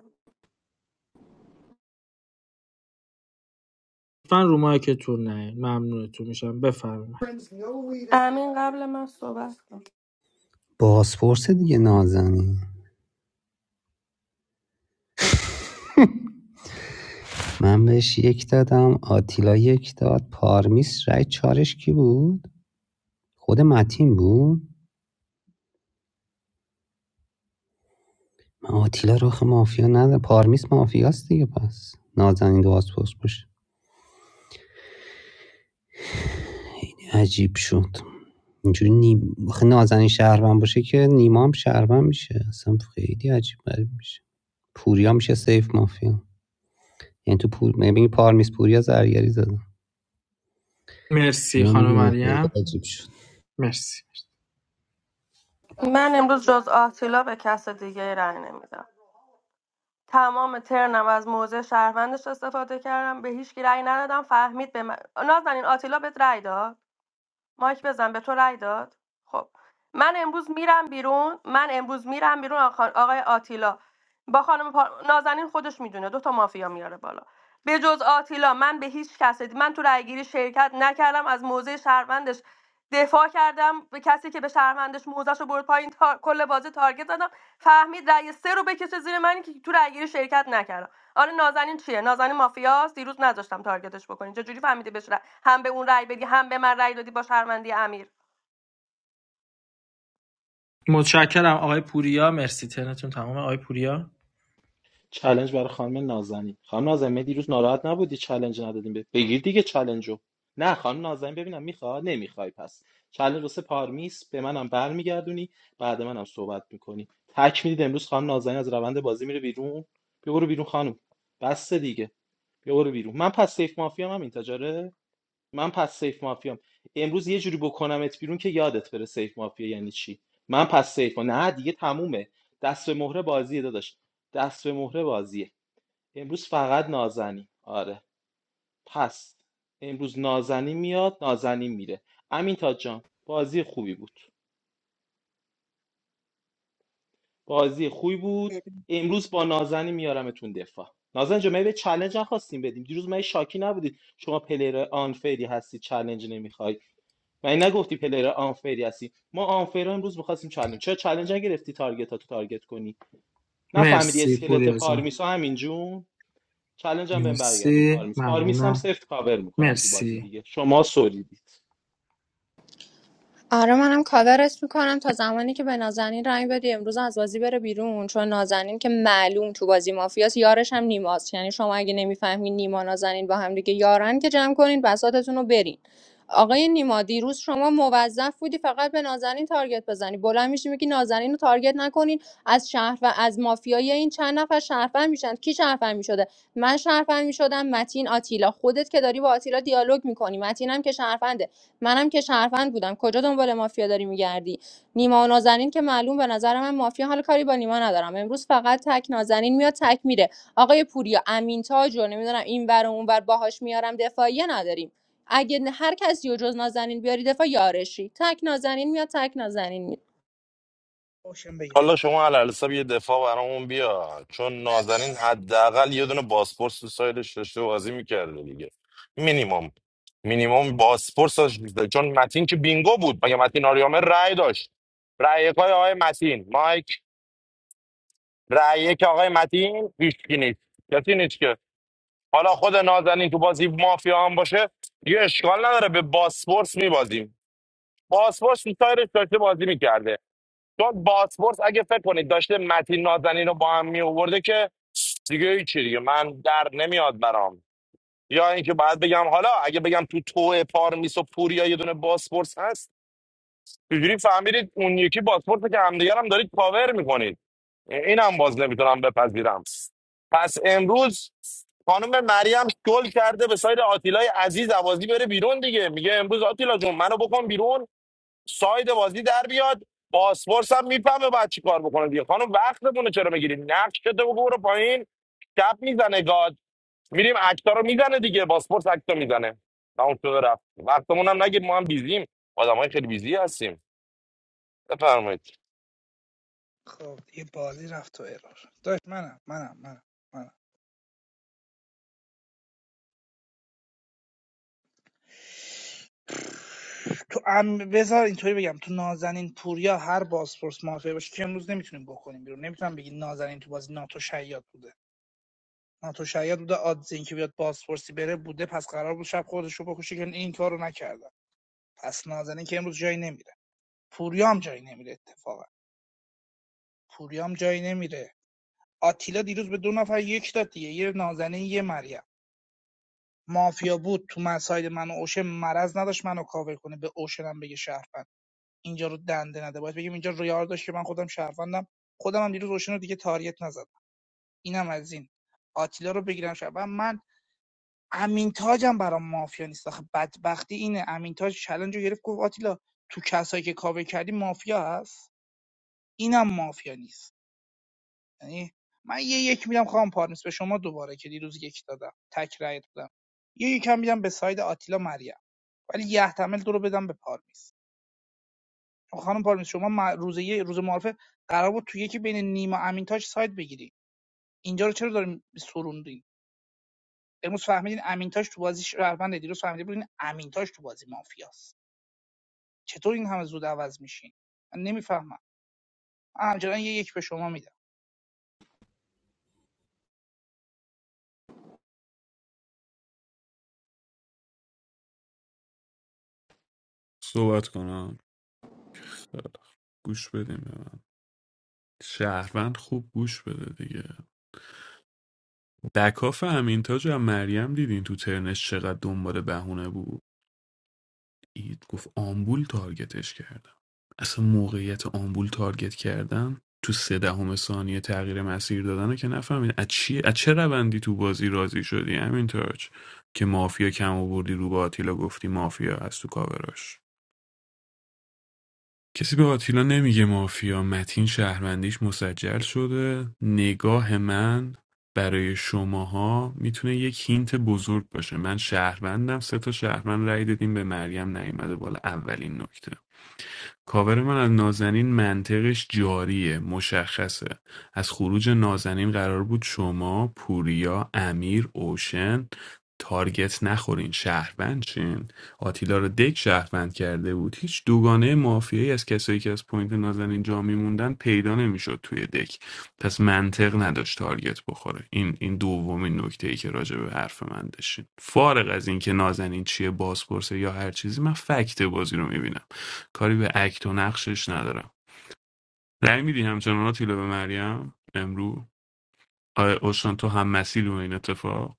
S12: لطفا رو مایکتون نه ممنونتون میشم بفرمایید
S17: امین قبل من صحبت کن
S5: بازپرس دیگه نازنین من بهش یک دادم آتیلا یک داد پارمیس رای چارش کی بود خود متین بود من آتیلا رخ مافیا نداره پارمیس مافیاست دیگه پس نازنین دو بازپرس باشه عجیب شد اینجوری نیم آخه نازنین شهروند باشه که نیما هم شهروند میشه اصلا خیلی عجیب غریب میشه پوریا میشه سیف مافیا یعنی تو پور میبینی پارمیس پوریا زرگری زدن
S12: مرسی
S5: ما
S12: خانم
S5: میگیم خیلی
S12: مریم
S5: عجیب شد
S12: مرسی
S17: من امروز جز آتیلا به کس دیگه رأی نمیدم تمام ترنم از موضع شهروندش استفاده کردم به هیچ کی رأی ندادم فهمید به من نازنین آتیلا بهت رأی داد مایک بزن به تو رأی داد خب من امروز میرم بیرون من امروز میرم بیرون آقا- آقای آتیلا با خانم پا... نازنین خودش میدونه دو تا مافیا میاره بالا به جز آتیلا من به هیچ کس من تو رأیگیری شرکت نکردم از موضع شهروندش دفاع کردم به کسی که به شهروندش موزش رو برد پایین تا... کل بازی تارگت زدم فهمید رأی سه رو بکشه زیر من که تو رأیگیری شرکت نکردم آره نازنین چیه نازنین مافیاست دیروز نذاشتم تارگتش بکنی چجوری فهمیدی بشه. هم به اون رأی بدی هم به من رأی دادی با شرمندی امیر
S12: متشکرم آقای پوریا مرسی تنتون تمام آقای پوریا
S2: چلنج برای خانم نازنین خانم نازنین دیروز ناراحت نبودی چلنج ندادیم به بگیر دیگه چلنج نه خانم نازنین ببینم میخواد نمیخوای پس چلنج واسه پارمیس به منم برمیگردونی بعد منم صحبت میکنی تک میدید امروز خانم نازنین از روند بازی میره بیرون بیا برو بیرون خانم بس دیگه بیا برو بیرون من پس سیف مافیام هم این تجاره من پس سیف مافیام امروز یه جوری بکنمت بیرون که یادت بره سیف مافیا یعنی چی من پس سیف ما نه دیگه تمومه دست به مهره بازیه داداش دست به مهره بازیه امروز فقط نازنین آره پس امروز نازنین میاد نازنین میره امین تاج جان بازی خوبی بود بازی خوبی بود امروز با نازنی میارمتون دفاع نازن جا به چلنج نخواستیم بدیم دیروز من شاکی نبودید شما پلیر آنفری هستی چلنج نمیخوای من نگفتی پلیر آنفری هستی ما آنفری امروز میخواستیم چلنج چرا چلنج نگرفتی تارگت تو تارگت کنی نفهمیدی
S12: مرسی
S2: اسکلت
S12: پوریا جان
S2: پارمیسا همین جون چلنج هم بهم برگردون
S12: مرسی
S2: پارمیس پارمیس هم
S12: ممنونم
S2: سفت کاور میکنم تو بازی
S12: مرسی
S2: دیگه شما سوریدید
S3: آره منم کاورت میکنم تا زمانی که به نازنین رنگ بدی امروز از بازی بره بیرون چون نازنین که معلوم تو بازی مافیاس یارش هم نیماست یعنی شما اگه نمیفهمین نیما نازنین با هم دیگه یارن که جمع کنین بساتتون رو برین آقای نیما دیروز شما موظف بودی فقط به نازنین تارگت بزنی بلند میشی میگی نازنین رو تارگت نکنین از شهر و از مافیای این چند نفر شهروند میشن کی شهروند میشده من شهروند میشدم متین آتیلا خودت که داری با آتیلا دیالوگ میکنی متین هم که شهرونده منم که شهروند بودم کجا دنبال مافیا داری میگردی نیما و نازنین که معلوم به نظر من مافیا حال کاری با نیما ندارم امروز فقط تک نازنین میاد تک میره آقای پوریا امین تاج رو نمیدونم این ور و اون ور باهاش میارم دفاعیه نداریم اگه هر کسی و جز نازنین بیاری دفاع یارشی تک نازنین میاد تک نازنین میره
S14: اوشن بگم
S11: حالا شما علالحساب یه دفاع برامون بیا چون نازنین حداقل یه دونه باسپورس تو سایدش داشته و بازی میکرده دیگه مینیمم مینیمم باسپورس داشت چون متین که بینگو بود مگه متین آریامه رأی داشت رأی یکای آقای متین مایک رأی یک آقای متین هیچ کی نیست کسی نیست که حالا خود نازنین تو بازی مافیا هم باشه دیگه اشکال نداره به باسپورس میبازیم باسپورس تو سایدش داشته بازی میکرده چون باسپورس اگه فکر کنید داشته متین نازنین رو با هم می آورده که دیگه هیچی دیگه من در نمیاد برام یا اینکه باید بگم حالا اگه بگم تو تو پارمیس و پوریا یه دونه باسپورس هست اینجوری فهمیدید اون یکی باسپورس که همدیگر هم دارید پاور میکنید اینم باز نمیتونم بپذیرم پس امروز خانم مریم گل کرده به ساید آتیلای عزیز عوازی بره بیرون دیگه میگه امروز آتیلا جون منو بکن بیرون ساید بازی در بیاد پاسپورس هم میفهمه بعد چی کار بکنه دیگه خانم وقتمون رو چرا میگیری نقش که تو بگو برو پایین کپ میزنه گاد میریم اکتا رو میزنه دیگه پاسپورت اکتا میزنه تمام شده رفت وقتمون هم نگیر ما هم بیزیم آدم های خیلی بیزی هستیم بفرمایید
S14: خب دیگه بازی رفت تو ارور داشت منم منم منم منم تو ام بذار اینطوری بگم تو نازنین پوریا هر بازپرس مافیا باشه که امروز نمیتونیم بکنیم بیرون نمیتونم بگی نازنین تو بازی ناتو شیاد بوده ناتو شیاد بوده آدز این که بیاد بازپرسی بره بوده پس قرار بود شب خودش رو بکشه که این کارو نکردن پس نازنین که امروز جایی نمیره پوریا هم جایی نمیره اتفاقا پوریا هم جایی نمیره آتیلا دیروز به دو نفر یک داد دیگه یه نازنین یه مریم مافیا بود تو من ساید من و اوشن مرض نداشت منو کاور کنه به اوشنم بگه شهروند اینجا رو دنده نده باید بگیم اینجا ریار داشت که من خودم شهروندم خودم هم دیروز اوشن رو دیگه تاریت نزدم اینم از این آتیلا رو بگیرم شهروند من امین تاجم برام مافیا نیست آخه بدبختی اینه امین تاج چلنج رو گرفت گفت آتیلا تو کسایی که کاور کردی مافیا هست اینم مافیا نیست یعنی من یه یک میدم خواهم پارمیس به شما دوباره که دیروز یک دادم تک رأیت بودم یه یکم میدم به ساید آتیلا مریم ولی یحتمل تو رو بدم به پارمیز خب خانم پارمیز شما مع- روز یه روز معارفه قرار بود تو یکی بین نیما امینتاش ساید بگیری اینجا رو چرا داریم سروندین امروز فهمیدین امینتاش تو بازی شهروند دیروز فهمیدین بودین امینتاش تو بازی مافیاست چطور این همه زود عوض میشین من نمیفهمم من همچنان یه یک به شما میدم
S6: صحبت کنم گوش بدیم به من شهروند خوب گوش بده دیگه در کاف امینتاج هم مریم دیدین تو ترنش چقدر دنبال بهونه بود اید گفت آمبول تارگتش کردم اصلا موقعیت آمبول تارگت کردن تو سه دهم ثانیه تغییر مسیر دادن که نفهمید از چی از چه روندی تو بازی راضی شدی امینتاج که مافیا کم آوردی رو با آتیلا گفتی مافیا از تو کاوراش کسی به آتیلا نمیگه مافیا متین شهروندیش مسجل شده نگاه من برای شماها میتونه یک هینت بزرگ باشه من شهروندم سه تا شهروند رأی دادیم به مریم نیومده بالا اولین نکته کاور من از نازنین منطقش جاریه مشخصه از خروج نازنین قرار بود شما پوریا امیر اوشن تارگت نخورین شهروند چین آتیلا رو دک شهروند کرده بود هیچ دوگانه مافیایی از کسایی که از پوینت نازنین جا میموندن پیدا نمیشد توی دک پس منطق نداشت تارگت بخوره این این دومین نکته ای که راجع به حرف من داشتین فارغ از اینکه نازنین چیه بازپرسه یا هر چیزی من فکت بازی رو میبینم کاری به اکت و نقشش ندارم رأی میدی همچنان آتیلا به مریم امرو آیا اوشان تو هم مسیل این اتفاق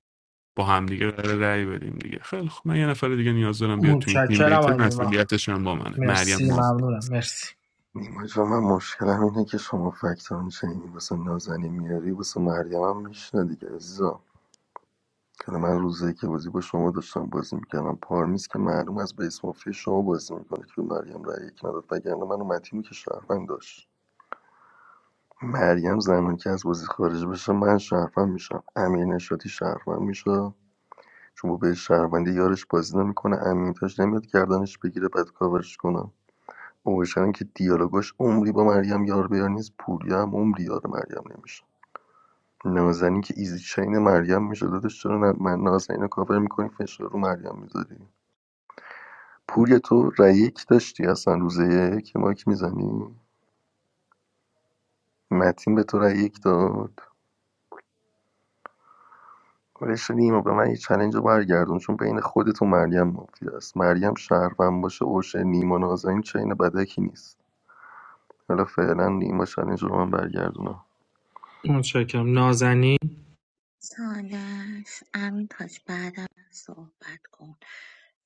S6: با هم دیگه قرار رأی بدیم دیگه خیلی خب من یه نفر دیگه نیاز دارم بیاد تو این تیم
S12: متشکرم
S6: میت
S12: آقای نیما
S6: مسئولیتش هم با منه مریم
S12: مرسی
S6: ما
S12: ممنونم مرسی
S1: نیما جان من مشکلم اینه که شما فکت آنچینی واسه نازنین میاری واسه مریم هم میشنه دیگه عزیزم. که من روزی که بازی با شما داشتم بازی میکردم پارمیز که معلوم از بیس مافیا شما بازی میکنه که به مریم رای یک نداد وگرنه من و متینو که شهروند داشت مریم زمانی که از بازی خارج بشه من شهروند میشم امیر نشاطی شهروند میشه چون با به شهروندی یارش بازی نمیکنه امین تاش نمیاد گردنش بگیره بعد کاورش کنم اوشن که دیالوگاش عمری با مریم یار بیار نیست پوریا هم عمری یار مریم نمیشه نازنین که ایزی چین مریم میشه دادش چرا نه- من نازنین رو کاور میکنی فشار رو مریم میذاری پوریا تو رأی یک داشتی اصلا روز یک یه مایک میزنی متین به تو رأی یک داد ولش کن نیما به من یه چلنج رو برگردون چون بین خودت و مریم مافیا است مریم شهروند باشه اوشه نیما نازنین چین بدکی نیست حالا فعلا نیما چلنج رو من برگردونم
S12: متشکرم نازنین
S15: سالش امین تاج بعدم صحبت کن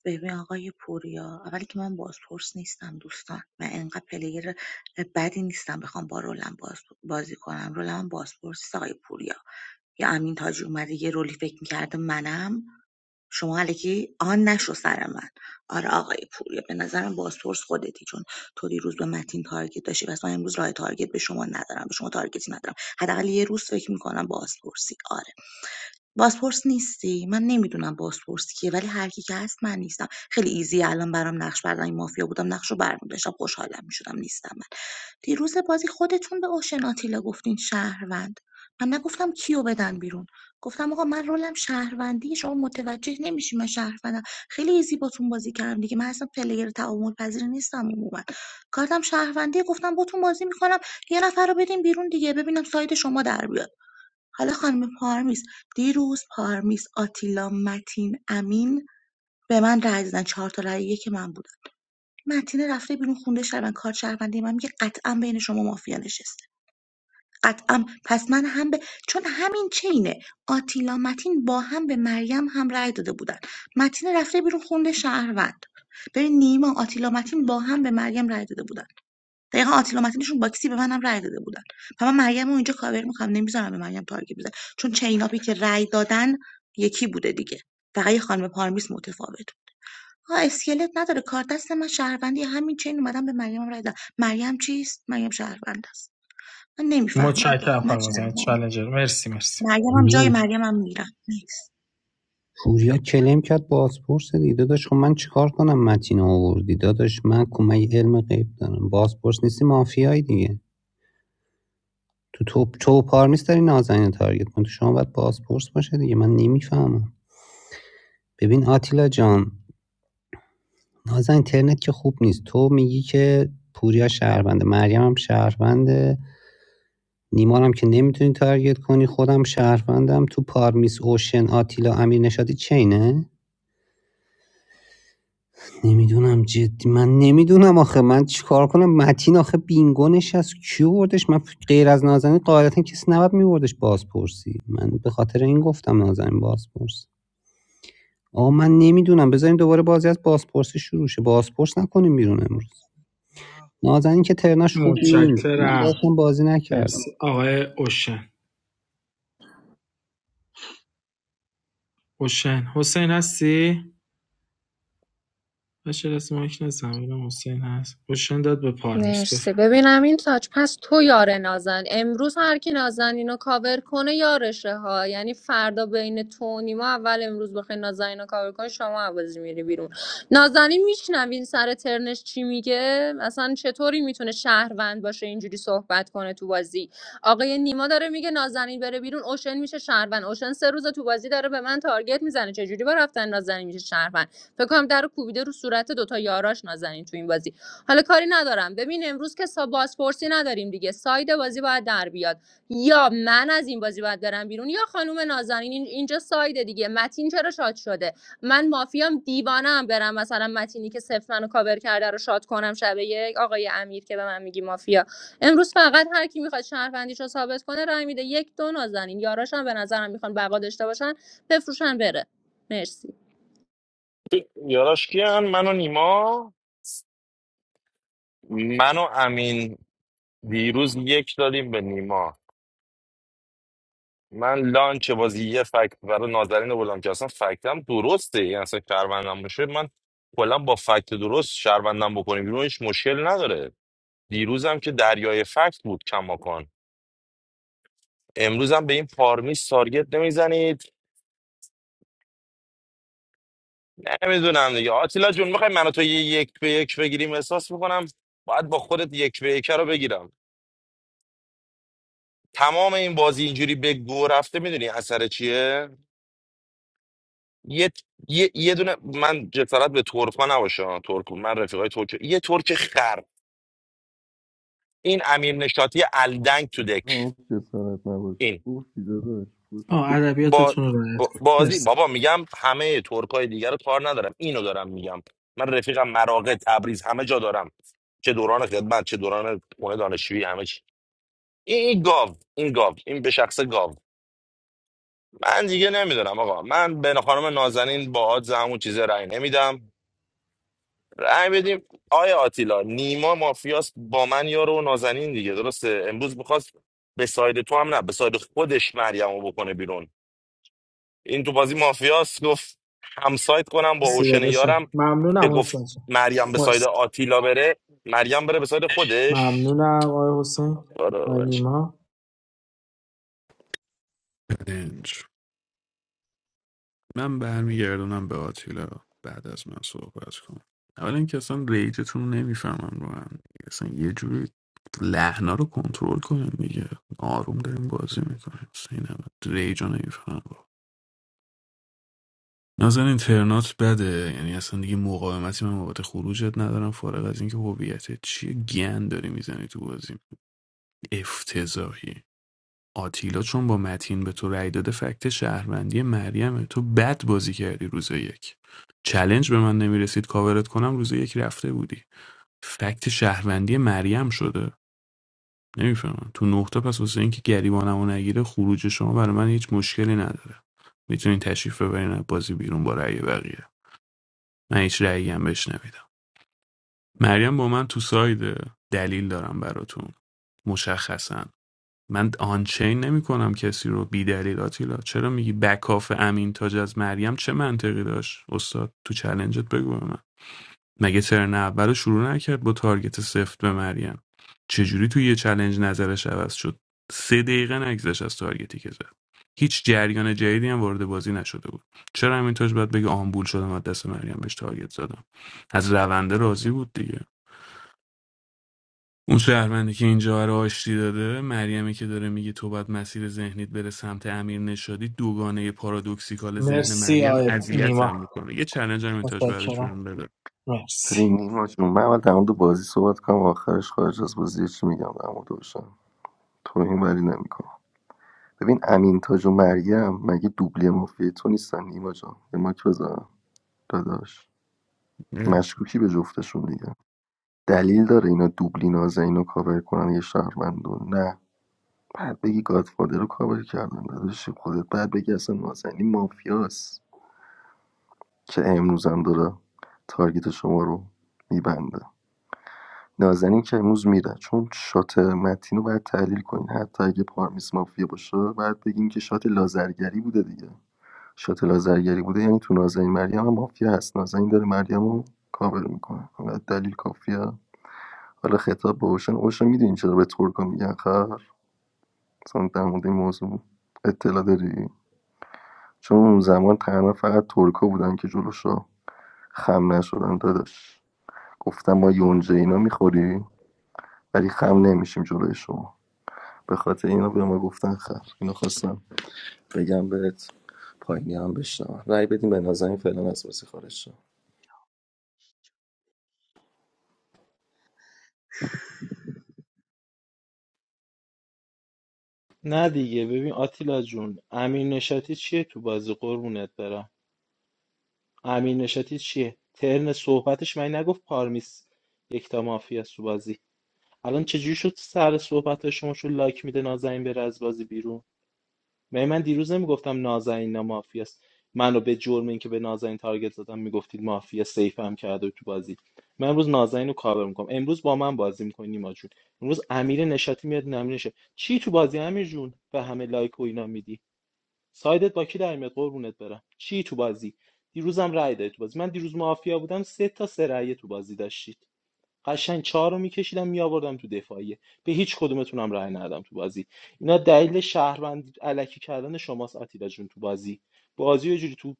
S15: ببین آقای پوریا اولی که من بازپرس نیستم دوستان من انقدر پلیر بدی نیستم بخوام با رولم باز بازی کنم رولم هم بازپرس نیست آقای پوریا یا امین تاج اومده یه رولی فکر میکرده منم شما الکی آن نشو سر من آره آقای پوریا به نظرم بازپرس خودتی چون تو دیروز به متین تارگت داشتی و من امروز راه تارگت به شما ندارم به شما تارگتی ندارم حداقل یه روز فکر میکنم بازپرسی آره بازپرس نیستی؟ من نمیدونم بازپرس کیه ولی هر کی که هست من نیستم خیلی ایزیه الان برام نقش بردن این مافیا بودم نقش رو برمی‌داشتم خوشحالم میشدم نیستم من دیروز بازی خودتون به اوشن آتیلا گفتین شهروند من نگفتم کیو بدن بیرون گفتم آقا من رولم شهروندی شما متوجه نمیشی من شهروندم خیلی ایزی باتون بازی کردم دیگه من اصلا پلیر تعامل پذیر نیستم عموما کارتم شهروندی گفتم باتون بازی میکنم یه نفر رو بدین بیرون دیگه ببینم ساید شما در بیاد حالا خانم پارمیز دیروز پارمیز آتیلا متین امین به من رأی دادن چهار تا رأی یک من بودن متینه رفته بیرون خونده شهروند کار شهروندی من میگه قطعا بین شما مافیا نشسته قطعا پس من هم به چون همین چینه آتیلا متین با هم به مریم هم رأی داده بودن متینه رفته بیرون خونده شهروند ببین نیما آتیلا متین با هم به مریم رأی داده بودن دقیقا آتیلا متینشون باکسی به منم رأی داده بودن و من مریم رو اینجا کاور میکنم نمیذارم به مریم تارگت بزن چون چیناپی که رأی دادن یکی بوده دیگه فقط یه خانم پارمیس متفاوت ها اسکلت نداره کار دست من شهروندی همین چین اومدم به مریم رأی دادم مریم چیست مریم شهروند است من نمیفهمم
S12: متشکرم
S15: واقعا من
S12: خانم زنی
S15: شهروند
S12: چالنجر مرسی مرسی
S15: مریم هم جای
S5: میگم
S15: مریم هم میرم نیکس
S5: پوریا کلم کرد بازپرس دیده داداش خب من چیکار کنم متین رو آوردی داداش من کمه علم غیب دارم بازپرس نیستی مافیایی دیگه تو تو تو و پارمیس داری نازنین رو تارگت کن تو شما باید بازپرس باشه دیگه من نمیفهمم ببین آتیلا جان نازن اینترنت که خوب نیست تو میگی که پوریا شهرونده مریم هم شهرونده نیمان هم که نمیتونی تارگت کنی خودم شهروندم تو پارمیس اوشن آتیلا امیر نشاطی چینه نمیدونم جدی من نمیدونم آخه من چیکار کنم متین آخه بینگو نشست کی بردش من غیر از نازنین قاعدتا کسی نباید میوردش بازپرسی من به خاطر این گفتم نازنین بازپرس آقا من نمیدونم بذاریم دوباره بازی از بازپرسی شروع شه بازپرس نکنیم بیرون امروز نازنین که ترناش خوب نیست من
S12: متشکرم
S5: باشم بازی
S12: مرسی
S5: نکردم
S12: آقای اوشن اوشن حسین هستی باشه دست مایک نزن ببینم حسین هست اوشن داد به پارمیس
S3: مرسی
S12: بفرم
S3: ببینم این تاج پس تو یار نازن امروز هر کی نازن کاور کنه یارشه ها یعنی فردا بین تو و نیما اول امروز بخوای نازن کاور کنه شما عوضی میری بیرون نازنین میشنوین سر ترنش چی میگه اصلا چطوری میتونه شهروند باشه اینجوری صحبت کنه تو بازی آقای نیما داره میگه نازنین بره بیرون اوشن میشه شهروند اوشن سه روز تو بازی داره به من تارگت میزنه چجوری با رفتن نازنین میشه شهروند فکر کنم در رو کوبیده رو صورت دوتا یاراش نازنین تو این بازی حالا کاری ندارم ببین امروز که سا- بازپرسی نداریم دیگه ساید بازی باید در بیاد یا من از این بازی باید برم بیرون یا خانم نازنین این- اینجا ساید دیگه متین چرا شاد شده من مافیام دیوانه ام برم مثلا متینی که صفر منو کاور کرده رو شاد کنم شب یک آقای امیر که به من میگی مافیا امروز فقط هر کی میخواد شهروندیش رو ثابت کنه رای میده یک دو نازنین یاراشم به نظرم میخوان بقا داشته باشن بفروشن بره مرسی
S11: یاراش کیان من و نیما من و امین دیروز یک دادیم به نیما من لانچ بازی یه فکت برای نازنین بودم که اصلا فکتم درسته یعنی اصلا شهروندم باشه من کلا با فکت درست شهروندم بکنیم بیرون هیچ مشکل نداره دیروزم که دریای فکت بود کماکان امروزم به این پارمیس تارگت نمیزنید نمیدونم دیگه آتیلا جون میخوای منو تو یه یک به یک بگیریم احساس میکنم باید با خودت یک به یک رو بگیرم تمام این بازی اینجوری به گو رفته میدونی اثر چیه یه یه یه دونه من جسارت به ترک‌ها نباشه ها، ترک من رفیقای ترک یه ترک خر این امیر نشاطی الدنگ تو دک
S1: نه جسارت نباشه
S11: این
S1: گفتی داداش گفتی.
S12: آه
S11: با
S12: ادبیاتتون رو رعایت
S11: با-
S12: کن
S11: بازی
S12: مرسی
S11: بابا میگم همه ترکای دیگر رو کار ندارم اینو دارم میگم من رفیقم مراغه تبریز همه جا دارم چه دوران خدمت چه دوران خونه دانشجویی همه چی این این گاو این گاو این به شخص گاو من دیگه نمیدونم آقا من به خانم نازنین با آد همون چیز رأی نمیدم رأی بدیم آیا آتیلا نیما مافیاس با من یارو و نازنین دیگه درسته امروز میخواست به ساید تو هم نه به ساید خودش مریم رو بکنه بیرون این تو بازی مافیاس گفت همسایت کنم با
S12: مرسی
S11: اوشن یارم
S12: داداشم
S11: که
S12: ممنونم
S11: گفت
S12: حسین جان
S11: مریم به ساید
S12: مرسی
S11: آتیلا بره مریم بره به ساید خودش
S12: ممنونم آقای حسین
S11: آره،
S12: آقای
S11: ولش.
S12: نیما
S6: چالنج. من برمیگردونم به آتیلا بعد از من صحبت کن اولا اینکه اصلا ریجتون رو نمیفهمم رو هم دیگه. اصلا یه جوری لحنا رو کنترل کنیم دیگه آروم داریم بازی میکنیم اصلا این هم ریج رو نمیفهمم نازنین اینترنات بده یعنی اصلا دیگه مقاومتی من بابت خروجت ندارم فارغ از اینکه هویتت چیه گند داری میزنی تو بازی افتضاحی آتیلا چون با متین به تو رأی داده فکت شهروندی مریمه تو بد بازی کردی روز یک چلنج به من نمیرسید کاورت کنم روز یک رفته بودی فکت شهروندی مریم شده نمیفهمم تو نقطه پس واسه اینکه گریبانمو نگیره خروج شما برای من هیچ مشکلی نداره میتونین تشریف ببرین بازی بیرون با رأی بقیه من هیچ رأیی هم بهش نمیدم مریم با من تو سایده دلیل دارم براتون مشخصا من آنچین نمی کنم کسی رو بی دلیل آتیلا چرا میگی بکاف امین تاج از مریم چه منطقی داشت استاد تو چلنجت بگو من مگه ترن اولو شروع نکرد با تارگت سفت به مریم چجوری توی یه چلنج نظرش عوض شد سه دقیقه نگذشت از تارگتی که زد هیچ جریان جدیدی هم وارد بازی نشده بود چرا همین تاج باید بگه آمبول شدم از دست مریم بهش تارگت زدم از رونده راضی بود دیگه اون شهروندی که اینجا رو آشتی داده مریمی که داره میگه تو باید مسیر ذهنیت بره سمت امیر نشادی دوگانه پارادوکسیکال ذهن
S12: مرسی
S6: مریم
S12: آقای نیما
S6: اذیتم میکنه یه چلنج هم اینتاج بعدش
S12: متشکرم
S6: بهم بده
S12: مرسی
S1: ببین نیما جون من اول در مورد بازی صحبت کنم آخرش خارج از بازی چی میگم در مورد اوشن تو این ولی نمی‌کنم. ببین امین تاج و مریم مگه دوبلی مافیای تو نیستن نیما جان یه ماک بزن داداش مشکوکی به جفتشون دیگه دلیل داره اینا دوبلی نازنین رو کاور کنن یه شهروند رو؟ نه بعد بگی گادفادر رو کاور کردن داداش خودت بعد بگی اصلا نازنین مافیاست که امروزم داره تارگت شما رو میبنده نازنین که امروز میره چون شات متین رو باید تحلیل کنین حتی اگه پارمیس مافیا باشه باید بگین که شات لازرگری بوده دیگه شاتل آذرگری بوده یعنی تو نازنین مریم هم مافیا هست نازنین داره مریم رو کاور میکنه دلیل کافیه حالا خطاب به اوشن اوشن میدونی چرا به ترکا میگن خر مثلا در مورد این موضوع اطلاع داری چون اون زمان تنها فقط ترکا بودن که جلوشو خم نشدن داداش گفتم ما یونجه اینا میخوری ولی خم نمیشیم جلوی شما به خاطر اینا به ما گفتن خر اینو خواستم بگم بهت پایینی هم بشنم رای بدیم به نازنین فعلا از بازی خارج شد
S2: نه دیگه ببین آتیلا جون امیر نشاتی چیه تو بازی قربونت برم امیر نشاطی چیه ترن صحبتش من نگفت پارمیس یکتا مافیا سو بازی الان چجوری شد سر صحبت شما شو لایک میده نازنین بره از بازی بیرون من من دیروز نمیگفتم نازنین نه مافیاست منو به جرم اینکه به نازنین تارگت زدم میگفتید مافیا سیف هم کرده تو بازی من امروز نازنین رو کاور میکنم امروز با من بازی میکنی نیما جون امروز امیر نشاتی میاد نمینشه چی تو بازی امیر جون به همه لایک و اینا میدی سایدت با کی در میاد قربونت برم چی تو بازی دیروزم رأی دادی تو بازی من دیروز مافیا بودم سه تا سه رأی تو بازی داشتید قشنگ چهار رو میکشیدم میآوردم تو دفاعیه به هیچ کدومتونم رأی ندادم تو بازی اینا دلیل شهروند علکی کردن شماست آتیلا جون تو بازی بازی رو یه جوری تو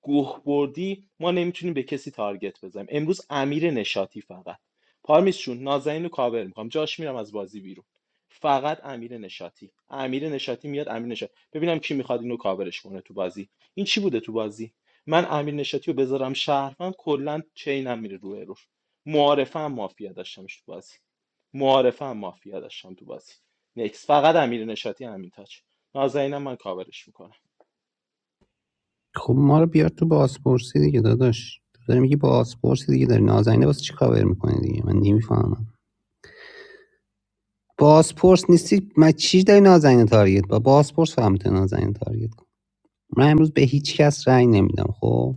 S2: گوه بردی ما نمیتونیم به کسی تارگت بزنیم امروز امیر نشاطی فقط پارمیس جون نازنین رو کاور میکنم جاش میرم از بازی بیرون فقط امیر نشاطی امیر نشاطی میاد امیر نشاطی ببینم کی میخواد اینو کاورش کنه تو بازی این چی بوده تو بازی من امیر نشاتی رو بذارم شهروند کلا چینم میره رو ارور. معارفه هم مافیا داشتمش تو بازی معارفه هم مافیا داشتم تو بازی نکس فقط امیر نشاطی امین تاج نازنینم من کاورش میکنم
S5: خب ما رو بیار تو بازپرسی دیگه داداش تو داری میگی بازپرسی دیگه داری نازنین واسه چی کاور میکنی دیگه من نمیفهمم بازپرس نیستی من چی داری نازنین تارگت با بازپرس فهمت نازنین تارگت کن من امروز به هیچ کس رأی نمیدم خب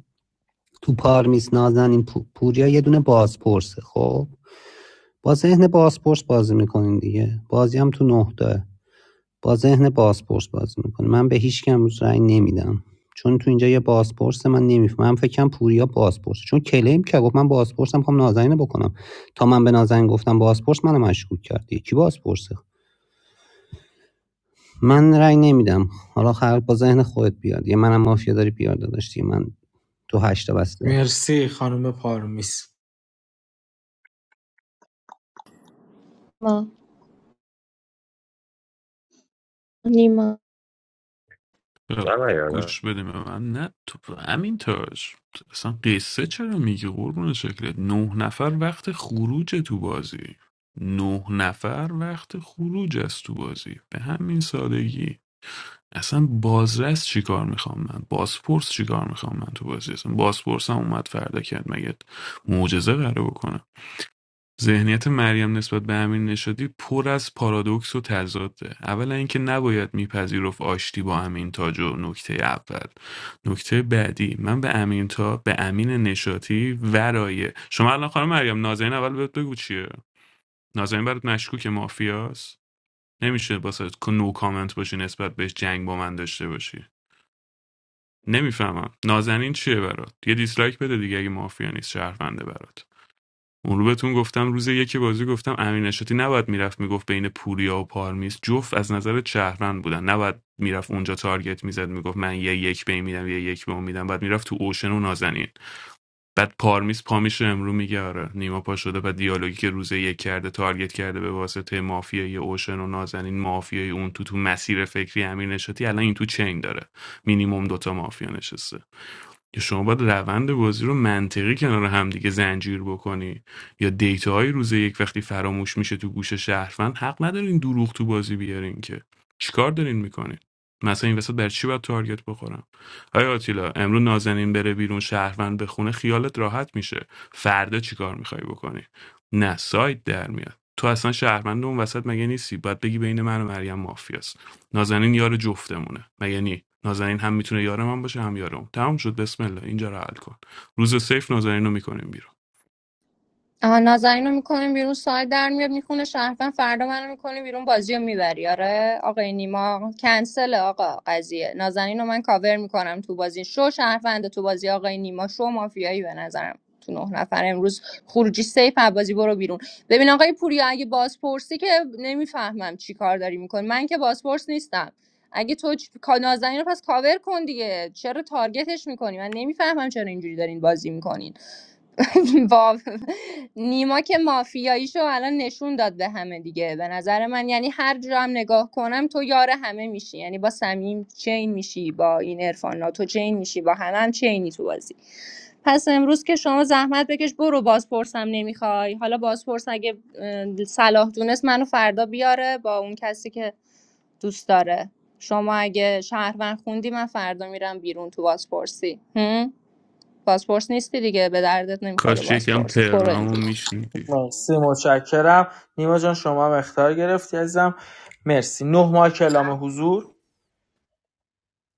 S5: تو پارمیس نازنین پو- پوریا یه دونه بازپرسه خب با ذهن بازپرس بازی میکنین دیگه بازی هم تو نه تا با ذهن بازپرس بازی میکنه من به هیچ کم رأی نمیدم چون تو اینجا یه بازپرس من نمیفهمم من فکرم پوریا بازپرس چون کلیم که گفت من بازپرسم میخوام نازنین بکنم تا من به نازنین گفتم بازپرس منو مشکوک کردی کی بازپرسه من رأی نمیدم حالا خلق با ذهن خودت بیاد یه منم مافیا داری بیار داشتی من تو هشتا بسته
S12: مرسی خانم پارمیس
S6: چرا
S11: نه، نه، نه.
S6: گوش بده به من نه تو همین تاج اصلا قصه چرا میگی قربون شکلت نه نفر وقت خروج تو بازی نه نفر وقت خروج از تو بازی به همین سادگی اصلا بازرس چیکار میخوام من بازپرس چیکار میخوام من تو بازی اصلا بازپرسم اومد فردا کرد مگه معجزه قراره بکنه ذهنیت مریم نسبت به امیر نشاطی پر از پارادوکس و تضاده اولا اینکه نباید میپذیرفت آشتی با امین تاج و نکته اول نکته بعدی من به امین تا به امین نشاتی ورایه شما الان خانم مریم نازنین اول بهت بگو چیه نازنین برات مشکوک مافیاست نمیشه باسه که نو کامنت باشی نسبت بهش جنگ با من داشته باشی نمیفهمم نازنین چیه برات یه دیسلایک بده دیگه اگه مافیا نیست شهرونده برات اون رو بهتون گفتم روز یکی بازی گفتم امین نشاطی نباید میرفت میگفت بین پوریا و پارمیس جفت از نظر شهروند بودن نباید میرفت اونجا تارگت میزد میگفت من یه یک به این میدم یه یک به اون میدم بعد میرفت تو اوشن و نازنین بعد پارمیس پا میشه امرو میگه آره نیما پا شده بعد دیالوگی که روز یک کرده تارگت کرده به واسطه مافیای اوشن و نازنین مافیای اون تو تو مسیر فکری امیر نشاطی الان این تو چین داره مینیمم دوتا مافیا نشسته یا شما باید روند بازی رو منطقی کنار هم دیگه زنجیر بکنی یا دیتاهای روز یک وقتی فراموش میشه تو گوش شهروند حق ندارین دروغ تو بازی بیارین که چیکار دارین میکنین مثلا این وسط بر چی باید تارگت بخورم آیا آتیلا امرو نازنین بره بیرون شهروند بخونه خیالت راحت میشه فردا چیکار میخوای بکنی نه سایت در میاد تو اصلا شهروند اون وسط مگه نیستی باید بگی بین من و مریم مافیاست نازنین یار جفتمونه مگه نی نازنین هم میتونه یار من باشه هم یارم. اون تمام شد بسم الله اینجا رو حل کن روز سیف نازنین رو میکنیم بیرون
S3: آها نازنین رو میکنیم بیرون ساعت در میاد میخونه شهروند فردا منو میکنی بیرون بازی رو میبری آره آقای نیما کنسل آقا قضیه نازنین رو من کاور میکنم تو بازی شو شهروند تو بازی آقای نیما شو مافیایی به نظرم تو نه نفر امروز خروجی سیف بازی برو بیرون ببین آقای پوریا اگه بازپرسی که نمیفهمم چی کار داری میکنی من که بازپرس نیستم اگه تو چ- کا- نازنین رو پس کاور کن دیگه چرا تارگتش میکنی من نمیفهمم چرا اینجوری دارین بازی میکنین واو نیما که مافیاییشو الان نشون داد به همه دیگه به نظر من یعنی هر جا هم نگاه کنم تو یار همه میشی یعنی با صمیم چین میشی با این عرفان تو چین میشی با همه هم چینی تو بازی پس امروز که شما زحمت بکش برو بازپرسم نمیخوای حالا بازپرس اگه اه، صلاح دونست منو فردا بیاره با اون کسی که دوست داره شما اگه شهروند خوندی من فردا میرم بیرون تو بازپرسی هم؟ بازپرس نیستی دیگه به دردت نمیخوره
S6: کاش یکم
S3: بازپرس برو امروز
S6: ترنامو میشنیدی
S12: مرسی متشکرم نیما جان شما هم اختار گرفتی عزیزم مرسی نه ماه کلام حضور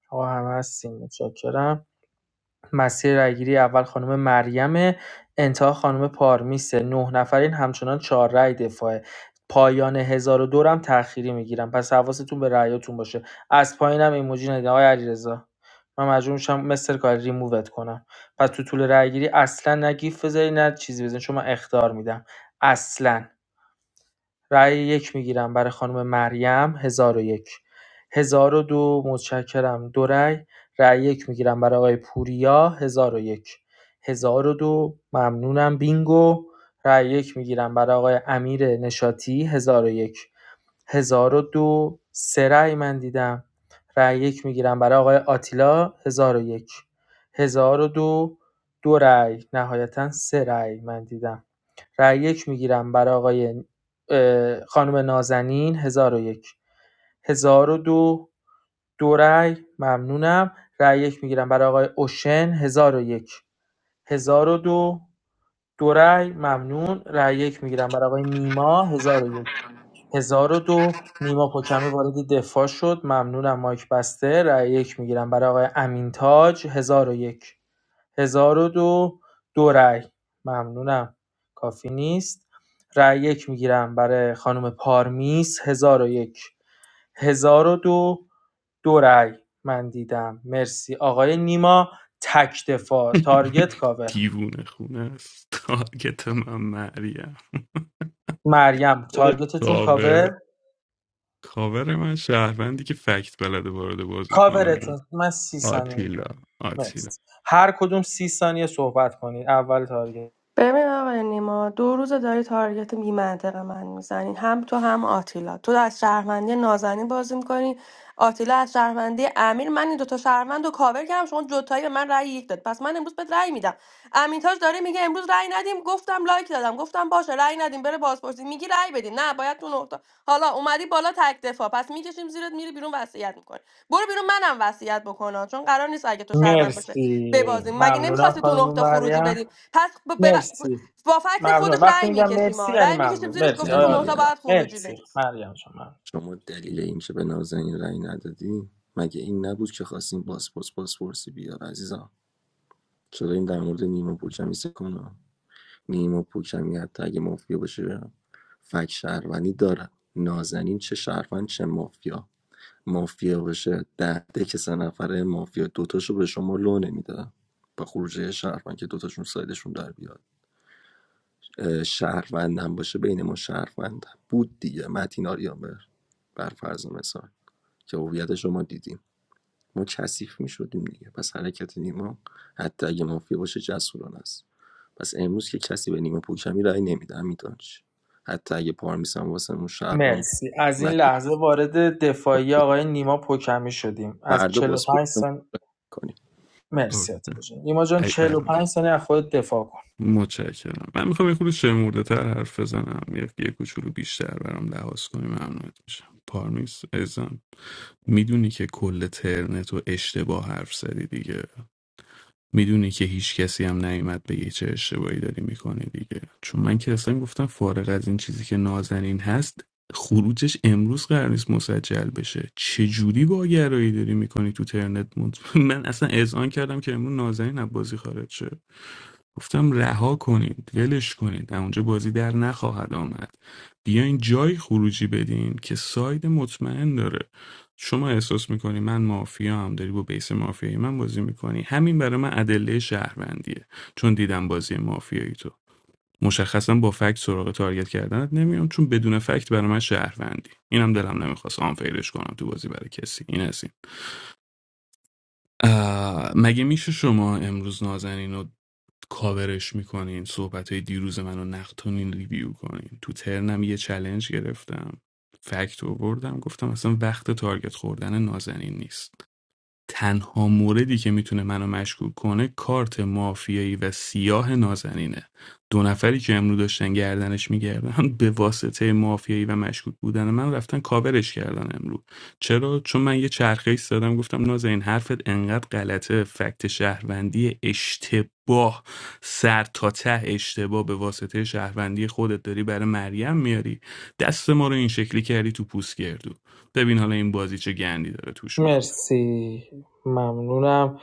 S12: آقا همه هستیم متشکرم مسیر رأیگیری اول خانم مریم انتها خانم پارمیسه نه نفرین همچنان چهار رأی دفاعه پایان هزار و دورم تأخیری میگیرم پس حواستون به رأیاتون باشه از پایینم ایموجی ندید آقای علیرضا من مجبور میشم مستر کاری ریمووت کنم پس تو طول رأیگیری اصلا نه گیف بذاری نه چیزی بزنی چون من اختار میدم اصلا رأی یک میگیرم برای خانم مریم 1001 دو متشکرم دو رأی رأی یک میگیرم برای آقای پوریا 1001 دو ممنونم بینگو رأی یک میگیرم برای آقای امیر نشاتی 1001 1002 سه رأی من دیدم رأی یک میگیرم برای آقای آتیلا 1001 1002 دو دو رأی نهایتا سه رأی من دیدم رأی یک میگیرم برای آقای خانم نازنین 1001 1002 دو دو رأی ممنونم رأی یک میگیرم برای آقای اوشن 1001 دو دو رأی ممنون رأی یک میگیرم برای آقای نیما هزار و یک هزار و دو نیما پوکمی وارد دفاع شد ممنونم مایک بسته رأی یک میگیرم برای آقای امین تاج هزار و یک هزار و دو دو رأی ممنونم کافی نیست رأی یک میگیرم برای خانم پارمیس هزار و یک هزار و دو دو رأی من دیدم مرسی آقای نیما تک دفاع تارگت کاور
S6: دیوونه خونه است تارگت من مریم
S12: مریم
S2: بده
S12: تارگتتون
S6: کاور
S12: کاور
S6: کاور من شهروندی که فکت بلده وارد بازی کنه
S12: کاورتون من سی ثانیه
S6: آتیلا آتیلا
S12: مرسی هر کدوم سی ثانیه صحبت کنید اول تارگت
S17: ببین آقای نیما دو روز داری تارگت بی من میزنی هم تو هم آتیلا تو از شهروندی نازنین بازی میکنی آتیلا از شهروندی امیر من این دوتا شهروند رو کاور کردم شما جوتایی به من رأی یک داد پس من امروز بهت رأی میدم امین تاج داره میگه امروز رأی ندیم گفتم لایک دادم گفتم باشه رأی ندیم بره بازپرسی میگی رأی بدین نه باید تو نقطه حالا اومدی بالا تک دفاع پس میکشیم زیرت میری بیرون وصیت میکنی برو بیرون منم وصیت بکنم چون قرار نیست اگه تو شهروند باشه
S12: مرسی
S17: ببازیم مگه
S12: ممنونم
S17: نمیخواستی تو
S12: خانم
S17: نقطه خروجی
S12: مریم
S17: بدیم پس ب- ب- ب-
S12: مرسی
S17: با فکت خودش
S12: ممنون وقتی
S17: رأی
S12: میگم
S17: میکشیم
S12: مرسی
S17: ما
S12: یعنی
S17: رأی میکشیم
S12: ممنون
S17: زیرش
S12: مرسی
S17: گفته
S1: نه
S17: تو
S12: آیا
S17: نهتا
S1: دیگه
S12: آتیلا
S17: باید خروجی
S12: مرسی مریم شما
S1: شما دلیل این که به نازنین رأی ندادی مگه این نبود که خواستیم پاسپورت بازپرسی بیاد عزیزم چرا این در مورد نیما پوکمی کنم نیما پوکمی حتی اگه مافیا باشه فک شهروندی داره نازنین چه شهروند چه مافیا مافیا باشه ده ده که سه نفره مافیا دوتاشو به شما لو نمیده با خروجه شهروند که دوتاشون سایدشون در بیاد اه، شهروندم باشه بین ما شهروند بود دیگه متین آریامبر بر فرض مثال که هویتش رو ما دیدیم ما کثیف میشدیم دیگه پس حرکت نیما حتی اگه مافیا باشه جسورانه است پس امروز که کسی به نیما پوکمی رأی نمیده میدانش حتی اگه پارمیس هم واسه اون شهر من
S12: مرسی از این
S1: متین
S12: لحظه وارد دفاعی
S1: کاپی
S12: آقای نیما پوکمی شدیم از
S1: فردا
S12: چهل و
S1: بازپرس
S12: پنج سن
S1: کنیم
S6: اوه.
S12: مرسی آتیلا جان نیما جان چهل و
S6: ای
S12: پنج ثانیه از خود دفاع کن
S6: متشکرم من میخوام یه خورده شمرده تر حرف بزنم یه, یه کوچولو بیشتر برام لحاظ کنی ممنونت میشم پارمیس ازم میدونی که کل ترنت و اشتباه حرف زدی دیگه میدونی که هیچ کسی هم نیومد بگه چه اشتباهی داری میکنی دیگه چون من که اصلا گفتم فارغ از این چیزی که نازنین هست خروجش امروز قرار نیست مسجل بشه چه جوری با گرایی داری میکنی تو ترنت مونت من اصلا اذعان کردم که امروز نازنین از بازی خارج شه گفتم رها کنید ولش کنید از اونجا بازی در نخواهد آمد بیاین جای خروجی بدین که ساید مطمئن داره شما احساس میکنی من مافیا هم داری با بیس مافیایی من بازی میکنی همین برای من ادله شهروندیه چون دیدم بازی مافیایی تو مشخصا با فکت سراغ تارگت کردنت نمیام چون بدون فکت برای من شهروندی اینم دلم نمیخواست آنفیلش کنم تو بازی برای کسی این هستی مگه میشه شما امروز نازنین رو کاورش میکنین صحبت های دیروز منو نقدتونین ریویو کنین تو ترنم یه چلنج گرفتم فکت آوردم گفتم اصلا وقت تارگت خوردن نازنین نیست تنها موردی که میتونه منو مشکوک کنه کارت مافیایی و سیاه نازنینه دو نفری که امروز داشتن گردنش میگردن به واسطه مافیایی و مشکوک بودن من رفتن کاورش کردن امروز. چرا چون من یه چرخه ایست گفتم نازنین حرفت انقدر غلطه فکت شهروندی اشتباه سر تا ته اشتباه به واسطه شهروندی خودت داری برای مریم میاری دست ما رو این شکلی کردی تو پوست گردو ببین حالا این بازی چه گندی داره توش میخوره
S12: مرسی ممنونم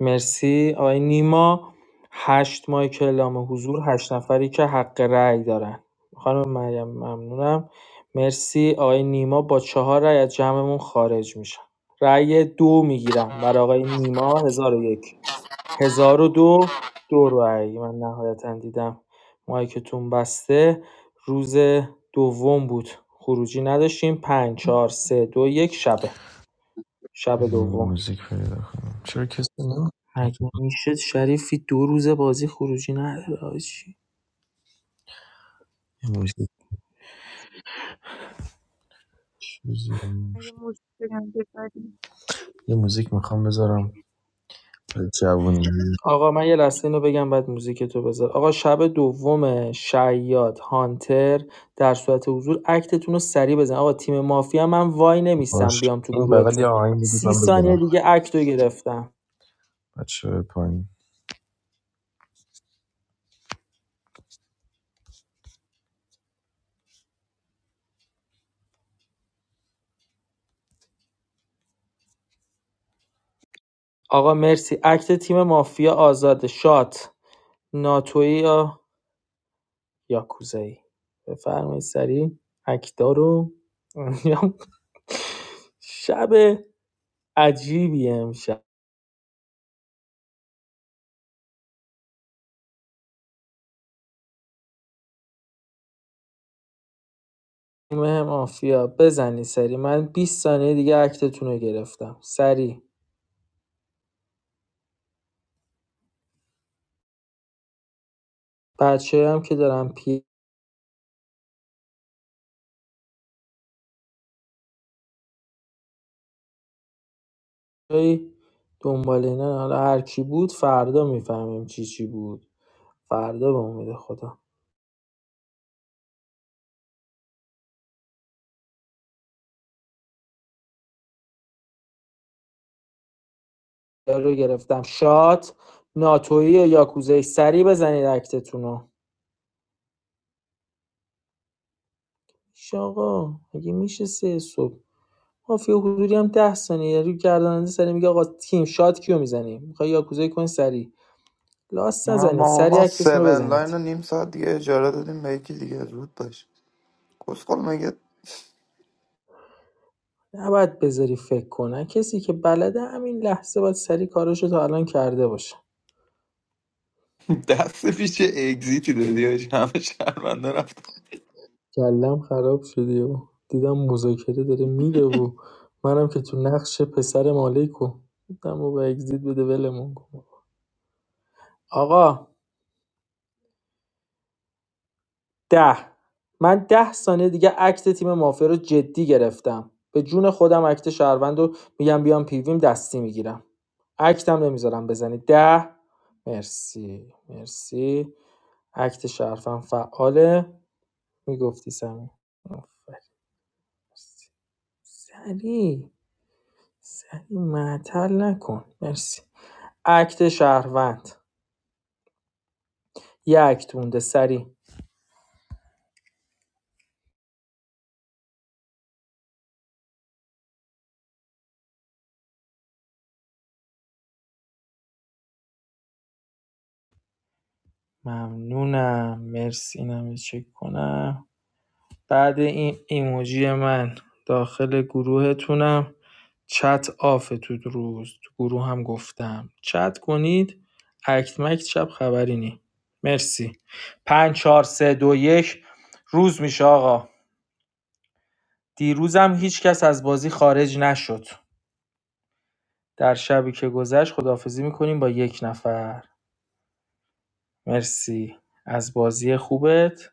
S12: مرسی آقای نیما هشت ماه که اعلام حضور هشت نفری که حق رأی دارن خانم مریم ممنونم مرسی آقای نیما با چهار رأی از جمعمون خارج میشن رأی دو میگیرم برای آقای نیما هزار و یک هزار و دو دو رأی من نهایتا دیدم مایکتون بسته روز دوم بود خروجی نداشتیم پنج چهار سه دو یک شبه شب
S16: این
S12: دوم
S16: موزیک پیدا کنم چرا کسی نه
S12: مگه میشه شریفی دو روز بازی خروجی نداره حاجی
S16: یه موزیک بذاریم.
S4: مگه مشکل داری؟
S16: یه موزیک میخوام بذارم برای جوونی
S12: آقا من یه لحظه اینو بگم بعد موزیک تو بذار آقا شب دوم شیاد هانتر در صورت حضور اکتتون رو سریع بزن آقا تیم مافیا من وای نمیستم
S16: باش
S12: بیام تو
S16: این بغل یه
S12: گروهتون
S16: آهنگ بدید من
S12: سی ثانیه
S16: بذارم
S12: دیگه اکت رو گرفتم
S16: بچه های پایین
S12: آقا مرسی اکت تیم مافیا آزاد شات ناتویی یا یاکوزایی بفرمایید سریع اکتا رو شب عجیبی امشب تیم مافیا بزنی سری من 20 ثانیه دیگه اکتتون رو گرفتم سری بچه هم که دارم پیای دنبال اینا حالا هر کی بود فردا میفهمیم چی چی بود فردا به امید خدا یا رو گرفتم شات ناتویی یا یاکوزه سری بزنید اکتتون رو ایش آقا مگه میشه سه صبح مافیا حضوری هم 10 ثانیه رو گرداننده سری میگه آقا تیم شات کیو میزنیم میخوای یاکوزه کن سری لاست نزنید
S19: Number
S12: سری
S19: one,
S12: اکتتون رو
S19: seven
S12: بزنید
S19: line and nimsat. Yeah, Jaradadim, make it. Yeah, good boy. Koskole, make
S12: نباید بذاری فکر کنه کسی که بلده همین لحظه باید سری کاراشو تا الان کرده باشه
S19: it. 10 piece exit.
S12: کلم خراب شدی و دیدم مذاکره داره میره و منم که تو نقش پسر مالکو دیدم و به اگزیت بده ولمون کن آقا ده من ده ثانیه دیگه عکت تیم مافیا رو جدی گرفتم به جون خودم عکت شهروند رو میگم بیام پیویم دستی میگیرم عکتم نمیذارم بزنی ده مرسی مرسی عکت شرفم فعاله میگفتی سمی سری سری معطل نکن مرسی اکت شهروند یه اکت مونده سری ممنونم مرسی اینم یه چک کنم بعد این ایموجی من داخل گروهتونم چت آفه تو روز تو گروه هم گفتم چت کنید اکت مکت شب خبری نی مرسی پنج چهار سه دو یک روز میشه آقا دیروزم هیچکس از بازی خارج نشد. در شبی که گذشت خداحافظی می‌کنیم با یک نفر. مرسی از بازی خوبت.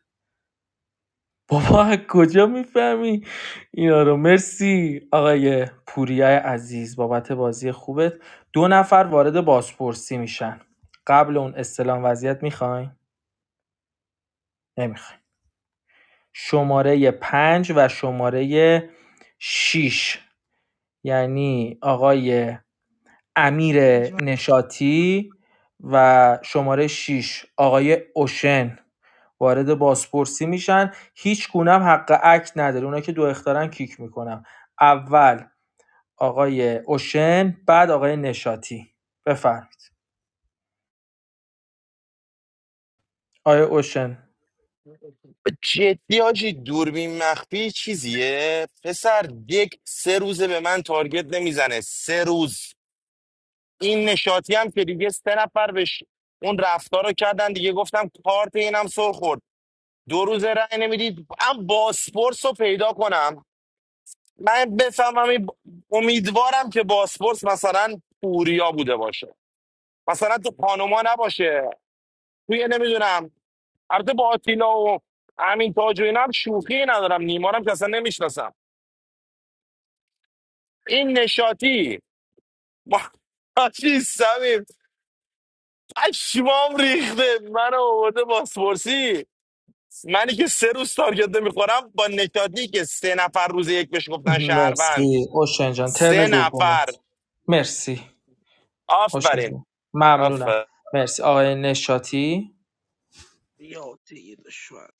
S12: بابا از کجا میفهمی اینا رو مرسی آقای پوریا عزیز بابت بازی خوبت دو نفر وارد بازپرسی میشن قبل اون استلام وضعیت میخواین نمیخواین شماره پنج و شماره شیش یعنی آقای امیر
S14: پنج
S12: نشاطی و شماره شش آقای اوشن وارد بازپرسی میشن هیچ گونه هم حق عکس نداره اونایی که دو اختارن کیک میکنم اول آقای اوشن بعد آقای نشاطی بفرمایید آقای اوشن
S11: جدی حاجی دوربین مخفی چیزیه پسر یک سه روزه به من تارگت نمیزنه سه روز این نشاطی هم که دیگه سه نفر بهش اون رفتار رو کردن دیگه گفتم کارت اینم سر خورد دو روز رأی نمیدید هم باسپورس رو پیدا کنم من بفهمم این امیدوارم که باسپورس مثلا پوریا بوده باشه مثلا تو پانوما نباشه توی نمیدونم البته با آتیلا و همین تاج و اینا هم شوخی ندارم نیمارم که اصلا نمیشناسم این نشاطی ما چی سمیم پشمام ریخته منو آورده باسپورسی منی که سه روز تارگت نمیخورم با نشادی که سه نفر روز یک بهش گفتن شهروند
S12: مرسی اوشن جان ترن
S11: سه
S12: دومت
S11: نفر
S12: مرسی اوشن
S11: آفرین
S12: جان ممنونم
S11: آفرین
S12: مرسی آقای نشاطی
S14: یا طی دشوار.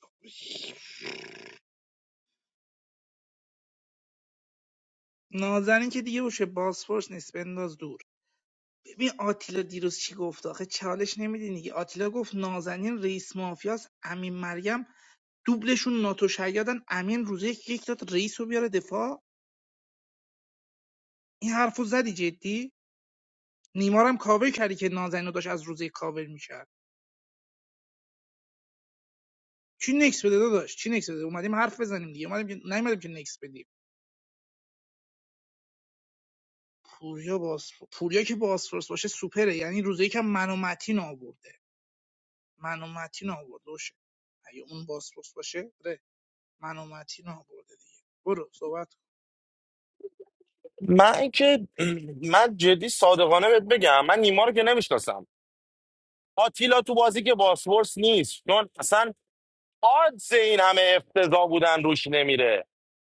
S14: نازنین که دیگه باشه باسفورس نیست بنداز دور ببین آتیلا دیروز چی گفت آخه چالش نمیدین دیگه آتیلا گفت نازنین رئیس مافیاس امین مریم دوبلشون ناتو شیادن امین روزه یک یک داد رئیس رو بیاره دفاع این حرفو زدی جدی نیمارم کاور کردی که نازنین رو داشت از روزه یک کاور میکرد چی نکس بده داداش چی نکس بده اومدیم حرف بزنیم دیگه اومدیم که نیومدیم که نکس بدیم پوریا باس پوریا که باسفورس باشه سوپره یعنی روزه یکم منو متین آورده منو متین آورده باشه اگه اون باسفورس باشه ره منو متین آورده دیگه برو صحبت
S11: من که من جدی صادقانه بهت بگم من نیما رو که نمیشناسم آتیلا تو بازی که باسپورس نیست چون اصلا آدز این همه افتضاح بودن روش نمیره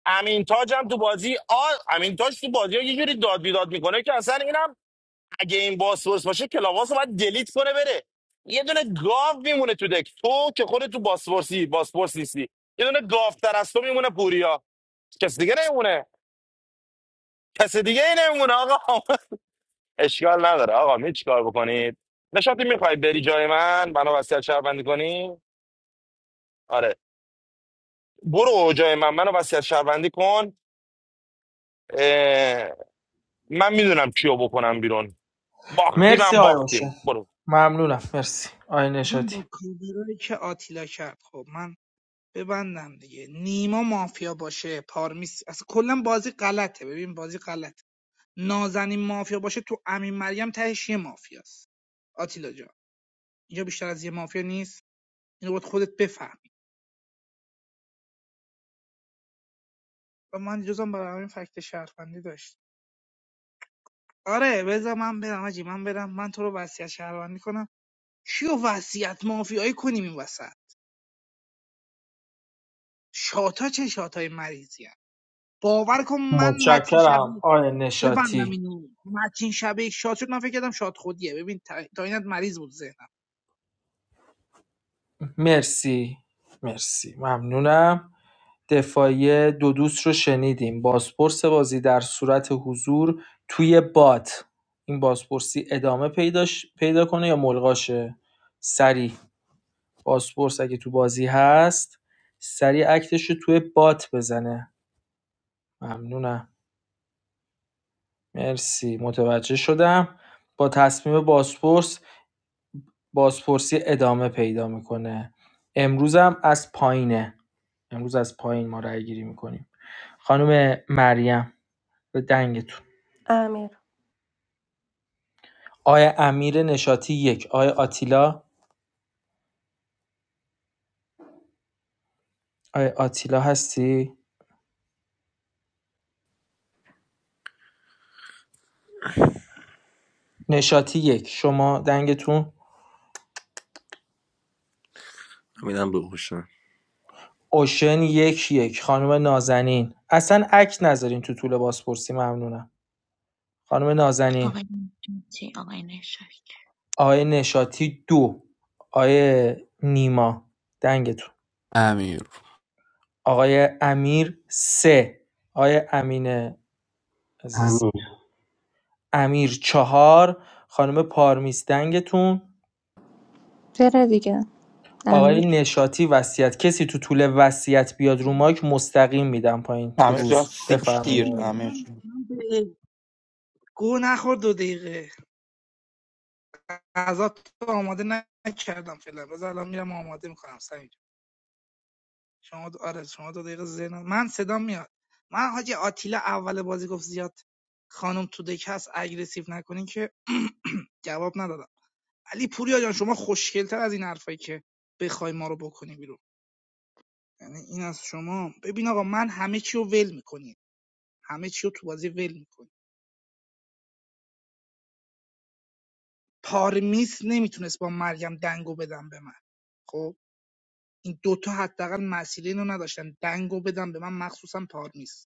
S11: امین تاج هم تو بازی آ... امین تاج تو بازی ها یه جوری داد بیداد میکنه که اصلا اینم اگه این باسپورس باشه کلاواس رو باید دلیت کنه بره یه دونه گاو میمونه تو دک تو که خودت تو باسپورسی باسپورس نیستی یه دونه گاو تر از تو میمونه پوریا کس دیگه نمیمونه کس دیگه ای نمیمونه آقا اشکال نداره آقا می چیکار بکنید نشاطی میخوای بری جای من منو وصیت شهروندی کنی آره برو جای من منو وصیت شهروندی کن اه، من میدونم کیو بکنم بیرون باختی
S12: مرسی
S11: من
S12: آقای اوشن
S11: باختیم برو
S12: ممنونم مرسی آقای
S14: اصلا
S12: نشاطی
S14: با کاورایی که آتیلا کرد خب من ببندم دیگه نیما مافیا باشه پارمیس اصلا کلا بازی غلطه ببین بازی غلطه نازنین مافیا باشه تو امین مریم تهش یه مافیاست آتیلا جان اینجا بیشتر از یه مافیا نیست اینو باید خودت بفهمی و من جزم برای همین فکت شهروندی داشت آره بذار من برم آجی من برم من تو رو وصیت شهروندی کنم کیو وصیت مافیایی کنیم این وسط شاتا چه شاتای مریضی هم. باور کن من متین
S12: متشکرم
S14: شبی
S12: آقای
S14: ببندم
S12: نشاطی
S14: اینو متین شبه شاد شد من فکر کردم شاد خودیه ببین تا تا اینت مریض بود ذهنم
S12: مرسی مرسی ممنونم دفاعی دو دوست رو شنیدیم بازپرس بازی در صورت حضور توی بات این بازپرسی ادامه پیداش پیدا کنه یا ملغاشه سریع بازپرس اگه تو بازی هست سریع اکتش رو توی بات بزنه ممنونم مرسی متوجه شدم با تصمیم بازپرس بازپرسی ادامه پیدا میکنه امروز هم از پایینه امروز از پایین ما رأی گیری میکنیم خانم مریم به دنگتون
S17: بدی
S12: آیا امیر نشاتی یک آیا آتیلا آیا آتیلا هستی نشاتی یک شما دنگتون
S1: همینم به هوشم
S12: اوشن یک یک خانم نازنین اصلا عکس نذارین تو طول بازپرسی ممنونم خانم نازنین
S15: آقای مهدی، آقای نشایی
S12: آیا نشاتی دو آیا نیما دنگتون
S6: امیر
S12: آقای امیر ۳ آقای امین عزیز
S5: امیر
S12: امیر چهار، خانم پارمیس دنگتون
S3: چرا دیگه
S12: آقای
S3: امیر
S12: نشاطی وصیت کسی تو طول وصیت بیاد رو مایک مستقیم میدم پایین تو روز
S19: Did you
S12: بفرمایید
S19: hear?
S12: آقای امیر.
S14: من من به گو نخور دو دقیقه غذا تو آماده نکردم فعلا باز الان میرم آماده میکنم سمیر شما دو... آره شما دو دقیقه ذهنم من صدام میاد من حاجی آتیلا اول بازی گفت زیاد خانم تو دک هست اگریسیو نکنین که جواب ندادم علی پوریا جان شما خوشگلتر از این حرفایی که بخوای ما رو بکنی بیرون. یعنی این از شما ببین آقا من همه چی رو ول میکنیم همه چی رو تو بازی ول میکنیم پارمیس نمیتونست با مریم دنگو بدم به من خب این دوتا حداقل مسئله اینو نداشتن دنگو بدم به من مخصوصا پارمیس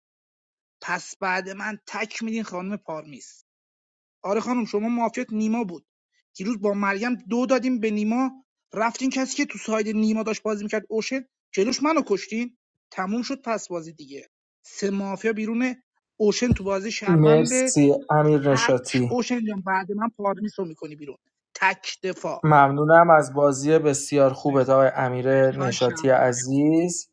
S14: پس بعد من تک میدین خانم پارمیس آره خانم شما مافیات نیما بود دیروز با مریم دو دادیم به نیما رفتین کسی که تو ساید نیما داشت بازی میکرد اوشن جلوش منو کشتین تموم شد پس بازی دیگه سه مافیا بیرونه اوشن تو بازی شهروند
S12: مرسی امیر
S14: تک
S12: نشاطی،
S14: اوشن جان بعد من پارمیس میکنی بیرون تک دفاع
S12: ممنونم از بازی بسیار
S14: مرسی
S12: خوبت آقای امیر
S14: فن
S12: نشاطی
S14: شهروند.
S12: عزیز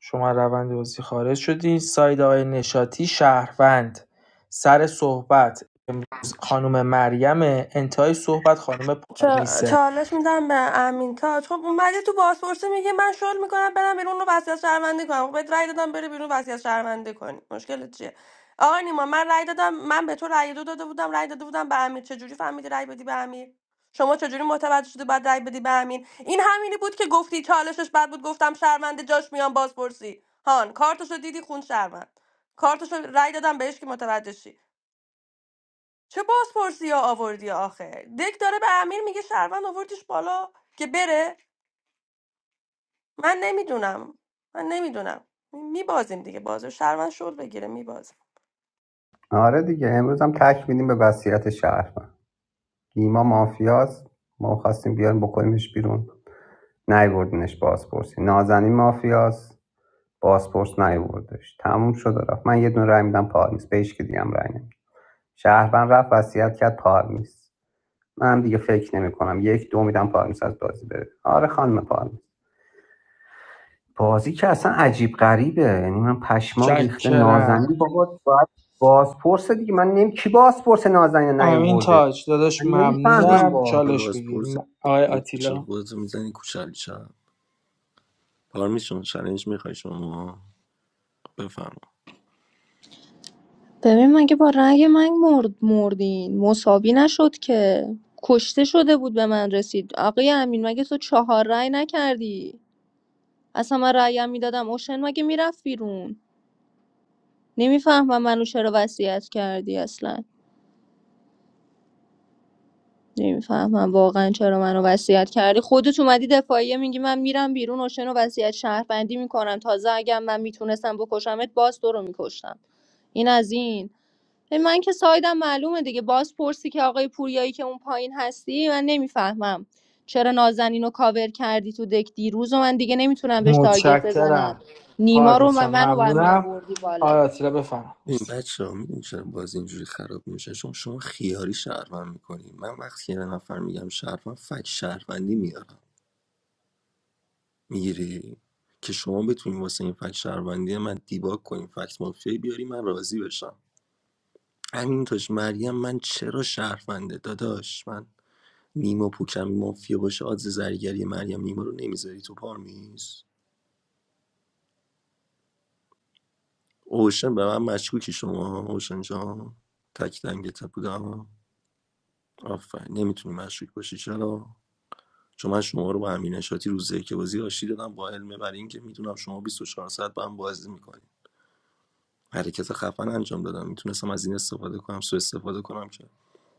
S12: شما روند بازی خارج شدین ساید آقای نشاتی شهروند سر صحبت امروز خانم مریم انتهای صحبت خانم
S17: چا-
S12: پارمیسه
S17: چالش میدم به امین تاج خب اومدی تو بازپرسی میگه من شل میکنم برم بیرون رو وصیت شهروندی کنم خب بهت رأی دادم بری بیرون وصیت شهروندی کنی مشکل چیه آقا نیما من رأی دادم من به تو رأی دو داده بودم رأی داده بودم به امیر چجوری فهمیدی رأی بدی به امیر شما چجوری متوجه شدی بعد رأی بدی به امین این همینی بود که گفتی چالشش بد بود گفتم شهرونده جاش میان بازپرسی هان کارتشو دیدی خون شهروند کارتشو رأی دادم بهش که متوجه شی چه بازپرسی ها آوردی آخه دک داره به امیر میگه شهروند آوردیش بالا که بره من نمیدونم من نمیدونم میبازیم دیگه بازی شهروند شد بگیره میبازیم
S5: آره دیگه امروز هم تک میدیم به وصیت شهر نیما مافیاست ما خواستیم بیاریم بکنیمش بیرون نیوردنش بازپرسی نازنین مافیاست بازپرس نیوردش تموم شد و رفت من یه دونه رای میدم پارمیس به هیچ که دیگه هم رای نمیدم شهروند رفت وصیت کرد پارمیس منم دیگه فکر نمیکنم یک دو میدم پارمیس از بازی بره آره خانم پارمیس بازی که اصلا عجیب غریبه یعنی من پشمام ریخته
S12: چکرم
S5: نازنین بابا باید بازپرس دیگه من نمی کی بازپرس نازنین
S12: امین
S5: نیورده
S12: تاج داداش
S5: من
S1: بعدش
S5: نمیفهمم
S12: ممنونم
S5: واقعا
S1: یا
S12: چالش بگیر
S1: بازپرس
S12: م- آقای
S1: میشه
S12: آتیلا
S1: خودتو میزنی کوچلی شب پارمیس جان چالش میخوای شما بفهم.
S3: ببین مگه با رأی من مرد مردین مساوی نشد که کشته شده بود به من رسید آقای امین مگه تو چهار رأی نکردی اصلا من رأیم میدادم اوشن مگه میرفت بیرون نمیفهمم منو چرا وصیت کردی اصلا نمیفهمم واقعا چرا منو وصیت کردی خودت اومدی دفاعیه میگی من میرم بیرون اوشن رو وصیت شهروندی میکنم تازه اگه من میتونستم بکشمت باز تو رو میکشتم این از این به من که سایدم معلومه دیگه باز پرسی که آقای پوریایی که اون پایین هستی من نمیفهمم چرا نازنین رو کاور کردی تو دک دیروز و من دیگه نمیتونم بهش تارگت بزنم
S12: متشکرم
S3: نیما رو
S12: پارمیس
S3: من
S12: جان
S3: منو با هم
S12: ممنونم
S3: میآوردی بالا
S12: آقای آتیلا بفرم
S1: این
S12: مرسی
S1: بچه ها میدونی چرا بازی اینجوری خراب میشه چون شما خیاری شهروند میکنی من وقتی یه نفر میگم شهروند فک شهروندی میارم میگیری که شما بتونی واسه این فک شهروندی من دیباگ کنی فکت مافیایی بیاری من راضی بشم همین تاش مریم من چرا شهرونده داداش من نیما پوکم مافیا باشه آدز زرگری مریم نیما رو نمیذاری تو پارمیز اوشن به من مشکوکی شما اوشن جان تک دنگتت بودم آفرین نمیتونی مشکوک باشی چرا چون من شما رو با امین شاتی روز که بازی آشتی دادم با علمه برای اینکه میدونم شما 24 ساعت با هم بازی میکنید حرکت خفن انجام دادم میتونستم از این استفاده کنم سو استفاده کنم که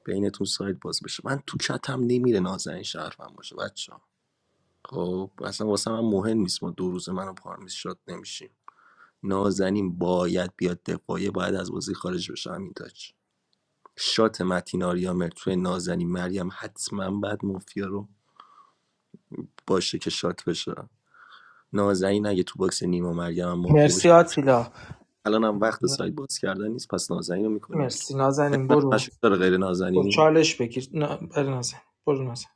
S1: بینتون سایت باز بشه من تو کتم نمیره نازنین شرفم باشه بچه خب اصلا واسه من مهم نیست ما دو روز منو پارمیس شات نمیشیم نازنین باید بیاد دفاعیه باید از بازی خارج بشه همین تاج شات متین آریا مرد توی نازنین مریم حتما بعد مافیا رو باشه که شات بشه نازنین اگه تو باکس نیما مریم هم مافیا باشه
S12: مرسی آتیلا
S1: الان هم وقت سایت باز کردن نیست پس نازنین رو میکنیم بیرون
S12: مرسی نازنین
S1: اسمم
S12: برو
S1: مشروع داره غیر
S12: برو
S1: نازنین
S12: چالش بگیر نه، برو نازنین برو نازنین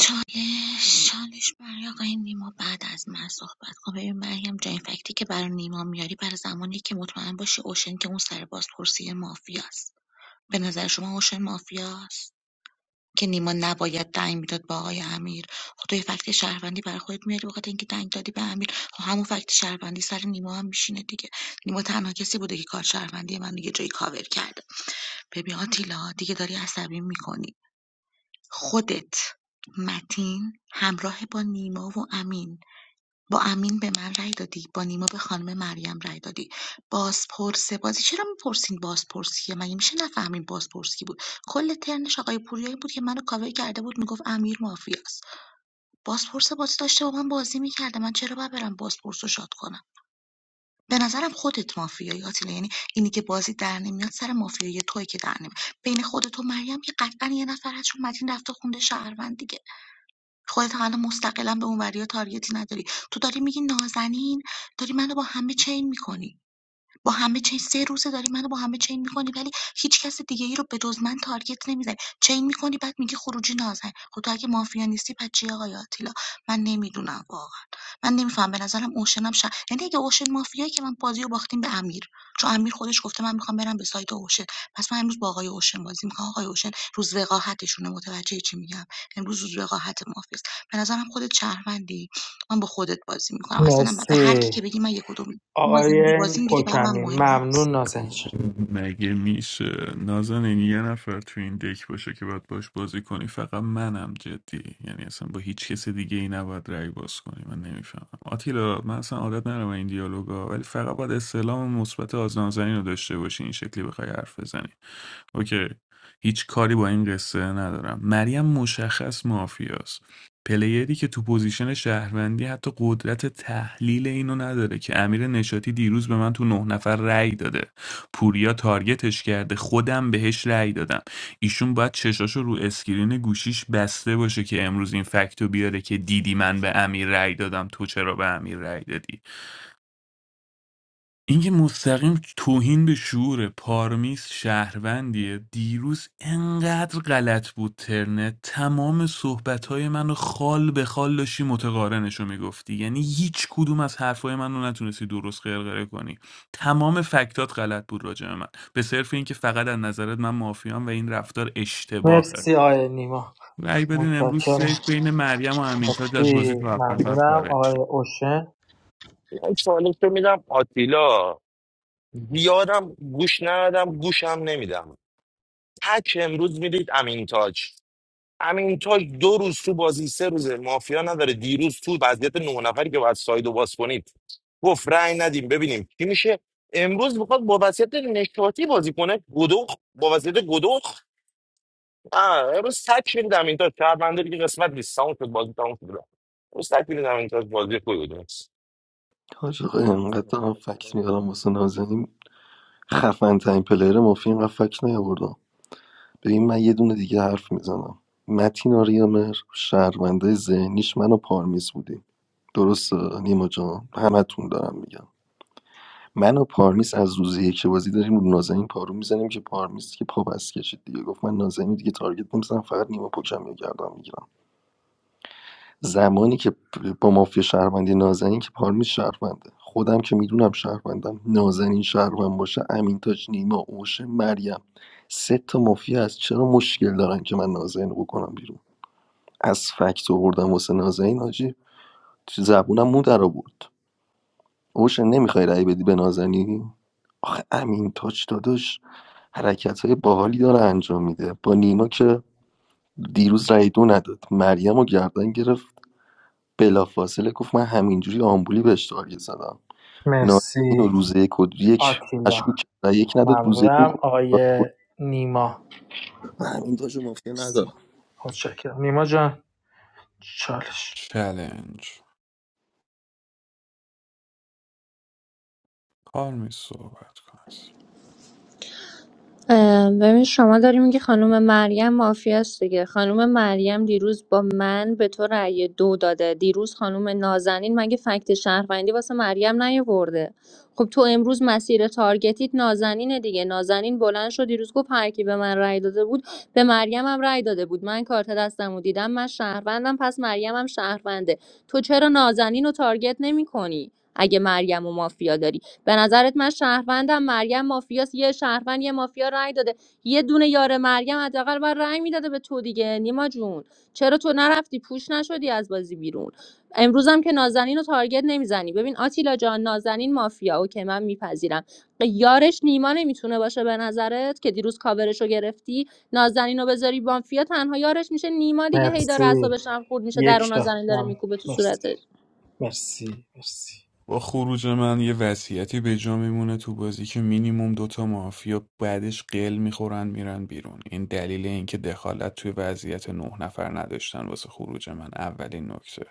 S15: چالش چالش برای آقای نیما بعد از من صحبت کن ببین مریم جای فکتی که برای نیما میاری برای زمانی که مطمئن باشی اوشن که اون سر بازپرسی مافیاست به نظر شما اوشن مافیاست که نیما نباید دنگ میداد با آقای امیر خب تو یه فکت شهروندی برای خودت میاری بخاطر اینکه دنگ دادی به امیر خب همون فکت شهروندی سر نیما هم میشینه دیگه نیما تنها کسی بوده که کار شهروندی من دیگه جایی کاور کرده ببین آتیلا دیگه داری عصبی میکنی خودت، متین، همراه با نیما و امین با امین به من رای دادی با نیما به خانم مریم رای دادی بازپرس بازی چرا میپرسین بازپرسیه مگه میشه نفهمین بازپرسی بود کل ترنش آقای پوریایی بود که منو کاوه کرده بود میگفت امیر مافیاست بازپرس بازی داشته با من بازی میکرده من چرا باید برم بازپرس رو شاد کنم به نظرم خودت مافیایی آتیلا یعنی اینی که بازی در نمیاد سر مافیایی توی که در نمیاد بین خودت و مریم که قطعا یه نفر هست چون متین رفته خونده شهروند دیگه خودت هم الان مستقلا به اونوریا تارگتی نداری تو داری میگی نازنین داری منو با همه چین میکنی با همه چین سه روزه داری منو با همه چین میکنی ولی هیچ کس دیگه ای رو به جز من تارگت نمیزنی چین میکنی بعد میگی خروجی نازنین خب تو اگه مافیا نیستی پس چی آقای آتیلا من نمیدونم واقعا من نمیفهم به نظرم اوشنم ش... یعنی اگه اوشن مافیایی که من بازی رو باختیم به امیر چون امیر خودش گفته من میخوام برم به سایت اوشن پس من امروز با آقای اوشن بازی میکنم آقای اوشن روز وقاحتشونه متوجه چی میگم امروز روز وقاحت مافیاست به نظرم خودت شهروندی من با خودت بازی میکنم اصلا هم به هر کی
S12: مرسی
S15: که بگی من یک بازنده
S12: آقای
S15: بازیم دیگه برای من
S12: پوکمی
S15: مهم
S12: ممنون
S15: نیست
S12: نازنین جان.
S6: مگه میشه نازنین یه نفر تو این دک باشه که باید باش بازی کنی فقط منم جدی یعنی اصلا با هیچ کس دیگه ای نباید رأی باز کنی من نمیفهمم آتیلا من اصلا عادت ندارم این دیالوگا ولی فقط باید استعلام مثبت از نازنین رو داشته باشی این شکلی بخوای حرف بزنی اوکی. هیچ کاری با این قصه ندارم. مریم مشخص مافیاست. پلیری که تو پوزیشن شهروندی حتی قدرت تحلیل اینو نداره که امیر نشاتی دیروز به من تو نه نفر رأی داده پوریا تارگتش کرده خودم بهش رأی دادم ایشون باید چشاشو رو اسکرین گوشیش بسته باشه که امروز این فکتو بیاره که دیدی من به امیر رأی دادم تو چرا به امیر رأی دادی این که مستقیم توهین به شعور پارمیس شهروندیه دیروز انقدر غلط بود ترنه تمام صحبتهای من رو خال به خال داشتی متقارنش رو میگفتی یعنی هیچ کدوم از حرفهای من رو نتونستی درست غرغره کنی تمام فکتات غلط بود راجع به من به صرف این که فقط از نظرت من مافیام و این رفتار اشتباهه
S12: مرسی آقای نیما
S6: رأی بدین امروز سیف
S12: متشکرم
S6: بین مریم و امینتاج از بازی
S12: مرسی
S6: تو هفت نفر
S12: ممنونم
S6: خارج
S12: آقای
S6: شد
S12: اوشن
S11: من چالش رو میدم آتیلا زیادم گوش ندادم گوشم نمیدم تک امروز میدید امین تاج امین تاج دو روز تو بازی سه روزه مافیا نداره دیروز تو وضعیت نه نفری که باید سایدو باز کنید گفت رأی ندیم ببینیم چی میشه امروز میخواد با وضعیت نشاطی بازی کنه گدوخ با وضعیت گدوخ آه، امروز تک میدید امین تاج شهربنده دیگه قسمت نیست ساوند شد بازی تموم شد امروز تک میدید امین تاج بازی خوبی
S1: حاج آقا اینقدر دارم فکر میارم واسه
S11: بود
S1: نازنین خفن ترین پلیر مافی اینقدر فکر نیاوردم ببین من یه دونه دیگه حرف میزنم متین آریامر شهرونده ذهنیش منو پارمیز بودیم درسته نیما جان همتون دارم میگم من و پارمیز از روز یک که بازی داریم رو نازنین پارو میزنیم که پارمیز که پا بس کشید دیگه گفت من نازنین دیگه تارگت نمیزنم فقط نیمه پوکم یا گردم میگیرم زمانی که با مافیا شهروندی نازنین که پارمیز شهرونده خودم که میدونم شهروندم نازنین شهروند باشه امینتاج نیما اوشه مریم سه تا مافیا از چرا مشکل دارن که من نازنین رو بکنم بیرون از فکت آوردم واسه نازنین حاجی زبونم مو در آورد اوشن نمیخوای رأی بدی به نازنین آخه امین تاج داداش حرکت های باحالی داره انجام میده با نیما که دیروز رأی دو نداد مریم رو گردن گرفت بلافاصله گفت من همینجوری آمبولی بهش تارگت زدم نازنین رو
S12: مرسی
S1: روز یک و یک
S12: آتیلا
S1: مشکوک کرد رأی یک نداد روز دو
S12: ممنونم
S1: گفت
S12: آقای
S1: پاسپورت.
S12: نیما
S1: من همین تاج رو مافیا
S12: مرسی
S1: ندارم
S12: متشکرم نیما جان چالش
S6: چلنج پارمیس صحبت کن
S3: اه، ببین شما داری میگی خانم مریم مافیاست دیگه خانم مریم دیروز با من به تو رأی دو داده دیروز خانم نازنین مگه فکت شهروندی واسه مریم نیاورده خب تو امروز مسیر تارگتیت نازنینه دیگه نازنین بلند شد دیروز گفت هر کی به من رأی داده بود به مریم هم رأی داده بود من کارت دستم و دیدم من شهروندم پس مریم هم شهرونده تو چرا نازنین رو تارگت نمیکنی اگه مریم و مافیا داری به نظرت من شهروندم مریم مافیاس یه شهروند یه مافیا رأی داده یه دونه یار مریم حداقل باید رأی میداده به تو دیگه نیما جون چرا تو نرفتی پوش نشدی از بازی بیرون امروزم که نازنین رو تارگت نمیزنی ببین آتیلا جان نازنین مافیا اوکی من میپذیرم یارش نیما نمیتونه باشه به نظرت که دیروز کاورش رو گرفتی نازنین رو بذاری مافیا تنها یارش میشه نیما دیگه هی داره
S12: مرسی
S3: اعصابش هم خورد میشه در اون
S12: یک تا
S3: نازنین داره
S12: ممنون
S3: میکوبه تو
S12: مرسی
S3: صورتش
S12: مرسی مرسی
S6: با خروج من یه وصیتی به جا میمونه تو بازی که مینیموم دوتا مافیا بعدش قل میخورن میرن بیرون این دلیل اینکه دخالت توی وضعیت نه نفر نداشتن واسه خروج من اولین نکته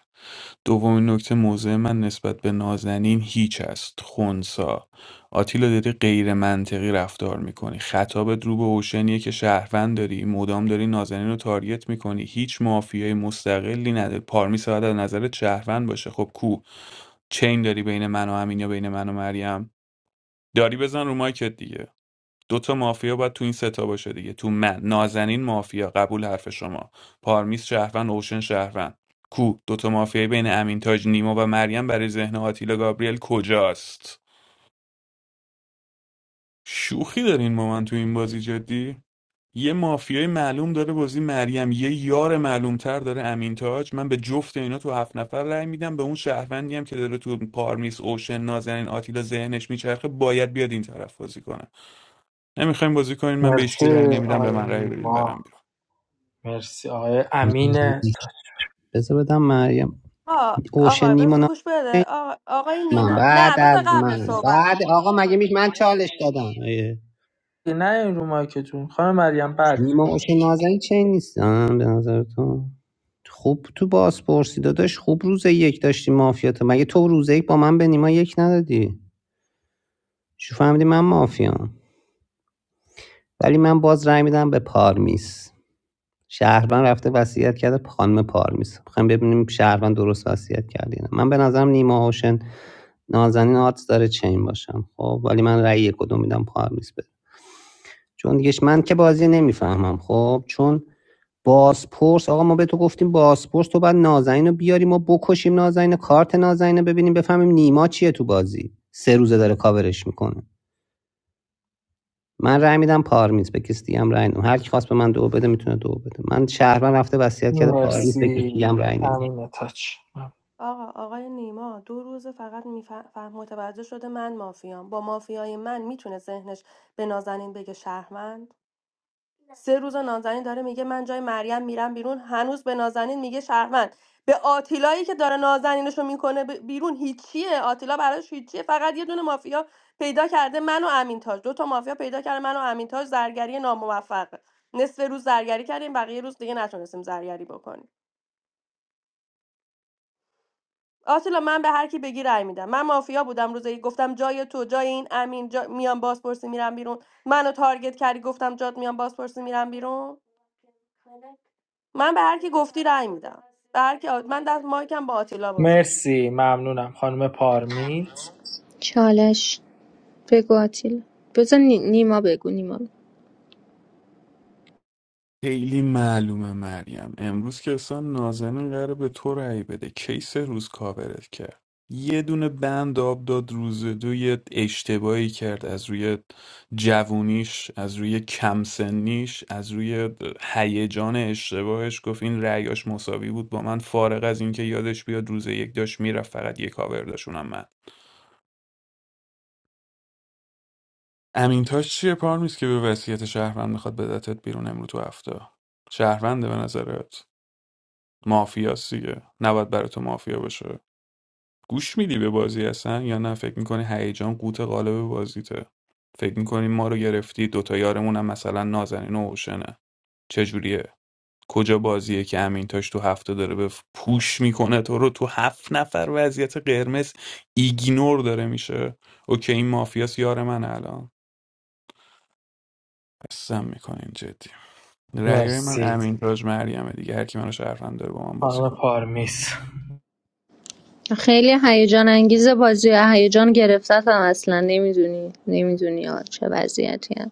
S6: دومین نکته موضع من نسبت به نازنین هیچ است خونسا آتیلا داری غیرمنطقی رفتار میکنی خطابت رو به اوشنیه که شهروند داری مدام داری نازنین رو تارگت میکنی هیچ مافیای مستقلی نداری پارمیس باید از نظرت شهروند باشه خب کو چین داری بین من و امین یا بین من و مریم داری بزن رو مایکت دیگه دوتا مافیا باید تو این ستا باشه دیگه تو من نازنین مافیا قبول حرف شما پارمیس شهروند اوشن شهروند کو دوتا مافیای بین امینتاج نیما و مریم برای ذهن آتیلا گابریل کجاست شوخی دارین با من تو این بازی جدی یه مافیای معلوم داره بازی مریم یه یار معلومتر داره امین تاج من به جفت اینا تو هفت نفر رأی میدم به اون شهروندی هم که داره تو پارمیس اوشن نازنین آتیلا ذهنش میچرخه باید بیاد این طرف بازی کنه نمیخوایم بازی کنین من به هیچکی
S12: مرسی
S6: رأی نمیدم به
S12: آقای
S6: من رأی بدین برم
S12: نیما
S6: بیرون
S12: مرسی آقای امین تا
S5: بذار بدم مریم
S17: آه
S5: اوشن
S17: آقا
S5: نیما
S17: بذار گوش بده آقا آقای
S5: من
S17: نیما نه
S5: بعد
S17: بذار
S5: از
S17: قبل
S5: من
S17: صحبت
S5: بعد آقا مگه میش من چالش دادم ای.
S12: نه این رو مایکتون خانم مریم بعدش
S5: نیما اوشن نازنین چه نیستم به نظر تو خوب تو بازپرسی داداش خوب روز یک داشتی مافیا تو مگه تو روز یک با من به نیما یک ندادی شو فهمیدی من مافیام ولی من باز رای میدم به پارمیس شهروند رفته وصیت کرده پ- خانم پارمیس میخوایم ببینیم شهروند درست وصیت کرده یا نه. من به نظرم نیما هوشن نازنین آرتس داره چین باشم خب ولی من رأی کدوم میدم پارمیس بده چون دیگه من که بازی نمیفهمم خب چون بازپرس آقا ما به تو گفتیم بازپرس تو بعد نازنین رو بیاری ما بکشیم نازنین کارت نازنین رو ببینیم بفهمیم نیما چیه تو بازی سه روزه داره کاورش میکنه من رأی میدم پارمیز به کسی دیگه هم رأی نمیدم هر کی خواست به من دو بده میتونه دو بده من شهرمن رفته وصیت کرده پارمیز به کسی
S12: مرسی
S5: دیگه هم رأی نمیدم
S12: امین تاج
S17: آقا آقای نیما دو روز فقط میفهم متوجه شده من مافیام با مافیای من میتونه ذهنش به نازنین بگه شهروند سه روز نازنین داره میگه من جای مریم میرم بیرون هنوز به نازنین میگه شهروند به آتیلایی که داره نازنینشو میکنه بیرون هیچیه آتیلا براش هیچیه فقط یه دونه مافیا پیدا کرده من و امینتاج دو تا مافیا پیدا کرده من و امینتاج زرگری ناموفق نصف روز زرگری کردیم بقیه روز دیگه نتونستیم زرگری بکنیم آتیلا من به هر کی بگی رأی میدم من مافیا بودم روزی گفتم جای تو جای این امین جا... میام بازپرسی میرم بیرون منو تارگت کردی گفتم جات میام بازپرسی میرم بیرون من به هر کی گفتی رأی میدم به هر کی آ... من دست مایکم با آتیلا باز میشه
S12: مرسی ممنونم خانم پارمیز
S3: چالش بگو آتیلا بذار نی- نیما بگو نیما
S6: خیلی معلومه مریم امروز که اصلا نازنین قراره به تو رأی بده کیس روز کاورت کرد یه دونه بند آب داد روز دو یه اشتباهی کرد از روی جوونیش از روی کمسنیش از روی هیجان اشتباهش گفت این رأیاش مساوی بود با من فارغ از اینکه یادش بیاد روز یک داشت میرفت فقط یه کاور داشت اونم من امینتاش چیه پارمیز که به وصیت شهروند میخواد بدتت بیرون امرو تو هفته شهرونده به نظرت مافیاسیه نباید برای تو مافیا باشه گوش میدی به بازی اصلا یا نه فکر میکنی هیجان قوت قالب بازیته فکر میکنی ما رو گرفتی دوتا یارمون هم مثلا نازنین و اوشنه چجوریه کجا بازیه که امینتاش تو هفته داره به پوش میکنه تو رو تو هفت نفر وضعیت قرمز ایگنور داره میشه اوکی این مافیاس یار من الان قسم میکنین جدی رأیای من
S12: مرسی
S6: امین تاج مریم دیگه هر کی منو شهروند داره با من بازی کن
S12: خانم پارمیز
S3: خیلی هیجان انگیزه بازی هیجان گرفتتم اصلا نمیدونی نمیدونی چه وضعیتی هم.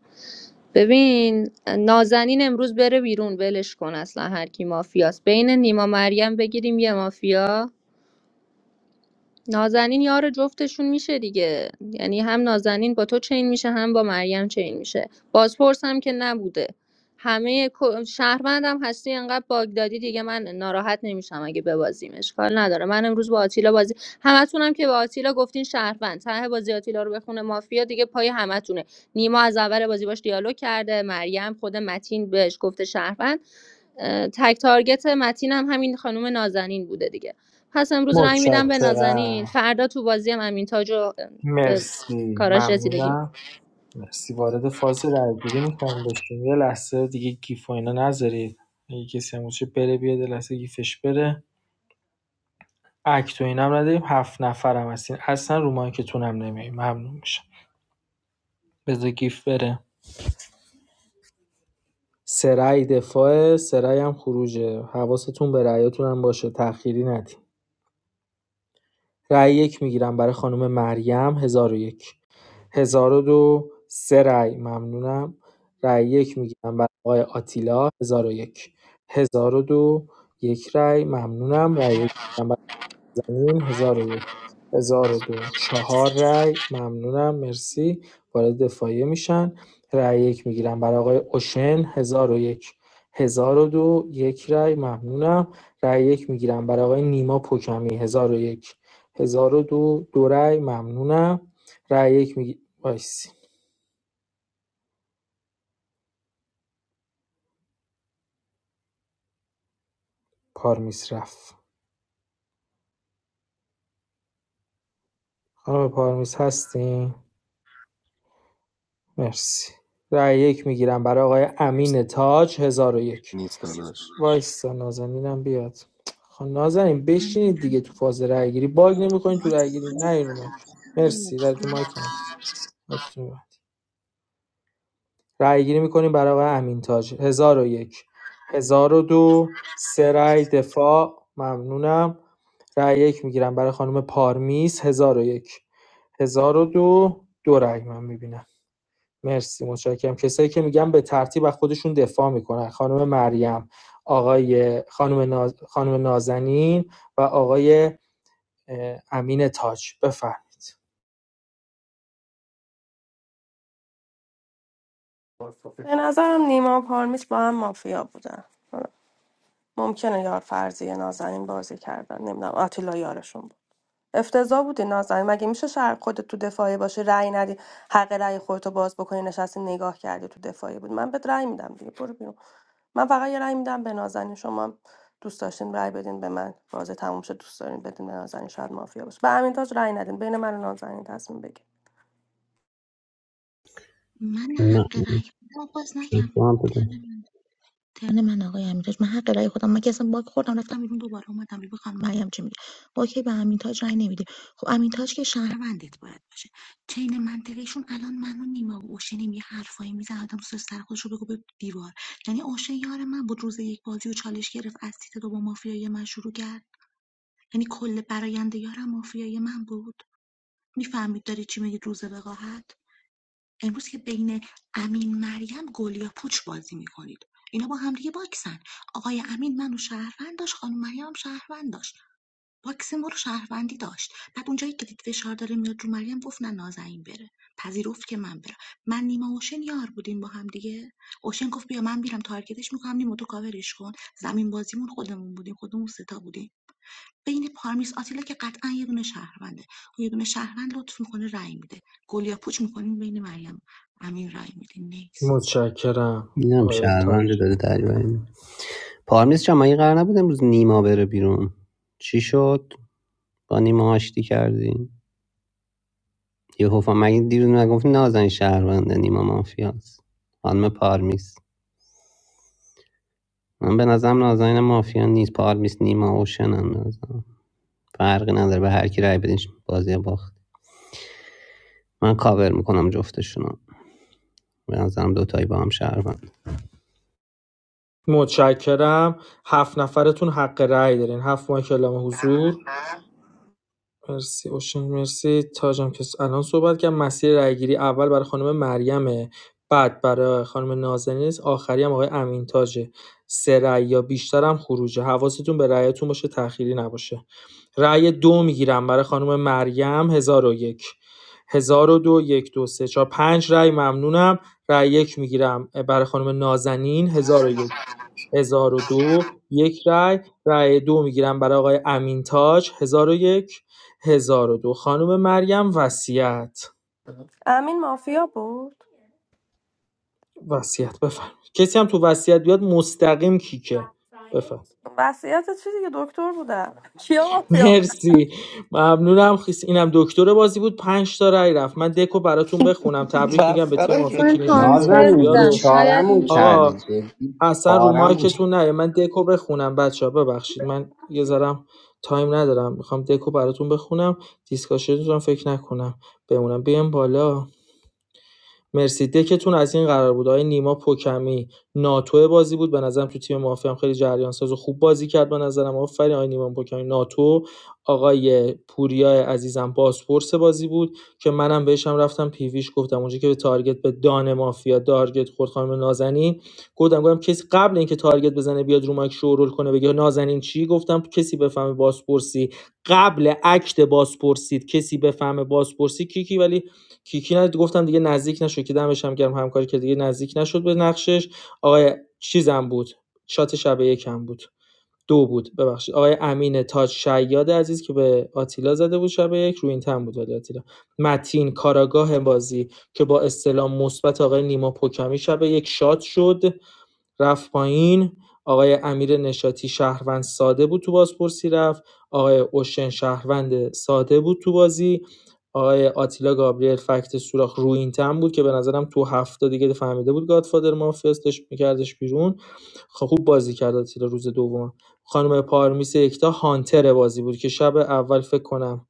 S3: ببین نازنین امروز بره بیرون ولش کن اصلا هر کی مافیاست بین نیما مریم بگیریم یه مافیا نازنین یار جفتشون میشه دیگه یعنی هم نازنین با تو چین میشه هم با مریم چین میشه بازپرس هم که نبوده همه کو- شهروندم هستی انقدر باگ دادی دیگه من ناراحت نمیشم اگه ببازیم اشکال نداره من امروز با آتیلا بازی همتونم که با آتیلا گفتین شهروند ته بازی آتیلا رو بخونه مافیا دیگه پای همتونه نیما از اول بازی باش دیالوگ کرده مریم خود متین بهش گفته شهروند اه، تک تارگت متین هم همین خانم نازنین بوده دیگه پس امروز رنگ میدم به نازنین
S12: متشکرم
S3: فردا تو بازی هم امین تاج رو به
S12: مرسی
S3: کاراش رسیدگی می‌کنم.
S12: ممنونم مرسی وارد فاز درگیری میخوام بشین یه لحظه دیگه گیف و اینا نذارید اگه کسی هم باشه بره بیاد یه لحظه گیفش بره اکت و اینم نداریم هفت نفرم هستین اصلا رو مایکتون هم نمیایم ممنون میشم بذار گیف بره سه رأی دفاعه سه رأی هم خروجه حواستون به رأیاتون هم باشه تأخیری ندین رای یک میگیرم برای خانم مریم هزار و یک هزار و دو سه رأی ممنونم رای یک میگیرم برای آقای آتیلا هزار و یک هزار و دو یک رأی ممنونم رأی یک میگیرم برای این ۱۰۰۱ ۱۰۰۲ چهار رای ممنونم مرسی وارد دفاعیه میشن رای یک میگیرم برای آقای اوشن ۱۰۰۱ ۱۰۰۲ یک هزار و دو، یک رای ممنونم رای یک میگیرم برای آقای نیما پوکمی ۱۰۰۱ ۱۰۰۲ دو دو رای ممنونم رای یک میگی وایسی پارمیس رفت خانم پارمیس هستین مرسی رای یک میگیرم برای آقای امین تاج ۱۰۰۱
S1: نیست داداش
S12: وایسا نازنینم بیاد خب نازنین
S15: من
S12: بشینید
S15: می‌گم
S12: دیگه تو فاز رای گیری باگ
S15: بابا
S12: نمیکنین تو
S15: باید
S12: رای گیری نه
S15: خوب
S12: این رو
S15: کنم،
S12: مایک
S15: خوب
S12: مرسی رای رو
S15: باید
S12: مایک نه
S15: خوب.
S12: مایکتون رو ببند. رای گیری میکنیم برای آقای امین تاج 1001 1002 سه رای دفاع ممنونم رای یک میگیرم برای خانم پارمیس 1001 1002 دو دو رای من میبینم مرسی متشکرم کسایی که میگم به ترتیب از خودشون دفاع میکنن خانم مریم آقای خانم, ناز... خانم نازنین و آقای امین تاج بفرمایید
S17: به نظرم نیما و پارمیس با هم مافیا بودن حالا ممکنه یار فرضی نازنین بازی کردن نمیدونم آتیلا یارشون بود افتضاح بودی نازنین مگه میشه شهر خودت تو دفاعی باشه رأی ندی حق رأی خودتو باز بکنی نشستی نگاه کردی تو دفاعی بود من بهت رأی میدم دیگه برو بیرون من فقط یه رأی میدم به نازنین شما هم دوست داشتین رأی بدین به من بازه تموم شد دوست دارین بدین به نازنین شاید مافیا باشه به امین تاج رأی ندین بین من و نازنین تصمیم بگیر
S15: من
S5: نه
S15: حق رأی خودم رو باز
S5: چرا
S15: نکم
S5: تو هم
S15: ترن
S5: بده
S15: من ترن من آقای امیرتاج من حق رأی خودم من که اصلا باک خوردم رفتم بیرون دوباره اومدم بیرون خانم مریم چی میگه اوکی به امیرتاج رأی نمیدی خب امیرتاج که شهروندت باید باشه چین منطقیشون الان منو نیما و اوشنیم یه حرفایی میزنه آدم سوس سر خودش رو بگو به دیوار یعنی اوشن یار من بود روز یک بازی و چالش گرفت از تیت دو با مافیای من شروع کرد یعنی کل برایند یارم مافیای من بود میفهمید داری چی میگید روز وقاحت امروز که بین امین مریم گل یا پوچ بازی میکنید اینا با هم دیگه باکسن آقای امین منو شهروند داشت خانم مریم هم شهروند داشت باکس ما رو شهروندی داشت بعد اونجایی که دید فشار داره میاد رو مریم گفت نه نازنین بره پذیرفت که من برم من نیما اوشن یار بودیم با هم دیگه اوشن گفت بیا من میرم تارگتش میکنم نیما تو کاورش کن زمین بازیمون خودمون بودیم خودمون ستا بودیم بین پارمیس آتیلا که قطعا یه دونه شهرونده خب یه دونه شهروند لطف میکنه رای میده گلیا پوچ میکنیم بین مریم امین رای میده نیست
S12: متشکرم
S5: اینم
S12: آقای تاج
S5: شهروند داره دریوری می‌کنه. پارمیز چما این قرار نبود امروز نیما بره بیرون چی شد با نیما آشتی کردی یه حفا مگه دیروز نگفتی نازنین شهرونده نیما مافیاست خانم پارمیز من به نظرم نازنین مافیا نیست پارمیز نیما اوشنن به نظرم. فرقی نداره به هر کی رای بدین بازی باخت من کاور میکنم جفتشونو به نظرم دوتایی با هم شهروند
S12: متشکرم هفت نفرتون حق رأی دارین هفت ماه کلام حضور مرسی اوشن مرسی تاجم که الان صحبت کرد مسیر رایگیری اول برای خانم مریم بعد برای خانم نازنین است، آخری هم آقای امین تاجه سه رأی یا بیشتر هم خروجه حواستون به رأیتون باشه تأخیری نباشه رأی دو میگیرم برای خانم مریم هزار و یک هزار و دو یک دو سه چهار پنج رأی ممنونم رأی یک میگیرم برای خانم نازنین هزار و یک هزار و دو یک رأی رأی دو میگیرم برای آقای امین تاج هزار و یک هزار و دو خانم مریم وصیت
S17: امین مافیا بود
S12: وصیت بفرمایید کسی هم تو وصیت بیاد مستقیم کیکه بفرم
S17: وصیت چی دیگه دکتر بودم کیا مافیا بود
S12: مرسی ممنونم خیس اینم دکتر بازی بود پنج تا رای رفت من دکو براتون بخونم تبریک میگم به تیم
S3: خب
S12: مافیا
S3: من
S19: Amir
S12: کلینشیت تیم
S3: هانتر
S5: نازنین
S12: مافیا
S3: بودم
S12: رو
S3: شاید
S5: بیچارمون کردی
S12: آقا
S3: میتونست
S5: جدی
S12: اصلا رو
S5: پارمون کرد.
S12: مایکتون نه من دکو بخونم بچه ها، ببخشید من یه ذرم تایم ندارم میخوام دکو براتون بخونم دیسکاشنتون فکر نکنم بمونم بیام بالا مرسی دکتون از این قرار بود آقای نیما پوکمی ناتو بازی بود به نظرم تو تیم مافیا هم خیلی جریان ساز و خوب بازی کرد به نظرم آفرین آقای نیما پوکمی ناتو آقای پوریا عزیزم بازپرس بازی بود که منم بهشم رفتم پیویش گفتم اونجا که به تارگت به دان مافیا تارگت خورد خانم نازنین گفتم گفتم کسی قبل اینکه تارگت بزنه بیاد رو مایک شورول کنه بگه نازنین چی گفتم کسی بفهمه بازپرسی قبل اکت بازپرسید کسی بفهمه بازپرسی کیکی ولی کیکی نه گفتم دیگه نزدیک نشد که دمش هم گرم همکاری که دیگه نزدیک نشد به نقشش آقای چیزم بود شات شب یکم بود دو بود ببخشید آقای امین تاج شیاد عزیز که به آتیلا زده بود شب یک رو این تن بود ولی آتیلا متین کاراگاه بازی که با استلام مثبت آقای نیما پوکمی شب یک شات شد رفت پایین آقای امیر نشاطی شهروند ساده بود تو بازپرسی رفت آقای اوشن شهروند ساده بود تو بازی آقای آتیلا گابریل فکت سوراخ روی تن بود که به نظرم تو هفته دیگه فهمیده بود گادفادر مافیاس داشت میکردش بیرون خب خوب بازی کرد آتیلا روز دوم خانم پارمیس یکتا هانتر بازی بود که شب اول فکر کنم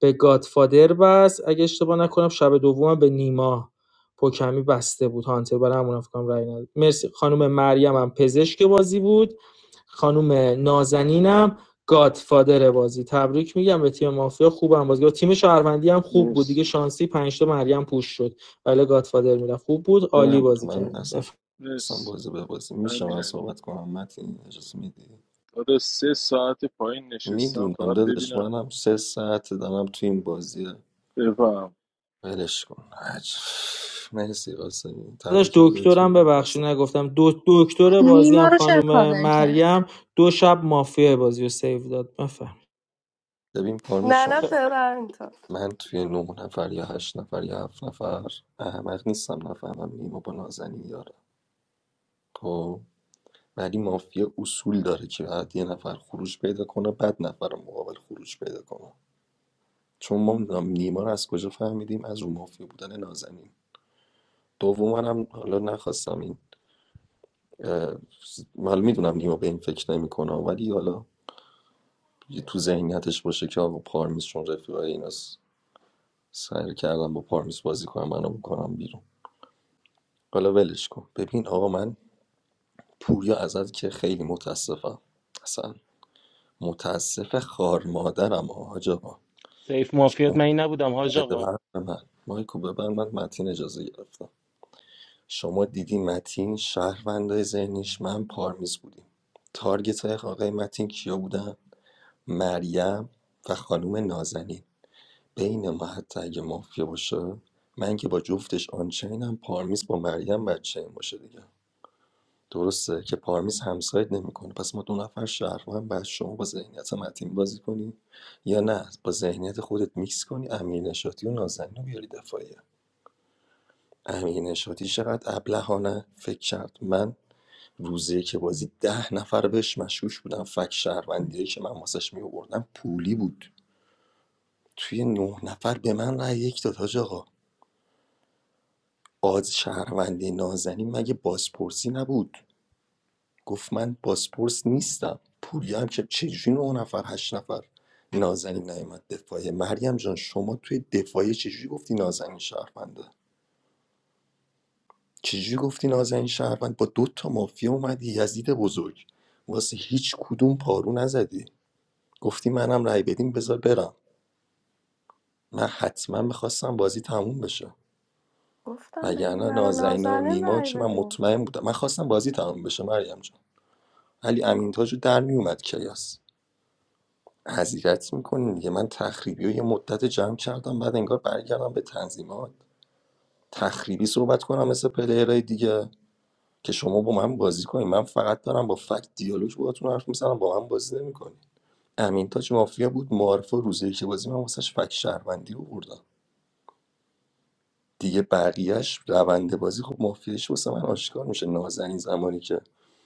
S12: به گادفادر بست اگه اشتباه نکنم شب دوم به نیما پوکمی بسته بود هانتر برای همون فکر کنم رای نداد مرسی خانم مریم هم پزشک بازی بود خانم نازنینم گادفادر بازی تبریک میگم به تیم مافیا خوبم بازی کرد. تیم شهروندی هم خوب بود
S9: مرسی
S12: دیگه شانسی 5 تا مریم پوش شد ولی گادفادر میرفت خوب بود عالی
S1: نه
S12: بازی
S1: من
S12: کردیم
S1: اصلا خواستم
S9: مرسی
S1: بازی به بازی میشه من
S9: امیرعلی
S1: صحبت کنم متین اجازه میدی
S9: دادا سه ساعت پایین نشستم
S1: میدونم
S9: فقط
S1: داداش
S9: ببینم
S1: منم سه ساعت دارم تو این بازی
S9: بفهم
S1: ولش کن عجب مرسی قاسمی
S12: داشت
S1: تبریکم بهتون
S12: دکترم
S1: میگم خسته
S12: ببخشید نگفتم دو دکتر بازی
S3: نیما
S12: هم
S3: رو چرا
S12: خانم
S3: کاور کرد
S12: مریم دو شب مافیا بازی رو سیو داد بفهم
S1: نباشید. ببین پارمی
S17: نه نه
S19: Shah.
S1: شما
S17: چرا امین تاج
S1: من توی نه نفر یا هشت نفر یا هفت نفر احمق نیستم نفهمم نیما با نازنین یاره خب ولی مافیا اصول داره که بعد یه نفر خروج پیدا کنه بعد نفر مقابل خروج پیدا کنه چون ما میدونم نیما رو از کجا فهمیدیم از رو مافیا بودن نازنین دوم هم حالا نخواستم این. حالا میدونم نیما به این فکر نمیکنه ولی حالا یه تو ذهنیتش باشه که آقا پارمیس چون رفیقای ایناست سعی کردم با پارمیس بازی کنم منو بکنم بیرون حالا ولش کن ببین آقا من پوریا ازت که خیلی متاسفم اصلا متاسف خار مادرم آج آقا
S2: سیف مافیات
S1: شما
S2: من این نبودم حاج
S1: بده
S2: آقا
S1: بر من مایکو ببر من متین اجازه گرفتم شما دیدی متین شهروندای ذهنیش من پارمیز بودیم تارگت های آقای متین کیا بودن مریم و خانم نازنین بین ما حتی اگه مافیا باشه من که با جفتش آنچینم پارمیز با مریم بچین باشه دیگه درسته که پارمیز همساید نمیکنه پس ما دو نفر شهروند بعد شما با ذهنیت متین بازی کنی یا نه با ذهنیت خودت میکس کنی امیر نشاطی و نازنین رو بیاری دفاعیه امیر نشاطی چقدر ابلهانه فکر کرد من روزی که بازی ده نفر بهش مشکوش بودم فک شهروندیایی که من واسش میآوردم پولی بود توی نه نفر به من رأی یک داد حاج آقا آز شهروندی نازنین مگه بازپرسی نبود گفت من بازپرس نیستم پوریا هم که چجوری نه نفر هشت نفر نازنین نیومد دفاعه مریم جان شما توی دفاعه چجوری گفتی نازنین شهرونده چجوری گفتی نازنین شهروند با دو تا مافیا اومدی یزید بزرگ واسه هیچ کدوم پارو نزدی گفتی منم رای بدین بذار برم من حتما میخواستم بازی تموم بشه
S17: گفتم بین
S1: وگرنه
S17: من و
S1: نازنین و
S17: نازنین
S1: نیما
S17: رأی
S1: که من
S17: بدین
S1: مطمئن بودم من خواستم بازی تمام بشه مریم جان ولی امین رو در میومد کیاس حضیرت میکنین دیگه من تخریبی رو یه مدت جمع کردم بعد انگار برگردم به تنظیمات تخریبی صحبت کنم مثل پلیرهای دیگه که شما با من بازی کنین من فقط دارم با فکت دیالوگ باهاتون حرف میزنم با من بازی نمیکنین امین مافیا بود معارف و روزی که بازی من واسش فکت شهروندی رو بردم دیگه بقیهش روند بازی خب مافیاش واسه من آشکار میشه نازنین زمانی که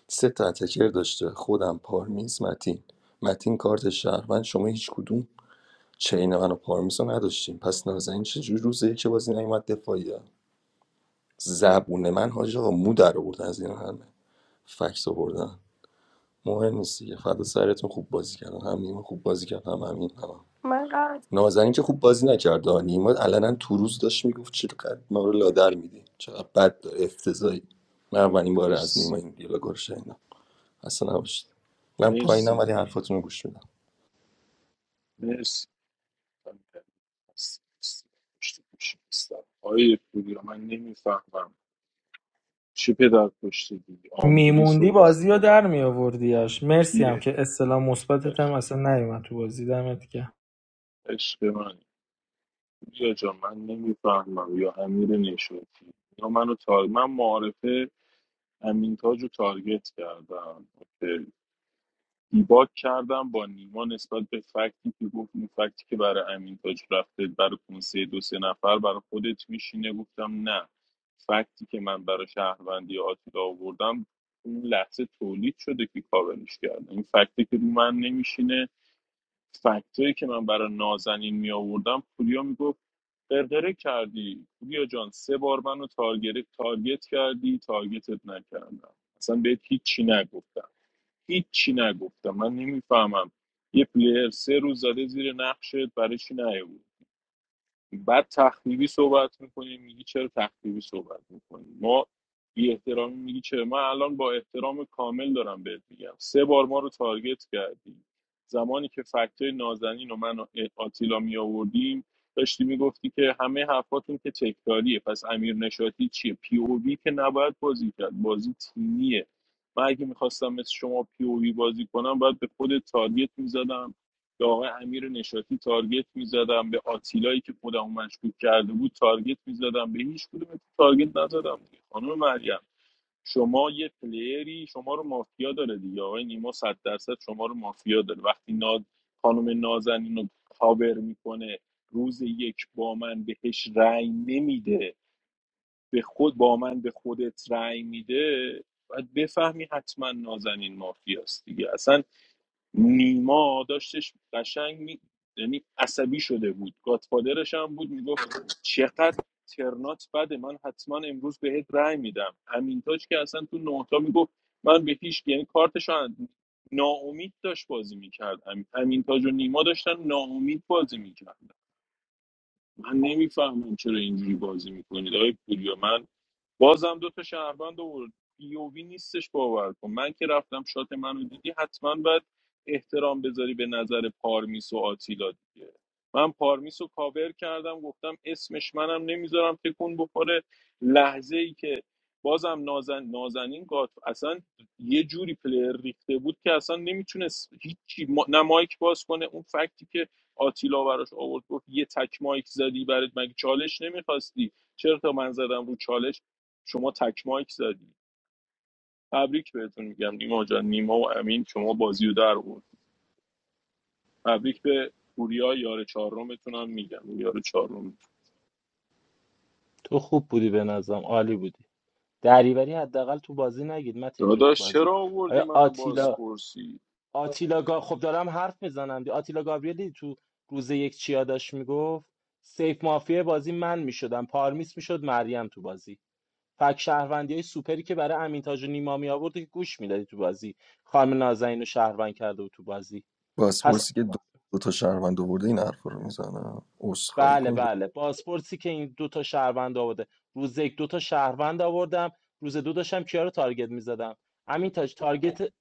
S1: سه تا اتکر داشته خودم پارمیز متین متین کارت شهروند شما هیچ کدوم چین من و پارمیز رو نداشتیم پس نازنین چجوری روزه که بازی نیومد دفاعیه زبون من حاج آقا مو در آوردن از این همه فکس آوردن مهم نیست دیگه فدا سرتون خوب بازی کردن هم نیمه خوب بازی کردن هم همین
S17: من قرار
S1: نازنین که خوب بازی نکرد ها. نیما علنا تو روز داشت میگفت چقدر ما رو لادر میدی چقدر بد داره افتضایی من اولین بار از
S9: مرسی
S1: نیما این دیالوگا رو شنیدم اصلا نباشید من پایینم
S9: مرسی
S1: ولی حرفاتون رو گوش میدم
S9: مرسی امیرعلی. مرسی. مرسی. پشت پوش نیستم. آقای پوریا من نمیفهمم چه پدر پشت دیگه آمبولی
S12: میموندی
S9: صحبت
S12: بازیو در
S9: کنم
S12: میآوردیاش مرسی هم
S9: بیه
S12: که اصطلاح مثبتت هم
S9: عشق
S12: اصلا نیومد تو بازی دمت گرم
S9: عشق من پوریا جا من نمیفهمم یا امیر نشاطی یا منو تار من معارفه امین تاج رو تارگت کردم اوکی. دیباک کردم با نیما نسبت به فکتی که گفت این فکتی که برای امین تاج رفته برای کنسه دو سه نفر برای خودت میشینه گفتم نه فکتی که من برای شهروندی آتیلا آوردم اون لحظه تولید شده که کاورش کردم این فکتی که رو من نمیشینه فکتایی که من برای نازنین می آوردم پوریا میگفت قرقره کردی پوریا جان سه بار منو تارگت تارگت کردی تارگتت نکردم اصلا بهت هیچی نگفتم هیچی نگفتم من نمیفهمم یه پلیر سه روز زده زیر نقشت برای چی نیومد بعد تخریبی صحبت میکنی میگی چرا تخریبی صحبت میکنی ما بی احترامی میگی چرا من الان با احترام کامل دارم بهت میگم سه بار ما رو تارگت کردی زمانی که فکتای نازنین و من و آتیلا می آوردیم داشتی میگفتی که همه حرفاتون که تکراریه پس امیر نشاتی چیه پی او وی که نباید بازی کرد بازی تیمیه من اگه میخواستم مثل شما پی او وی بازی کنم باید به خود تارگت میزدم به آقای امیر نشاطی تارگت میزدم به آتیلایی که خودمو مشکوک کرده بود تارگت میزدم به هیچ کدوم تارگت نزدم دیگه خانم مریم شما یه پلیری شما رو مافیا داره دیگه آقای نیما صد درصد شما رو مافیا داره وقتی ناد خانم نازنین رو کاور میکنه روز یک با من بهش رأی نمیده به خود با من به خودت رأی میده باید بفهمی حتما نازنین مافیاست دیگه اصلا نیما داشتش قشنگ می... یعنی عصبی شده بود گاتفادرش هم بود میگفت چقدر ترنات بده من حتما امروز بهت رأی میدم امینتاج که اصلا تو نهتا میگفت من به هیچ یعنی کارتش رو اند- ناامید داشت بازی میکرد امینتاج و نیما داشتن ناامید بازی میکردن من نمیفهمم چرا اینجوری بازی میکنید آقای پوریا من بازم دو تا شهروند آورد بیوبی نیستش باور کن من که رفتم شات منو دیدی حتما باید احترام بذاری به نظر پارمیس و آتیلا دیگه من پارمیس رو کاور کردم گفتم اسمش منم نمیذارم تکون بخوره لحظه ای که بازم نازن نازنین گات اصلا یه جوری پلیر ریخته بود که اصلا نمیتونست هیچی ما... نه مایک باز کنه اون فکتی که آتیلا براش آورد گفت یه تک مایک زدی برات مگه چالش نمیخواستی چرا تا من زدم رو چالش شما تک مایک زدی تبریک بهتون میگم نیما جان نیما و امین شما بازی رو در بود تبریک به پوریا یار چهارمتون هم میگم یار چهارم
S2: تو خوب بودی به نظرم عالی بودی دریوری حداقل تو بازی نگید متین جون تو
S9: داداش
S2: بازی
S9: چرا آوردی
S2: آیا
S9: منو
S2: آتیلا
S9: بازپرسی
S2: آتیلا گا... خب دارم حرف میزنم دی آتیلا گابریلی تو روز یک چیا داشت میگفت سیف مافیا بازی من میشدم پارمیس میشد مریم تو بازی فک شهروندی های سوپری که برای امینتاج و نیما می آورد که گوش میدادی تو بازی خانم نازنین رو شهروند کرده بود تو بازی پس
S1: باسپورسی که دو, دو تا شهروند آورده این حرف رو میزنه عذرخواهی
S2: بله
S1: کن دو
S2: بله بازپرسی که این دوتا شهروند آورده روز یک دوتا شهروند آوردم روز دو داشتم کیا رو تارگت میزدم امینتاج تارگت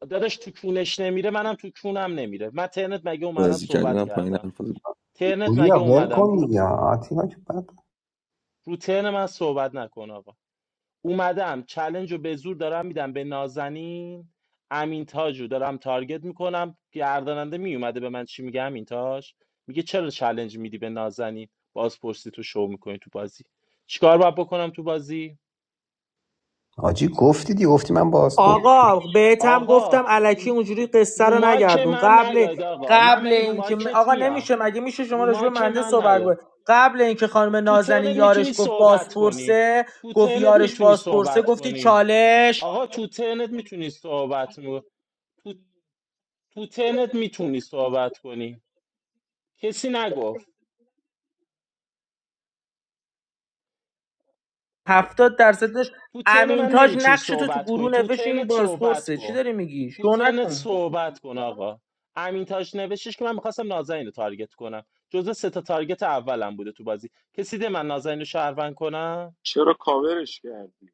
S2: داداش تو کونش نمیره منم تو کونم نمیره من ترنت مگه اومدم
S1: بازی کردی
S2: صحبت
S1: من پایین
S2: کردم
S1: حرفات رو-
S2: ترنت
S5: گویا
S2: مگه
S5: ول
S2: اومدم
S5: کن
S2: رو
S5: دیگه آتیلا که بعد
S2: رو ترن من صحبت نکن آقا اومدم چلنج رو به زور دارم میدم به نازنین امین تاج رو دارم تارگت میکنم گرداننده میومده به من چی میگه امین تاج میگه چرا چلنج میدی به نازنین بازپرسی تو شو میکنی تو بازی چیکار باید بکنم تو بازی
S5: آجی گفتی دیگه گفتی من باز بود
S12: آقا بهتم گفتم
S2: آقا م-
S12: الکی اونجوری قصه
S2: رو
S12: رو
S2: مایک
S12: نگردون
S2: من
S12: قبل
S2: نیاید آقا من
S12: قبل
S2: می رو
S12: اینکه
S2: مایکت
S12: آقا
S2: میام
S12: نمیشه مگه میشه شما
S2: رو
S12: راجع به
S2: مایک
S12: منده
S2: من
S12: صحبت
S2: نیا
S12: کنید قبل اینکه خانم
S2: تو
S12: نازنین
S2: ترنت میتونی
S12: یارش گفت
S2: صحبت کنی
S12: بازپرسه
S2: تو
S12: گفت
S2: ترنت
S12: یارش
S2: میتونی
S12: بازپرسه
S2: صحبت
S12: گفتی
S2: کنی
S12: چالش
S2: آقا تو ترنت میتونی صحبت کنی تو ترنت میتونی صحبت کنی کسی نگفت
S12: هفتاد درصدش
S2: تو ترن من
S12: امینتاج
S2: نمیتونی
S12: نقش تو تو
S2: صحبت کنی
S12: گروه
S2: تو
S12: نوشت این
S2: ترنت صحبت
S12: بازپرسه چی
S2: کن
S12: داری میگی
S2: تو
S12: شو
S2: ترنت
S12: نکن
S2: صحبت کن آقا امین تاج نوشتش که من میخواستم نازنین رو تارگت کنم جزو سه تا تارگت اولم بوده تو بازی کسی ده من نازنین رو شهروند کنم
S9: چرا کاورش کردی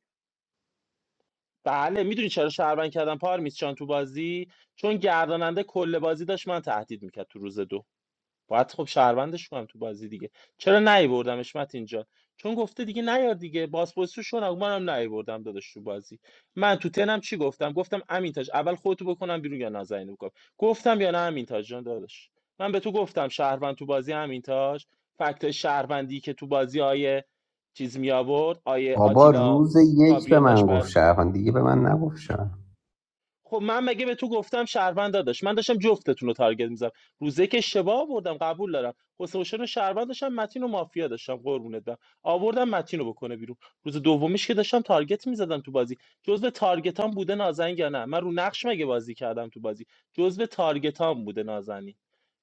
S2: بله میدونی چرا شهروند کردم پارمیس چان تو بازی چون گرداننده کل بازی داشت من تهدید میکرد تو روز دو باید خب شهروندش کنم تو بازی دیگه چرا نیوردمش متین اینجا چون گفته دیگه نیار دیگه بازپرسی رو شون منم نیوردم داداش تو بازی من تو تنم چی گفتم گفتم امین تاج اول خودتو بکنم بیرون یا نازنین بکنم گفتم یا نه امین تاج جان داداش من به تو گفتم شهروند تو بازی امین تاج فکت شهروندی که تو بازی آیه چیز می آورد آیه
S5: بابا
S2: آتیلا
S5: روز یک به
S2: گابریل
S5: من
S2: داشت
S5: گفت
S2: برات
S5: شرفن دیگه به من نگفت شرفن
S2: خب من مگه به تو گفتم شهروند داداش من داشتم جفتتون رو تارگت میزدم روزه که اشتباه آوردم قبول دارم حسین حسین رو شهروند داشتم متین و مافیا داشتم قربونت برم آوردم متین رو بکنه بیرون روز دومیش که داشتم تارگت میزدم تو بازی جزء تارگتام بوده نازنین یا نه من رو نقش مگه بازی کردم تو بازی جزء تارگتام بوده نازنین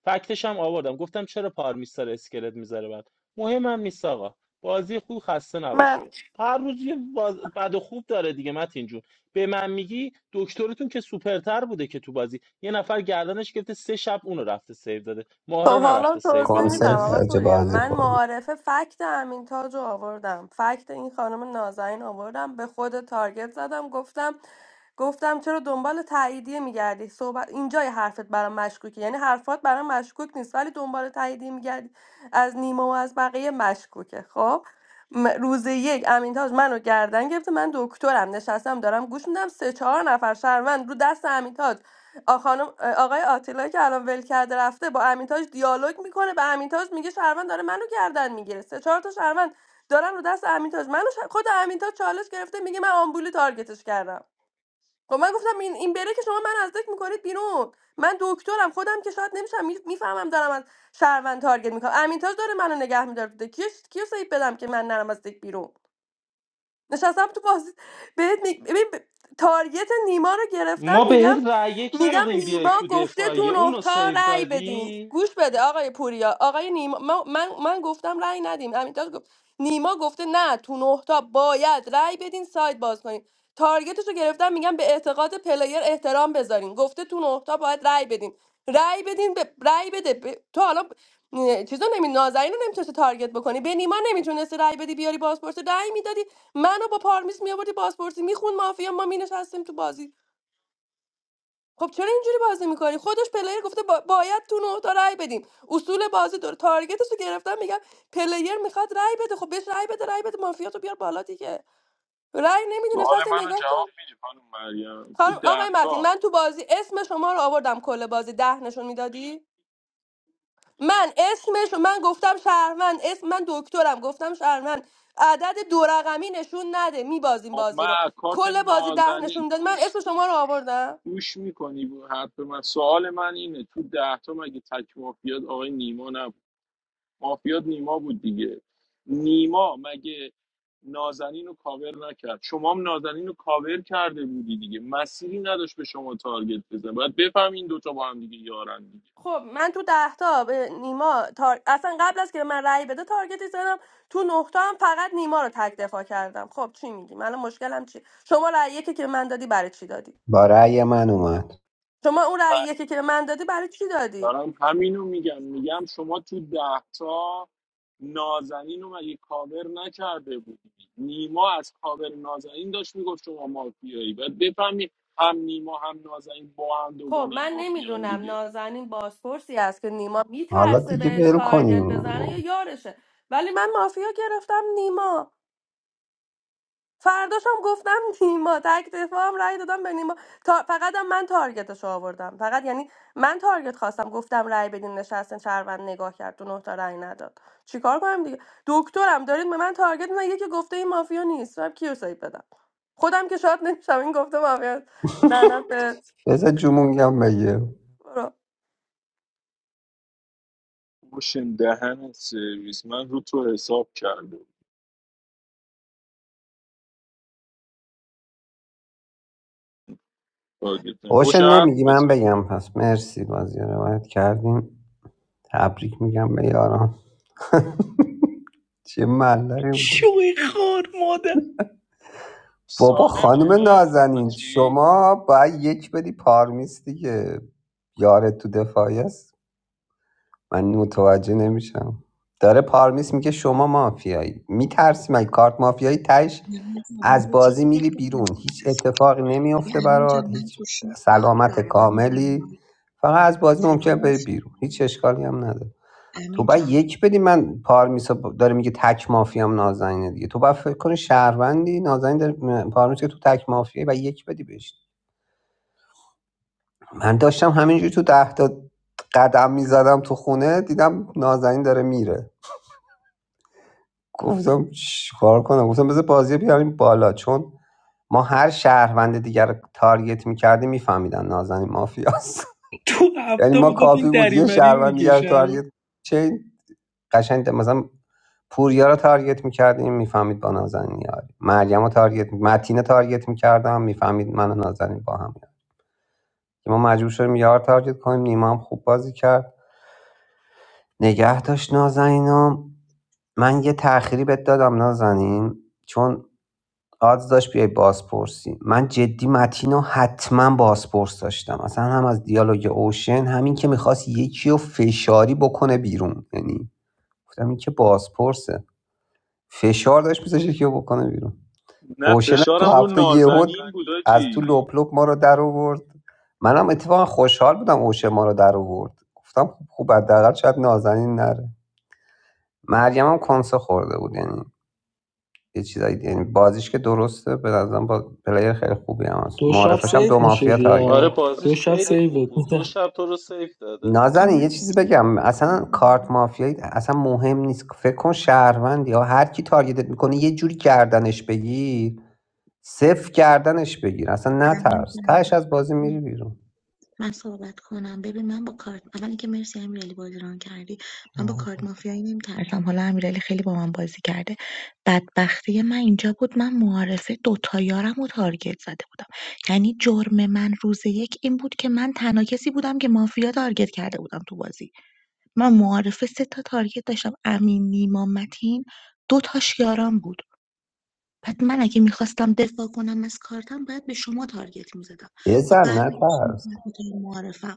S2: فکتش هم آوردم گفتم چرا پارمیستر اسکلت میذاره بعد مهمم نیست آقا بازی خوب خسته
S17: من
S2: نباشی هر روز یه باز... بد و خوب داره دیگه متین جون به من میگی دکترتون که سوپرتر بوده که تو بازی یه نفر گردنش گرفته سه شب اونو رفته سیو داده ما رو
S17: خب حالا
S2: نرفته سیو
S17: توضیح
S2: بده تو
S17: میدم
S5: کنسرت
S2: بازی
S17: آقا
S5: خرج
S17: پوریا
S5: بازی
S17: من
S5: خورد
S17: معارفه فکت امین تاج رو آوردم فکت این خانم نازنین آوردم به خود تارگت زدم گفتم گفتم چرا دنبال تاییدیه میگردی صحبت اینجای حرفت برام مشکوکه یعنی حرفات برام مشکوک نیست ولی دنبال تاییدیه میگردی از نیما و از بقیه مشکوکه خب م- روز یک امین تاج منو گردن گرفته من دکترم نشستم دارم گوش میدم سه چهار نفر شهروند رو دست امین تاج آ- خانم آقای آتیلا که الان ول کرده رفته با امینتاج دیالوگ میکنه به امینتاج میگه شهروند داره منو گردن میگیره سه چهار تا شهروند دارن رو دست امینتاج منو ش... خود امینتاج چالش گرفته میگه من آمبولی تارگتش کردم خب من گفتم این این بره که شما من از دک میکنید بیرون من دکترم خودم که شاید نمیشم میفهمم دارم از شهروند تارگت میکنم امینتاج داره منو نگه میداره کیو کیو سیف بدم که من نرم از دک بیرون نشستم تو بازی بهت می... ببین ب- تارگت نیما رو گرفتم
S2: ما به
S17: میگم
S2: رأی یک
S17: میگم
S2: ندادیم بیای
S17: نیما
S2: تو
S17: گفته تو
S2: دفاعیه
S17: نه
S2: اونو
S17: تا
S2: سیو
S17: رأی بدین
S2: دادی
S17: گوش بده آقای پوریا آقای نیما من من, من گفتم رأی ندیم امیتاج گفت نیما گفته نه تو نه تا باید رأی بدین سایت باز کنین تارگتش رو گرفتم میگم به اعتقاد پلیر احترام بذارین گفته تو نه تا باید رأی بدین رأی بدین به رأی بده به- تو حالا چیزا نمی نازنین رو نمیتونستی تارگت بکنی به نیما نمیتونستی رأی بدی بیاری بازپرس رأی میدادی منو با پارمیز میآوردی پاسپورتی میخون مافیا ما مینشستیم تو بازی خب چرا اینجوری بازی میکنی خودش پلیر گفته با- باید تو نه تا رای بدیم اصول بازی داره تارگتش رو گرفتم میگم پلیر میخواد رای بده خب بهش رای بده رای بده مافیا تو بیار بالا دیگه رای نمیدونه
S9: سوال
S17: نشسته
S9: منو
S17: نگاه
S9: جواب
S17: کرد
S9: میدی خانم مریم تو
S17: خانم
S9: ده
S17: آقای متین
S9: تا
S17: من تو بازی اسم شما رو آوردم کل بازی ده نشون میدادی من اسمش من گفتم شهروند اسم من دکترم گفتم شهروند عدد دو رقمی نشون نده میبازیم
S9: خب
S17: بازی رو
S9: من کارت
S17: کل بازی ده
S9: نازنین
S17: نشون داد من
S9: گوش
S17: اسم شما رو آوردم
S9: گوش میکنی حرف من سوال من اینه تو ده تا مگه تک مافیات آقای نیما نبود مافیات نیما بود دیگه نیما مگه نازنین رو کاور نکرد شما هم نازنین رو کاور کرده بودی دیگه مسیری نداشت به شما تارگت بزن باید بفهمین دوتا با هم دیگه یارن دیگه
S17: خب من تو ده تا به نیما تار... اصلا قبل از که به من رأی بده تارگتی زدم تو نه تا هم فقط نیما رو تک دفاع کردم خب چی میگی من الان مشکلم چی شما رأی یکی که به من دادی برای چی دادی
S5: با رأی من اومد
S17: شما اون
S9: و
S17: رأی یکی که به من دادی برای چی دادی
S9: دارم همینو میگم میگم شما تو ده تا نازنین رو مگه کاور نکرده بودی نیما از کاور نازنین داشت میگفت شما مافیایی باید بفهمی هم نیما هم نازنین با هم
S17: خب
S9: دوگانه
S17: من
S9: مافیان
S17: نمیدونم
S9: دیگه
S17: نازنین بازپرسی است که نیما
S5: حالا
S17: میترسه
S5: دیگه
S17: بهش
S5: ول
S17: تارگت
S5: کنیم
S17: بزنه یا یارشه ولی من مافیا گرفتم نیما فرداشم گفتم نیما تک دفاعم رأی دادم به نیما تا... فقط هم من تارگتش رو آوردم فقط یعنی من تارگت خواستم گفتم رأی بدین نشستن شهروند نگاه کرد دو نه تا رأی نداد چیکار کنم دیگه دکترم دارید به من تارگت میزنین یکی گفته این مافیا نیست من کیو سیب بدم خودم که شاد نمیشم این گفته مافیا نه
S5: بذار جمونگم بگه
S17: نه
S9: اوشن دهنت سرویس من رو تو حساب کرده بود. تارگت نه.
S5: اوشن
S9: اوشن حرف
S5: نمیگی من
S9: بزن
S5: بگم پس مرسی بازی رو روایت کردیم تبریک میگم به یاران چه ملقی
S12: شوی خار ماده.
S5: بابا خانم
S9: سالمه
S5: نازنین
S9: چی؟
S5: شما باید یک بدی پارمیز دیگه یارت تو دفاعی است من متوجه نمیشم داره پارمیس میگه شما مافیایی میترسی مگه کارت مافیایی تش
S15: من بزنم
S5: از
S15: یه
S5: بازی
S15: چیزی
S5: میری
S15: بگم
S5: بیرون هیچ
S15: ببخش.
S5: اتفاقی
S15: ببین
S5: نمیفته
S15: امین جان
S5: برات
S15: من
S5: هیچ
S15: گوشیم باگ
S5: سلامت
S15: داره من موبایل
S5: کاملی
S15: مایک
S5: فقط از بازی
S15: صدا
S5: ممکنه بری بیرون هیچ
S15: میشنوی
S5: اشکالی هم نداره تو
S15: امین
S5: باید
S15: جان
S5: یک بدی من پارمیسا ب- داره میگه تک مافیام نازنینه دیگه تو باید فکر کنی شهروندی نازنین داره پارمیسا تو تک مافیایی و یک بدی بهش من داشتم همینجوری تو ده تا قدم میزدم تو خونه دیدم نازنین داره میره گفتم چش کنم گفتم بذار بازی بیاریم بالا چون ما هر شهروند دیگر رو تارگت میکردیم میفهمیدن نازنین مافیاست
S12: تو
S5: یعنی
S12: هفته
S5: ما
S12: میگفت
S5: کافی
S12: این
S5: بود یه
S12: دریوری
S5: شهروند
S12: میگه
S5: دیگر رو تارگت
S12: شهرون
S5: چین قشنگ مثلا پوریا رو تارگت میکردیم میفهمید با نازنین یاری مریم رو تارگت متین تارگت میکردم میفهمید من و نازنین با هم یاری. که ما مجبور شدیم یار تارگت کنیم نیما هم خوب بازی کرد نگه داشت نازنینم من یه تأخیری بهت دادم نازنین چون آدز داشت بیای بازپرسی من جدی متین رو حتما بازپرس داشتم اصلا هم از دیالوگ اوشن همین که میخواست یکی رو فشاری بکنه بیرون یعنی گفتم این که بازپرسه فشار داشت میذاشت یکی رو بکنه بیرون
S9: نه
S5: اوشن تو
S9: فشارم رو
S5: هفته هم یهو
S9: نازنین بود
S5: از تو
S9: آجی
S5: لپ لپ ما رو در آورد منم اتفاقا خوشحال بودم اوشن ما رو در آورد گفتم خب خوب حداقل شاید نازنین نره مریم هم کنسه خورده بود یعنی یه چیزایی یعنی بازیش که درسته به نظرم با پلیر خیلی خوبی هم هست
S12: دو شب
S5: معارفش هم دو
S12: سیف
S5: مافیا
S12: میشدی
S5: تارگت
S2: آره
S12: یا دو
S2: بازیش
S12: شب
S2: خیلی
S12: سیفت
S2: خوب بود
S12: می‌دن.
S2: دو شب تو رو سیو داده
S15: اما
S5: نازنین یه
S15: من
S5: چیزی بگم اصلا کارت مافیایی اصلا مهم نیست فکر کن شهروند یا هر کی تارگتت میکنه یه جوری گردنش بگیر صفر کردنش بگیر اصلا
S15: امین
S5: نترس تهش از بازی
S15: جان
S5: میری بیرون
S15: من صحبت کنم ببین من با کارت اول که مرسی امیرعلی بازی ران کردی من با کارت مافیایی نمیترسم حالا امیرعلی خیلی با من بازی کرده بدبختی من اینجا بود من معارفه دوتا یارم و تارگت زده بودم یعنی جرم من روز یک این بود که من تنها کسی بودم که مافیا تارگت کرده بودم تو بازی من معارفه سه تا تارگت داشتم امین نیما متین دو تاش یارم بود پس من اگه میخواستم دفاع کنم از کارتم باید به شما تارگت میزدم و
S5: بزن
S15: برمیگشتم
S5: نترس
S15: به معارفم.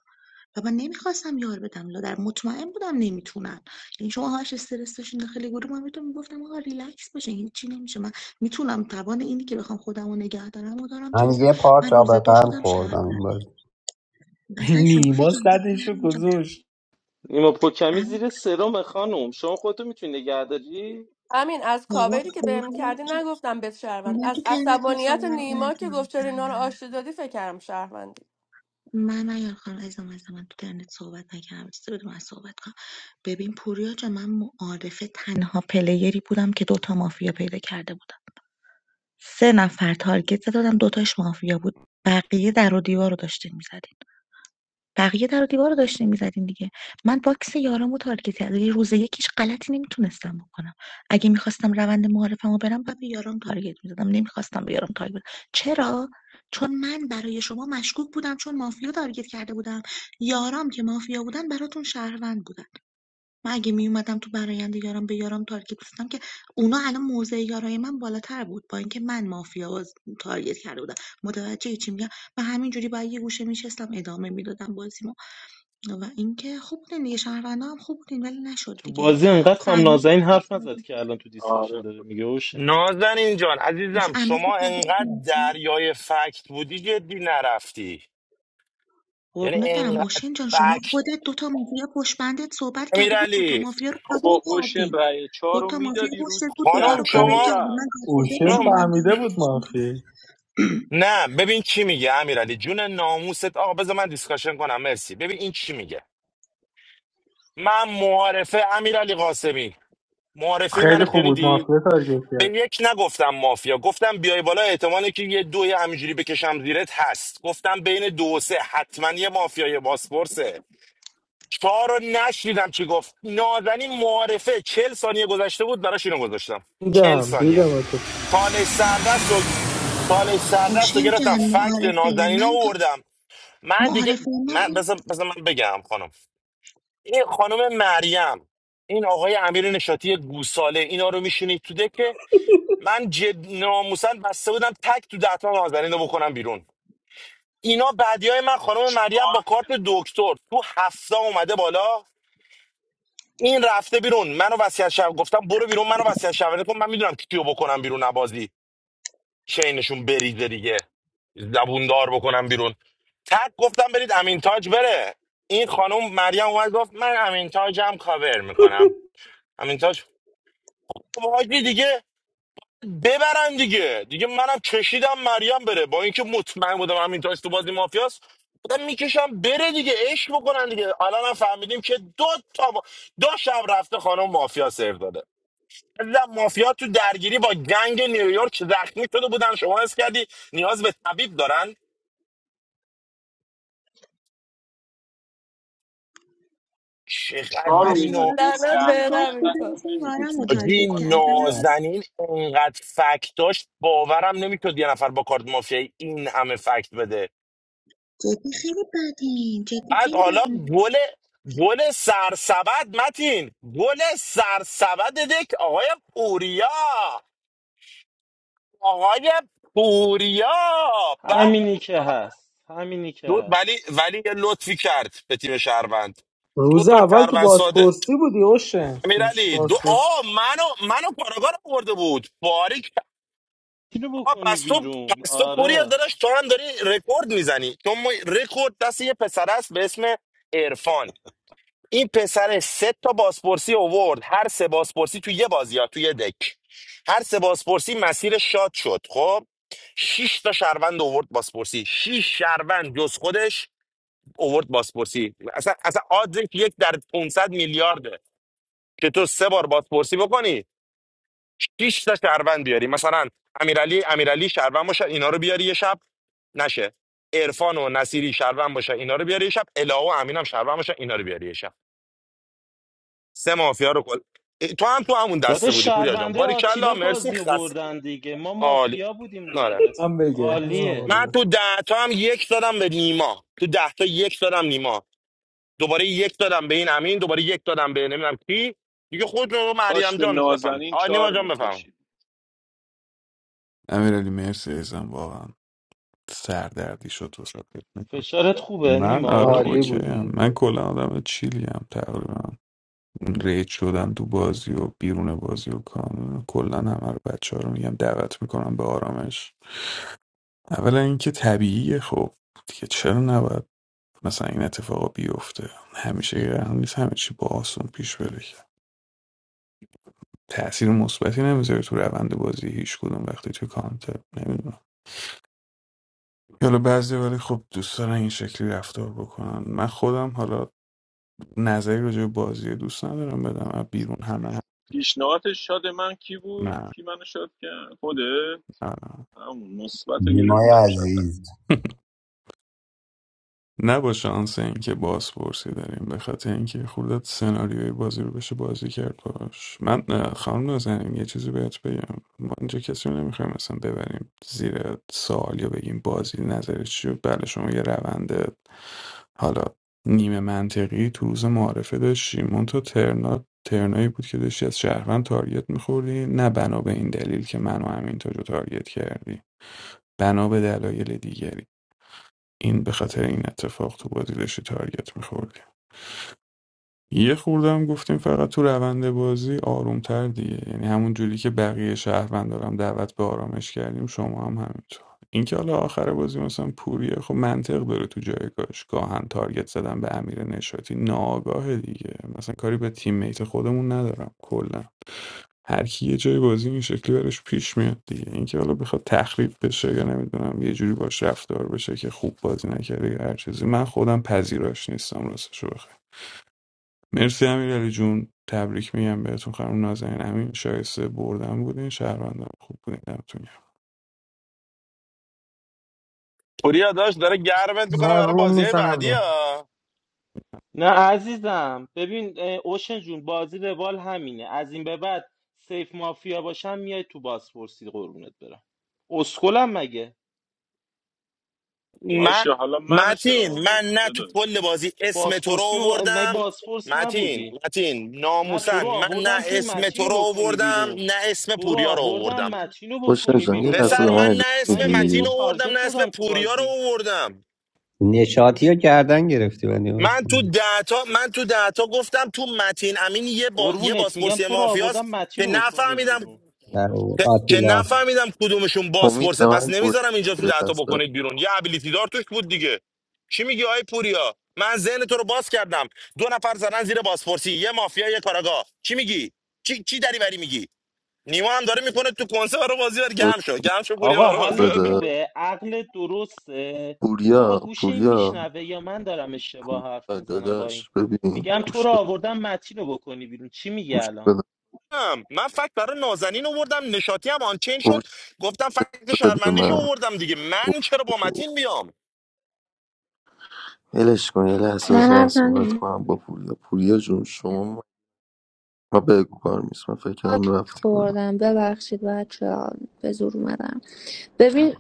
S15: و من نمیخواستم یار بدم لا در مطمئن بودم نمیتونن یعنی شما هاش استرس داشتین داخل گروه من میتونم میگفتم آقا ریلکس باشین هیچی نمیشه من میتونم توان اینی که بخوام خودم رو نگه دارم و دارم که
S5: من
S15: اصلا
S5: یه پارچ
S15: من
S5: آب
S15: روز دو
S5: قند
S15: شدم شهر
S5: خوردم این بازی
S15: مثلا شما فکر
S12: نیما
S15: کرده
S12: صدشو
S15: بودم اینجا
S12: گذاشت
S2: نیما پوکمی
S15: ام
S2: زیر سرم خانم شما خودتو میتونی نگه داری
S17: همین از
S15: بابا
S17: کاوری که
S15: پور
S17: بهم
S15: میاد
S17: کردی
S15: که
S17: نگفتم بهت شهروند
S15: من تو
S17: از
S15: ترمتون
S17: عصبانیت
S15: صحبت
S17: نیما که گفت چرا اینا
S15: نکنم
S17: رو آشتی دادی فکرم شهروندی
S15: من من یار خانم عزیزم عزیزم من تو ترنت صحبت نکردم چیزی بدون من صحبت کنم ببین پوریا جا من معارفه تنها پلیری بودم که دوتا مافیا پیدا کرده بودم سه نفر تارگت زده دوتاش مافیا بود بقیه در و دیوار رو داشتین میزدین بقیه در و دیوار رو داشتیم می‌زدیم دیگه من باکس یارامو تارگت یعنی روز یکیش غلطی نمیتونستم بکنم اگه میخواستم روند معارفمو برم باید به یارام تارگت می‌زدم نمیخواستم به یارام تارگت بدم. چرا چون من برای شما مشکوک بودم چون مافیا تارگت کرده بودم یارام که مافیا بودن براتون شهروند بودن من اگه میومدم تو برایند یارام به یارام تارگت می‌زدم که اونا الان موضع یارای من بالاتر بود با اینکه من مافیا باز- تارگت کرده بودم متوجه چی میگم و همینجوری باید یه گوشه میشستم ادامه میدادم بازی و اینکه خوب بودین دیگه شهروندا هم خوب بودین ولی نشد
S2: تو
S15: دیگه
S2: بازی انقدر
S15: مثلا
S2: کام
S15: امین
S2: نازنین حرف نزد که الان تو دیسکشن
S9: آره
S2: داره
S9: خدا
S2: میگه اوشه
S11: نازنین جان
S15: مثلا
S11: عزیزم
S15: امین فکر
S11: شما
S15: کرده
S11: انقدر
S15: بود-
S11: دریای فکت بودی جدی نرفتی یعنی
S15: قربونت برم
S11: انقدر
S15: اوشن جان شما
S11: فکت
S15: خودت دوتا مافیا پشت بندت صحبت کرده بود دوتا
S11: امیرعلی
S15: مافیا رو کاور
S9: بابا اوشن
S15: کردی
S9: رأی چهار رو
S15: دوتا مافیا
S9: میدادی روز
S15: پشتت
S9: تو
S15: بود دوتا
S11: خانم
S15: رو
S9: دهتا
S15: کاور
S12: اون-
S11: شما
S15: کردی
S9: میرفت
S15: من گادفادرشون
S11: خانم
S15: بودم
S12: فهمیده بود
S15: تقریبش می‌کردم.
S12: مافی
S11: نه ببین چی میگه امیرعلی جون ناموست آقا بذار من دیسکاشن کنم مرسی ببین این چی میگه من معارفه امیرعلی قاسمی معارفه منو
S12: خیلی خوب بود مافی
S11: شنیدی
S12: تارگت
S11: به
S12: کرد
S11: یک نگفتم مافیا گفتم بیای بالا احتمالی که یه دوی همینجوری بکشم زیرت هست گفتم بین دو و سه حتما یه مافیای باسپورسه شما رو نشنیدم چی گفت نازنین معارفه چل ثانیه گذشته بود براش اینو گذاشتم چل
S12: دیدم
S11: ثانیه
S12: دیدم اتفاق.
S11: چالش سردست رو چالش
S15: خب
S11: سردست رو
S15: اوشن
S11: گرفتم
S15: جان
S11: فکت
S15: معارفه
S11: نازنین ها
S15: من تا
S11: آوردم من دیگه
S15: معارفه من
S11: من
S15: این
S11: بذار بذار من بگم خانم این خانم مریم این آقای امیر نشاتی گوساله اینا رو میشونید تو دکه من جد ناموسن بسته بودم تک تو دهتا نازنین رو بکنم بیرون اینا بعدی های من خانم مریم
S9: چهار
S11: با کارت
S9: میدادی
S11: دکتر تو هفته اومده بالا این رفته بیرون منو وصیت شب گفتم برو بیرون منو وصیت شب کن من میدونم کیو بکنم بیرون نبازی چینشون بریزه دیگه زبوندار بکنم بیرون تک گفتم برید امین تاج بره این خانم مریم اومد گفت من امین تاجم کاور میکنم امین تاج خب حاجی دیگه ببرن دیگه دیگه منم کشیدم مریم بره با اینکه مطمئن بودم امین تاج تو بازی مافیاست بودم میکشم بره دیگه عشق بکنن دیگه الان هم فهمیدیم که دو تا ما- دو شب رفته خانم مافیا سر داده عزیزم مافیا تو درگیری با گنگ نیویورک زخمی شده بودن شما حس کردی نیاز به طبیب دارن چقدر
S9: چهار رو
S11: ولی
S15: اوشن
S11: نو
S9: میدادی تو
S15: داداش
S17: لعنت
S15: من
S9: دهتا
S15: باید
S17: بهدم این
S15: بودم
S9: اینقدر تو
S17: کار.
S15: مثل یارم رو
S9: نمیکشید بازی
S15: تارگت
S11: حاجی
S9: گادفادر
S15: کردم
S9: رفت
S11: نازنین انقدر فکت داشت باورم نمیتونید یه نفر با کارت مافیایی این همه فکت بده
S15: جدی خیلی بدین جدی
S11: بعد
S15: خیلی
S11: حالا
S15: بدین
S11: گل گل سرسبد متین گل سرسبد دک آقای پوریا آقای پوریا به
S2: همینی که هست همینی که
S11: دو- ولی
S2: هست
S11: ولی یه لطفی کرد به تیم شهروند دو
S12: روز
S11: تا
S12: اول تو
S11: کروان
S12: بازپرسی بودی اوشن تو
S11: امیرعلی دو
S12: بازپرسی
S11: آ منو منو کارگار آورده بود باریک
S2: اینو
S11: آ
S2: بکنی
S11: پس تو
S2: بیرون
S11: پس تو پوری
S2: آره
S11: داداش تو هم داری رکورد میزنی تو ما رکورد دست یه پسر است به اسم عرفان این پسر سه تا بازپرسی اوورد هر سه بازپرسی تو یه بازی ها تو یه دک هر سه بازپرسی مسیر شاد شد خب شش تا شهروند اوورد بازپرسی شش شهروند جز خودش اوورد بازپرسی اصلا اصلا آدرک یک در 500 میلیارده که تو سه بار بازپرسی بکنی شش تا شهروند بیاری مثلا امیرعلی امیرعلی شهروند باشه اینا رو بیاری یه شب نشه عرفان و نصیری شهروند باشه اینا رو بیاری یه شب الهه و امینم شهروند باشه اینا رو بیاری یه شب سه مافیا رو کل اه، تو هم تو همون دسته
S2: داداش
S11: بودی پوریا جان
S2: شهرونده
S11: باریکلا
S2: آتیلا
S11: مرسی
S2: بازی رو
S11: خس
S2: بردن دیگه ما
S11: عالی
S2: مافیا بودیم
S11: آره
S2: دیگه
S12: هم بگه
S2: عالیه
S11: من تو ده تا هم یک دادم به نیما تو ده تا یک دادم نیما دوباره یک دادم به این امین دوباره یک دادم به نمیدونم کی دیگه خود رو
S9: کاش
S11: مریم
S9: به
S11: جان بفهمید
S9: نازنین
S11: آ نیما
S9: چهار
S11: جان بفهم
S9: میکشید
S6: امیرعلی مرسی ازم واقعا سردردی شد و
S2: فشارت خوبه
S6: من
S2: نیما
S6: آره
S12: عالی
S6: اوکی
S2: اوکی
S6: هم.
S12: بودی
S6: من کلا آدم چیلی هم تقریبا ریج شدن تو بازی و بیرون بازی و کانون کلا همه رو بچه ها رو میگم دعوت میکنم به آرامش اولا اینکه طبیعیه خب دیگه چرا نباید مثلا این اتفاقا بیفته همیشه قرار نیست همه چی با آسون پیش بره تأثیر مثبتی نمیذاره تو روند بازی هیچ کدوم وقتی تو کانتر نمیدونم حالا بعضی ولی خب دوست دارن این شکلی رفتار بکنن من خودم حالا نظری راجع به بازی دوست ندارم بدم از بیرون همه هم
S9: پیشنهادش شاد من کی بود؟
S6: نه
S9: کی منو شاد کرد؟ خوده؟
S6: نه نه.
S9: همون مثبت رو
S5: نیمای
S9: گرفتم شدن
S5: عزیز
S6: نه با شانس اینکه بازپرسی داریم به خاطر اینکه خوردت سناریوی بازی رو بشه بازی کرد باش من اه، خانم نازنین یه چیزی بهت بگم ما اینجا کسی رو نمیخوایم مثلا ببریم زیر سوال یا بگیم بازی نظرش چیه بله شما یه روند حالا نیمه منطقی تو روز معارفه داشتی مون تو ترنا ترنایی بود که داشتی از شهروند تارگت میخوردی نه بنا به این دلیل که منو همینطور رو تارگت کردی بنا به دلایل دیگری این به خاطر این اتفاق تو بازی داشتی تارگت میخوردی یه خوردم گفتیم فقط تو روند بازی آرومتر دیگه یعنی همون جوری که بقیه شهروند دارم دعوت به آرامش کردیم شما هم همینطور اینکه حالا آخر بازی مثلا پوریه خب منطق داره تو جایگاهش گاهن تارگت زدن به امیر نشاتی ناآگاه دیگه مثلا کاری به تیم میت خودمون ندارم کلا هر کی یه جای بازی این شکلی براش پیش میاد دیگه اینکه حالا بخواد تخریب بشه یا نمیدونم یه جوری باش رفتار بشه که خوب بازی نکرده یا هر چیزی من خودم پذیراش نیستم راستشو بخوای مرسی امیرعلی جون تبریک میگم بهتون خانم نازنین همین شایسته بردن بودین شهروندان خوب بودین دمتون گرم.
S11: پوریا داشت داره گرمت میکنه
S12: من
S11: برای
S12: روم
S11: بازی های
S12: میزنم به
S11: بعدی ها
S2: نه عزیزم ببین اه، اوشن جون بازی روال همینه از این به بعد سیف مافیا باشم میای تو بازپرسی قربونت برم اسکلم مگه
S11: من
S9: باشه حالا منو چرا
S11: متین من
S9: آوردی
S11: نه تو
S9: داداش
S11: کل بازی اسم تو رو
S2: بازپرسی و مگه
S11: آوردم
S2: بازپرس نبودی
S11: متین متین
S2: نه تو رو
S11: ناموسن من نه
S2: آوردم که
S11: اسم تو
S2: متینو
S11: رو
S2: بکنی
S11: آوردم
S2: بیرون
S11: نه اسم
S2: تو رو
S11: پوریا رو
S2: آوردم
S11: آوردم
S2: متینو
S1: خوشن
S2: بکنی
S1: جان یه
S2: بیرون
S1: لحظه
S11: پسر
S1: به من
S2: داداش
S11: من
S1: اجازه
S11: نه اسم
S2: مگه به
S11: متین
S2: تو
S1: میدی
S11: رو آوردم
S2: تارگت
S11: نه اسم
S2: زدم تو
S11: پوریا رو
S2: بازی
S11: آوردم
S5: نشاطی رو گردن گرفتی و
S11: من تو
S5: هوشنگ.
S11: دهتا من تو دهتا گفتم تو متین امین یه با... یه
S2: قربونت میگم
S11: بازپرسی
S2: تو رو آوردم
S11: مافیاست
S2: متین
S11: که
S2: رو بکنی
S11: نفهمیدم
S2: بیرون
S5: در آورد.
S11: که که
S5: آتیلا
S11: نفهمیدم کدومشون
S1: امید
S11: بازپرسه
S1: به
S11: پس
S1: من گوش
S11: نمیذارم اینجا تو
S1: بده یه
S11: دهتا
S1: لحظه
S11: بکنید بیرون یه ابیلیتی دار توش بود دیگه چی میگی آی پوریا من ذهن تو رو باز کردم دو نفر زدن زیر بازپرسی یه مافیا یه کاراگاه چی میگی چی چی دری بری میگی نیما هم داره میکنه تو کنسه برای بازی بر
S1: گوش
S11: گم شو گم شو پوریا
S2: آقا
S11: برای بازی
S2: حالت
S11: بر.
S1: بده
S2: خوبه عقلت درسته آقا
S1: پوریا
S2: گوشه این
S1: پوریا
S2: میشنوه یا من دارم اشتباه
S1: پوریا
S2: حرف میزنم با این
S1: داداش ببین
S2: میگم تو
S1: گوش
S2: رو
S1: بده
S2: آوردم متین رو بکنی بیرون چی میگه
S1: گوش
S2: الان
S1: بده
S11: هم. من فکت برای نازنین آوردم نشاطی هم آنچین شد گفتم فکت
S1: اجازه بده به
S11: شرمندیشو
S1: من
S11: آوردم دیگه
S1: اوه،
S11: من چرا با
S1: اوه.
S11: متین بیام
S1: ولش کن یه لحظه
S3: من
S1: بذار من
S3: حرف
S1: صحبت
S3: ندارم.
S1: کنم با پوریا پوریا جون شما ما بگو کار نیست من فکر کردم
S3: خاک
S1: رفتی کنم
S3: خوردم ببخشید بچه ها، به زور اومدم ببین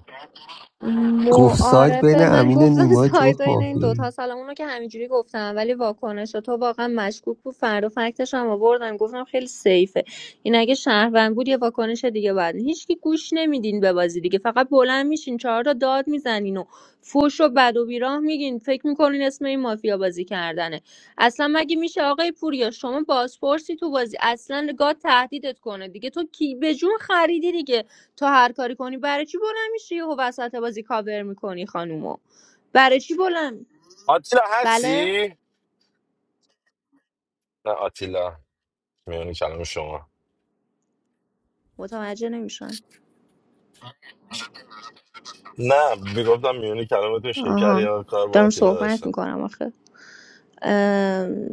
S5: گفت سایت بین
S3: معارفه من
S5: امین و
S3: گفتم
S5: نیما جفت
S3: سایدا این این
S5: مافیا
S3: دوتا سلام اونو که همینجوری گفتم ولی واکنش تو واقعا مشکوک بود فرد و فکتش هم آوردم گفتم خیلی سیفه این اگه شهروند بود یه واکنش دیگه بعد هیچکی گوش نمیدین به بازی دیگه فقط بلند میشین چهار تا داد میزنین و فوش و بد و بیراه میگین فکر میکنین اسم این مافیا بازی کردنه اصلا مگه میشه آقای پوریا شما بازپرسی تو بازی اصلا گاد تهدیدت کنه دیگه تو کی به جون خریدی دیگه تو هر کاری کنی برای چی بلند میشی یهو وسط بازی کاور میکنی خانومو برای چی بلند
S11: آتیلا
S3: بله
S11: هستی؟ نه آتیلا میون کلام شما
S3: متوجه نمیشن
S11: نه میگفتم میونی کلامتون شکر
S3: آها
S11: یا کار با
S3: دارم
S11: آتیلا
S3: صحبت
S11: داشتم
S3: میکنم آخه ام،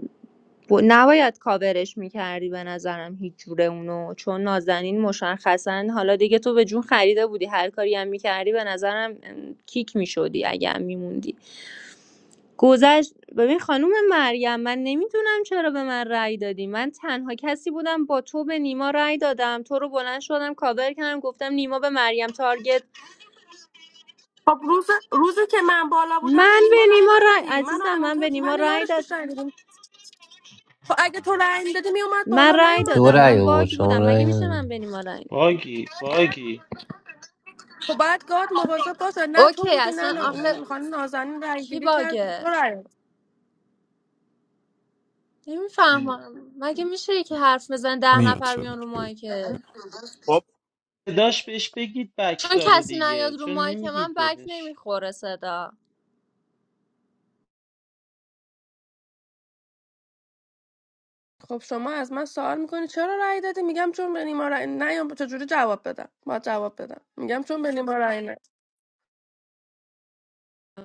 S3: ب- نباید کاورش میکردی به نظرم هیچ جوره اونو چون نازنین مشخصا حالا دیگه تو به جون خریده بودی هر کاری هم میکردی به نظرم ام، کیک میشدی اگه هم میموندی گذشت ببین خانم مریم من نمیدونم چرا به من رأی دادی من تنها کسی بودم با تو به نیما رأی دادم تو رو بلند شدم کاور کردم گفتم نیما به مریم تارگت
S17: خب روز روزی که من بالا بودم به
S3: من
S17: نیما
S3: به
S17: رأی
S3: نیما رأی
S17: ندادی منو
S3: عزیزم
S17: امین
S3: من به
S17: تاج
S3: نیما
S17: منو
S3: رأی
S17: یارش
S3: داد
S17: پیش رأی دادیم خب اگه تو رأی میدادی میومد
S3: من
S17: بالا
S3: رأی
S17: نیومد
S5: دو
S3: دادم
S17: بالا
S5: رای
S3: من
S5: آورد
S3: باگ
S5: شما
S3: بودم
S5: رای
S3: مگه میشه
S5: نداری.
S3: من به نیما رأی ندم؟
S2: باگی باگی
S17: خب باید گاد مواظب باشه نه تو
S3: اوکی
S17: بودی
S3: اصلا
S17: نه, نه
S3: آخه
S17: اون خانم نازنین رأی
S3: کی
S17: گیری کرد تو
S3: باگه
S17: رأی دادی.
S3: نمیفهمم مگه میشه که حرف بزن ده
S6: میاد
S3: نفر بیان رو
S6: صداش
S3: مایکه
S11: با,
S2: داشت بهش بگید بک
S3: چون
S2: داره
S3: کسی نیاد
S2: دیگه
S3: رو
S2: چرا
S3: مایک من
S2: نمیگید
S3: بک
S2: بهش
S3: نمیخوره صدا
S17: خب شما از من سوال میکنی چرا رأی دادی میگم چون به نیما رأی نیام چجوری جواب بدم باید جواب بدم میگم چون به نیما رأی ندادی.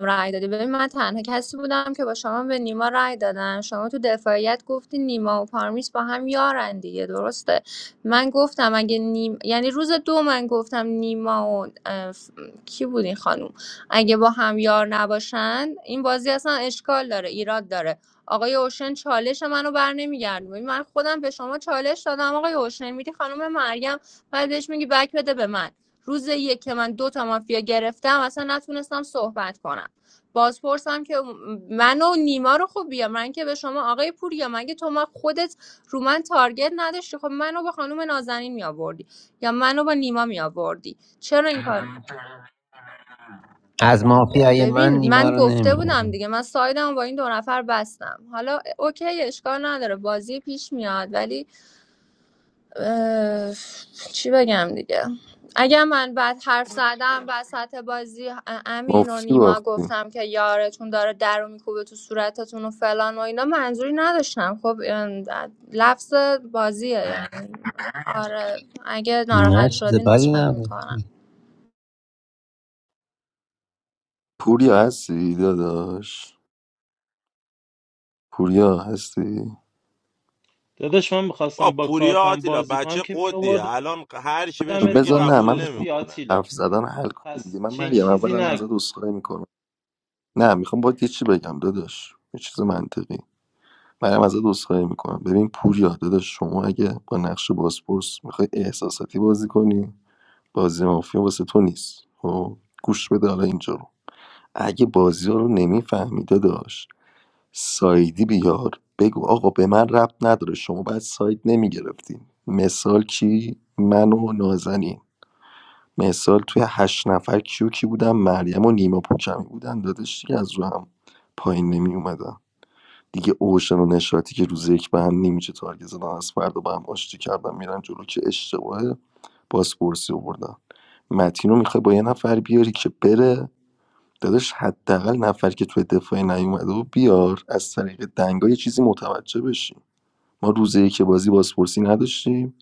S3: رأی دادی ببین من تنها کسی بودم که با شما به نیما رای دادم شما تو دفاعیت گفتی نیما و پارمیس با هم یارن دیگه درسته من گفتم اگه نیم یعنی روز دو من گفتم نیما و اه، ف- کی بود این خانوم اگه با هم یار نباشن این بازی اصلا اشکال داره ایراد داره آقای اوشن چالش منو بر نمیگردون من خودم به شما چالش دادم آقای اوشن میری خانم مریم بعدش میگی بک بده به من روز یک که من دو تا مافیا گرفتم اصلا نتونستم صحبت کنم بازپرسم که من و نیما رو خوب بیا من که به شما آقای پوریا مگه تو ما خودت رو من تارگت نداشتی خب منو با خانم نازنین می آوردی یا منو با نیما می آوردی چرا این کار
S5: از مافیای من
S3: ببین
S5: نیما
S3: من
S5: رو
S3: گفته
S5: نمی
S3: بودم
S5: آورد
S3: دیگه من سایدم با این دو نفر بستم حالا اوکی اشکال نداره بازی پیش میاد ولی اه، چی بگم دیگه اگر من بعد حرف زدم وسط بازی ا- امین و
S1: مفتی
S3: نیما
S1: باختیم
S3: گفتم که یارتون داره در رو میکوبه تو صورتتون و فلان و اینا منظوری نداشتم خب این لفظ بازیه یعنی آره اگه
S5: نه
S3: ناراحت
S5: چیز
S3: شدی
S5: بدی
S3: عذرخواهی
S5: نبود
S3: میکنم
S1: پوریا هستی داداش پوریا هستی
S2: داداش من میخواستم
S11: با
S2: با
S11: پوریا
S2: کارتم
S11: آتیلا
S2: بازی کنم
S11: بچه
S2: که
S11: قدیه
S2: میآوردمت
S11: الان هر چی بهش بگی
S1: بذار نه
S11: قبول
S1: من میخوام
S2: بازپرسی
S11: نمیکنه
S2: آتیلا
S1: حرف زدن حل کنیم دیگه
S2: پس
S1: من
S2: چنین
S1: مریم
S2: چیزی
S1: اولا ازت
S2: نگو
S1: عذرخواهی میکنم نه میخوام باید یه چی بگم داداش یه چیز منطقی مریم ازت عذرخواهی میکنم ببین پوریا داداش شما اگه با نقش بازپرس میخوای احساساتی بازی کنی بازی مافیا واسه تو نیست خب گوش بده حالا اینجا رو اگه بازی ها رو نمیفهمیده داشت سایدی بیار بگو آقا به من ربط نداره شما باید ساید نمیگرفتیم مثال کی من و نازنین مثال توی هشت نفر کیو کی بودم مریم و نیما پوکمی بودن دادش دیگه از رو هم پایین نمی اومدن. دیگه اوشن و نشاطی که روز یک به هم نمیشه تارگت زدن از فردا با هم آشتی کردن میرن جلو که اشتباه بازپرسی آوردن متین رو میخوای با یه نفر بیاری که بره داداش حداقل نفر که توی دفاعی نیومده و بیار از طریق دنگا یه چیزی متوجه بشیم ما روزی که بازی بازپرسی نداشتیم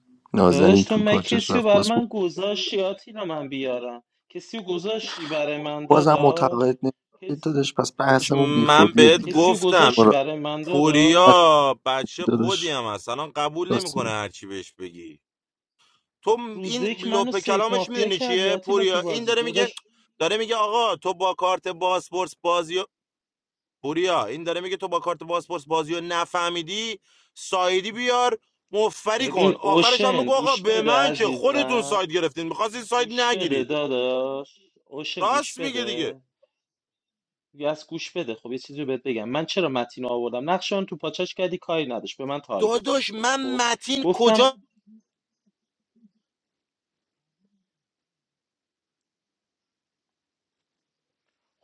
S2: داداش
S1: نازنین
S2: تو
S1: تو
S2: من
S1: پاچش
S2: کسی رو
S1: رفت
S2: بر من
S1: بازپرسی
S2: گذاشتی آتیلا من بیارم کسی رو گذاشتی برای من
S1: بازم
S2: داداش
S1: معتقد نمیشه
S2: کس...
S1: داداش پس بحثمون
S11: من
S1: بیخودیه
S11: بهت
S1: دیگه
S2: کسی رو
S11: گفتم
S1: شما
S2: گذاشتی
S1: را
S2: برای من داداش
S11: پوریا بچه قدی
S1: داداش
S11: هم هست الان قبول
S1: راست میگی.
S11: نمیکنه هر چی بهش بگی تو م- این
S2: روزه که منو
S11: لپ
S2: سیف
S11: کلامش
S2: مافیا
S11: میدونی
S2: کردی
S11: چیه
S2: آتیلا تو
S11: پوریا این
S2: بازی
S11: داره میگه
S2: داداش
S11: داره میگه آقا تو با کارت باسپورس پوریا این داره میگه تو با کارت پاسپورت بازیو نفهمیدی سایدی بیار مفری
S2: ببین
S11: کن آخرش هم
S2: اوشن
S11: بگو آقا
S2: گوش
S11: به
S2: بده
S11: من چه خودتون
S2: عزیزم
S11: ساید گرفتین میخواستین ساید
S2: گوش بده
S11: نگیرید
S2: داداش اوشن گوش
S11: راست میگه
S2: بده
S11: دیگه
S2: از گوش بده خب یه چیزی رو بهت بگم من چرا متین رو آوردم نقش اون تو پاچش کردی کاری نداشت به من تارگت زد
S11: داداش
S2: تو بازی
S11: من
S2: خب
S11: متین
S2: گفتم
S11: کجا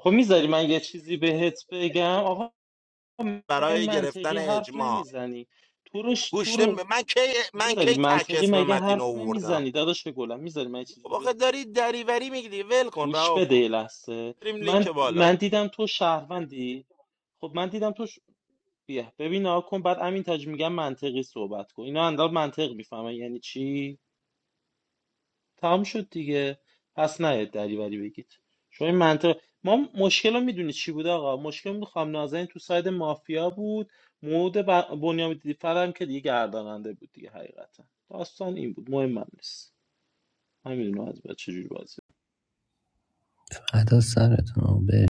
S2: خب میذاری من یه چیزی بهت بگم آقا من
S11: برای
S2: منطقی
S11: گرفتن
S2: حرف
S11: اجماع
S2: نمیزنی تو رو ش- تو
S11: گوشته
S2: رو
S11: من کی من
S2: میذاری
S11: کی تک
S2: منطقی
S11: اسم
S2: مگه
S11: متین رو
S2: حرف
S11: آوردم
S2: نمیزنی داداش گلم میذاری من یه
S11: خب
S2: چیزی بهت
S11: آخه داری دریوری میگی ول کن
S2: گوش
S11: رها
S2: بده
S11: کن
S2: یه لحظه
S11: بریم لینک
S2: من
S11: بالا
S2: من دیدم تو شهروندی خب من دیدم تو ش... بیا ببین آقا کن بعد امین تاج میگم منطقی صحبت کن اینا اندال منطق میفهمن یعنی چی تمام شد دیگه پس نیاد دریوری بگید شما این منطق ما مشکل رو میدونی چی بود آقا مشکل بود خام نازنین تو ساید مافیا بود مورد ب... بنیام دیفر هم که دیگه گرداننده بود دیگه حقیقتا داستان این بود مهم هم نیست من میدونم از بعد چجوری بازی
S5: ادا سرتون آقا، بریم.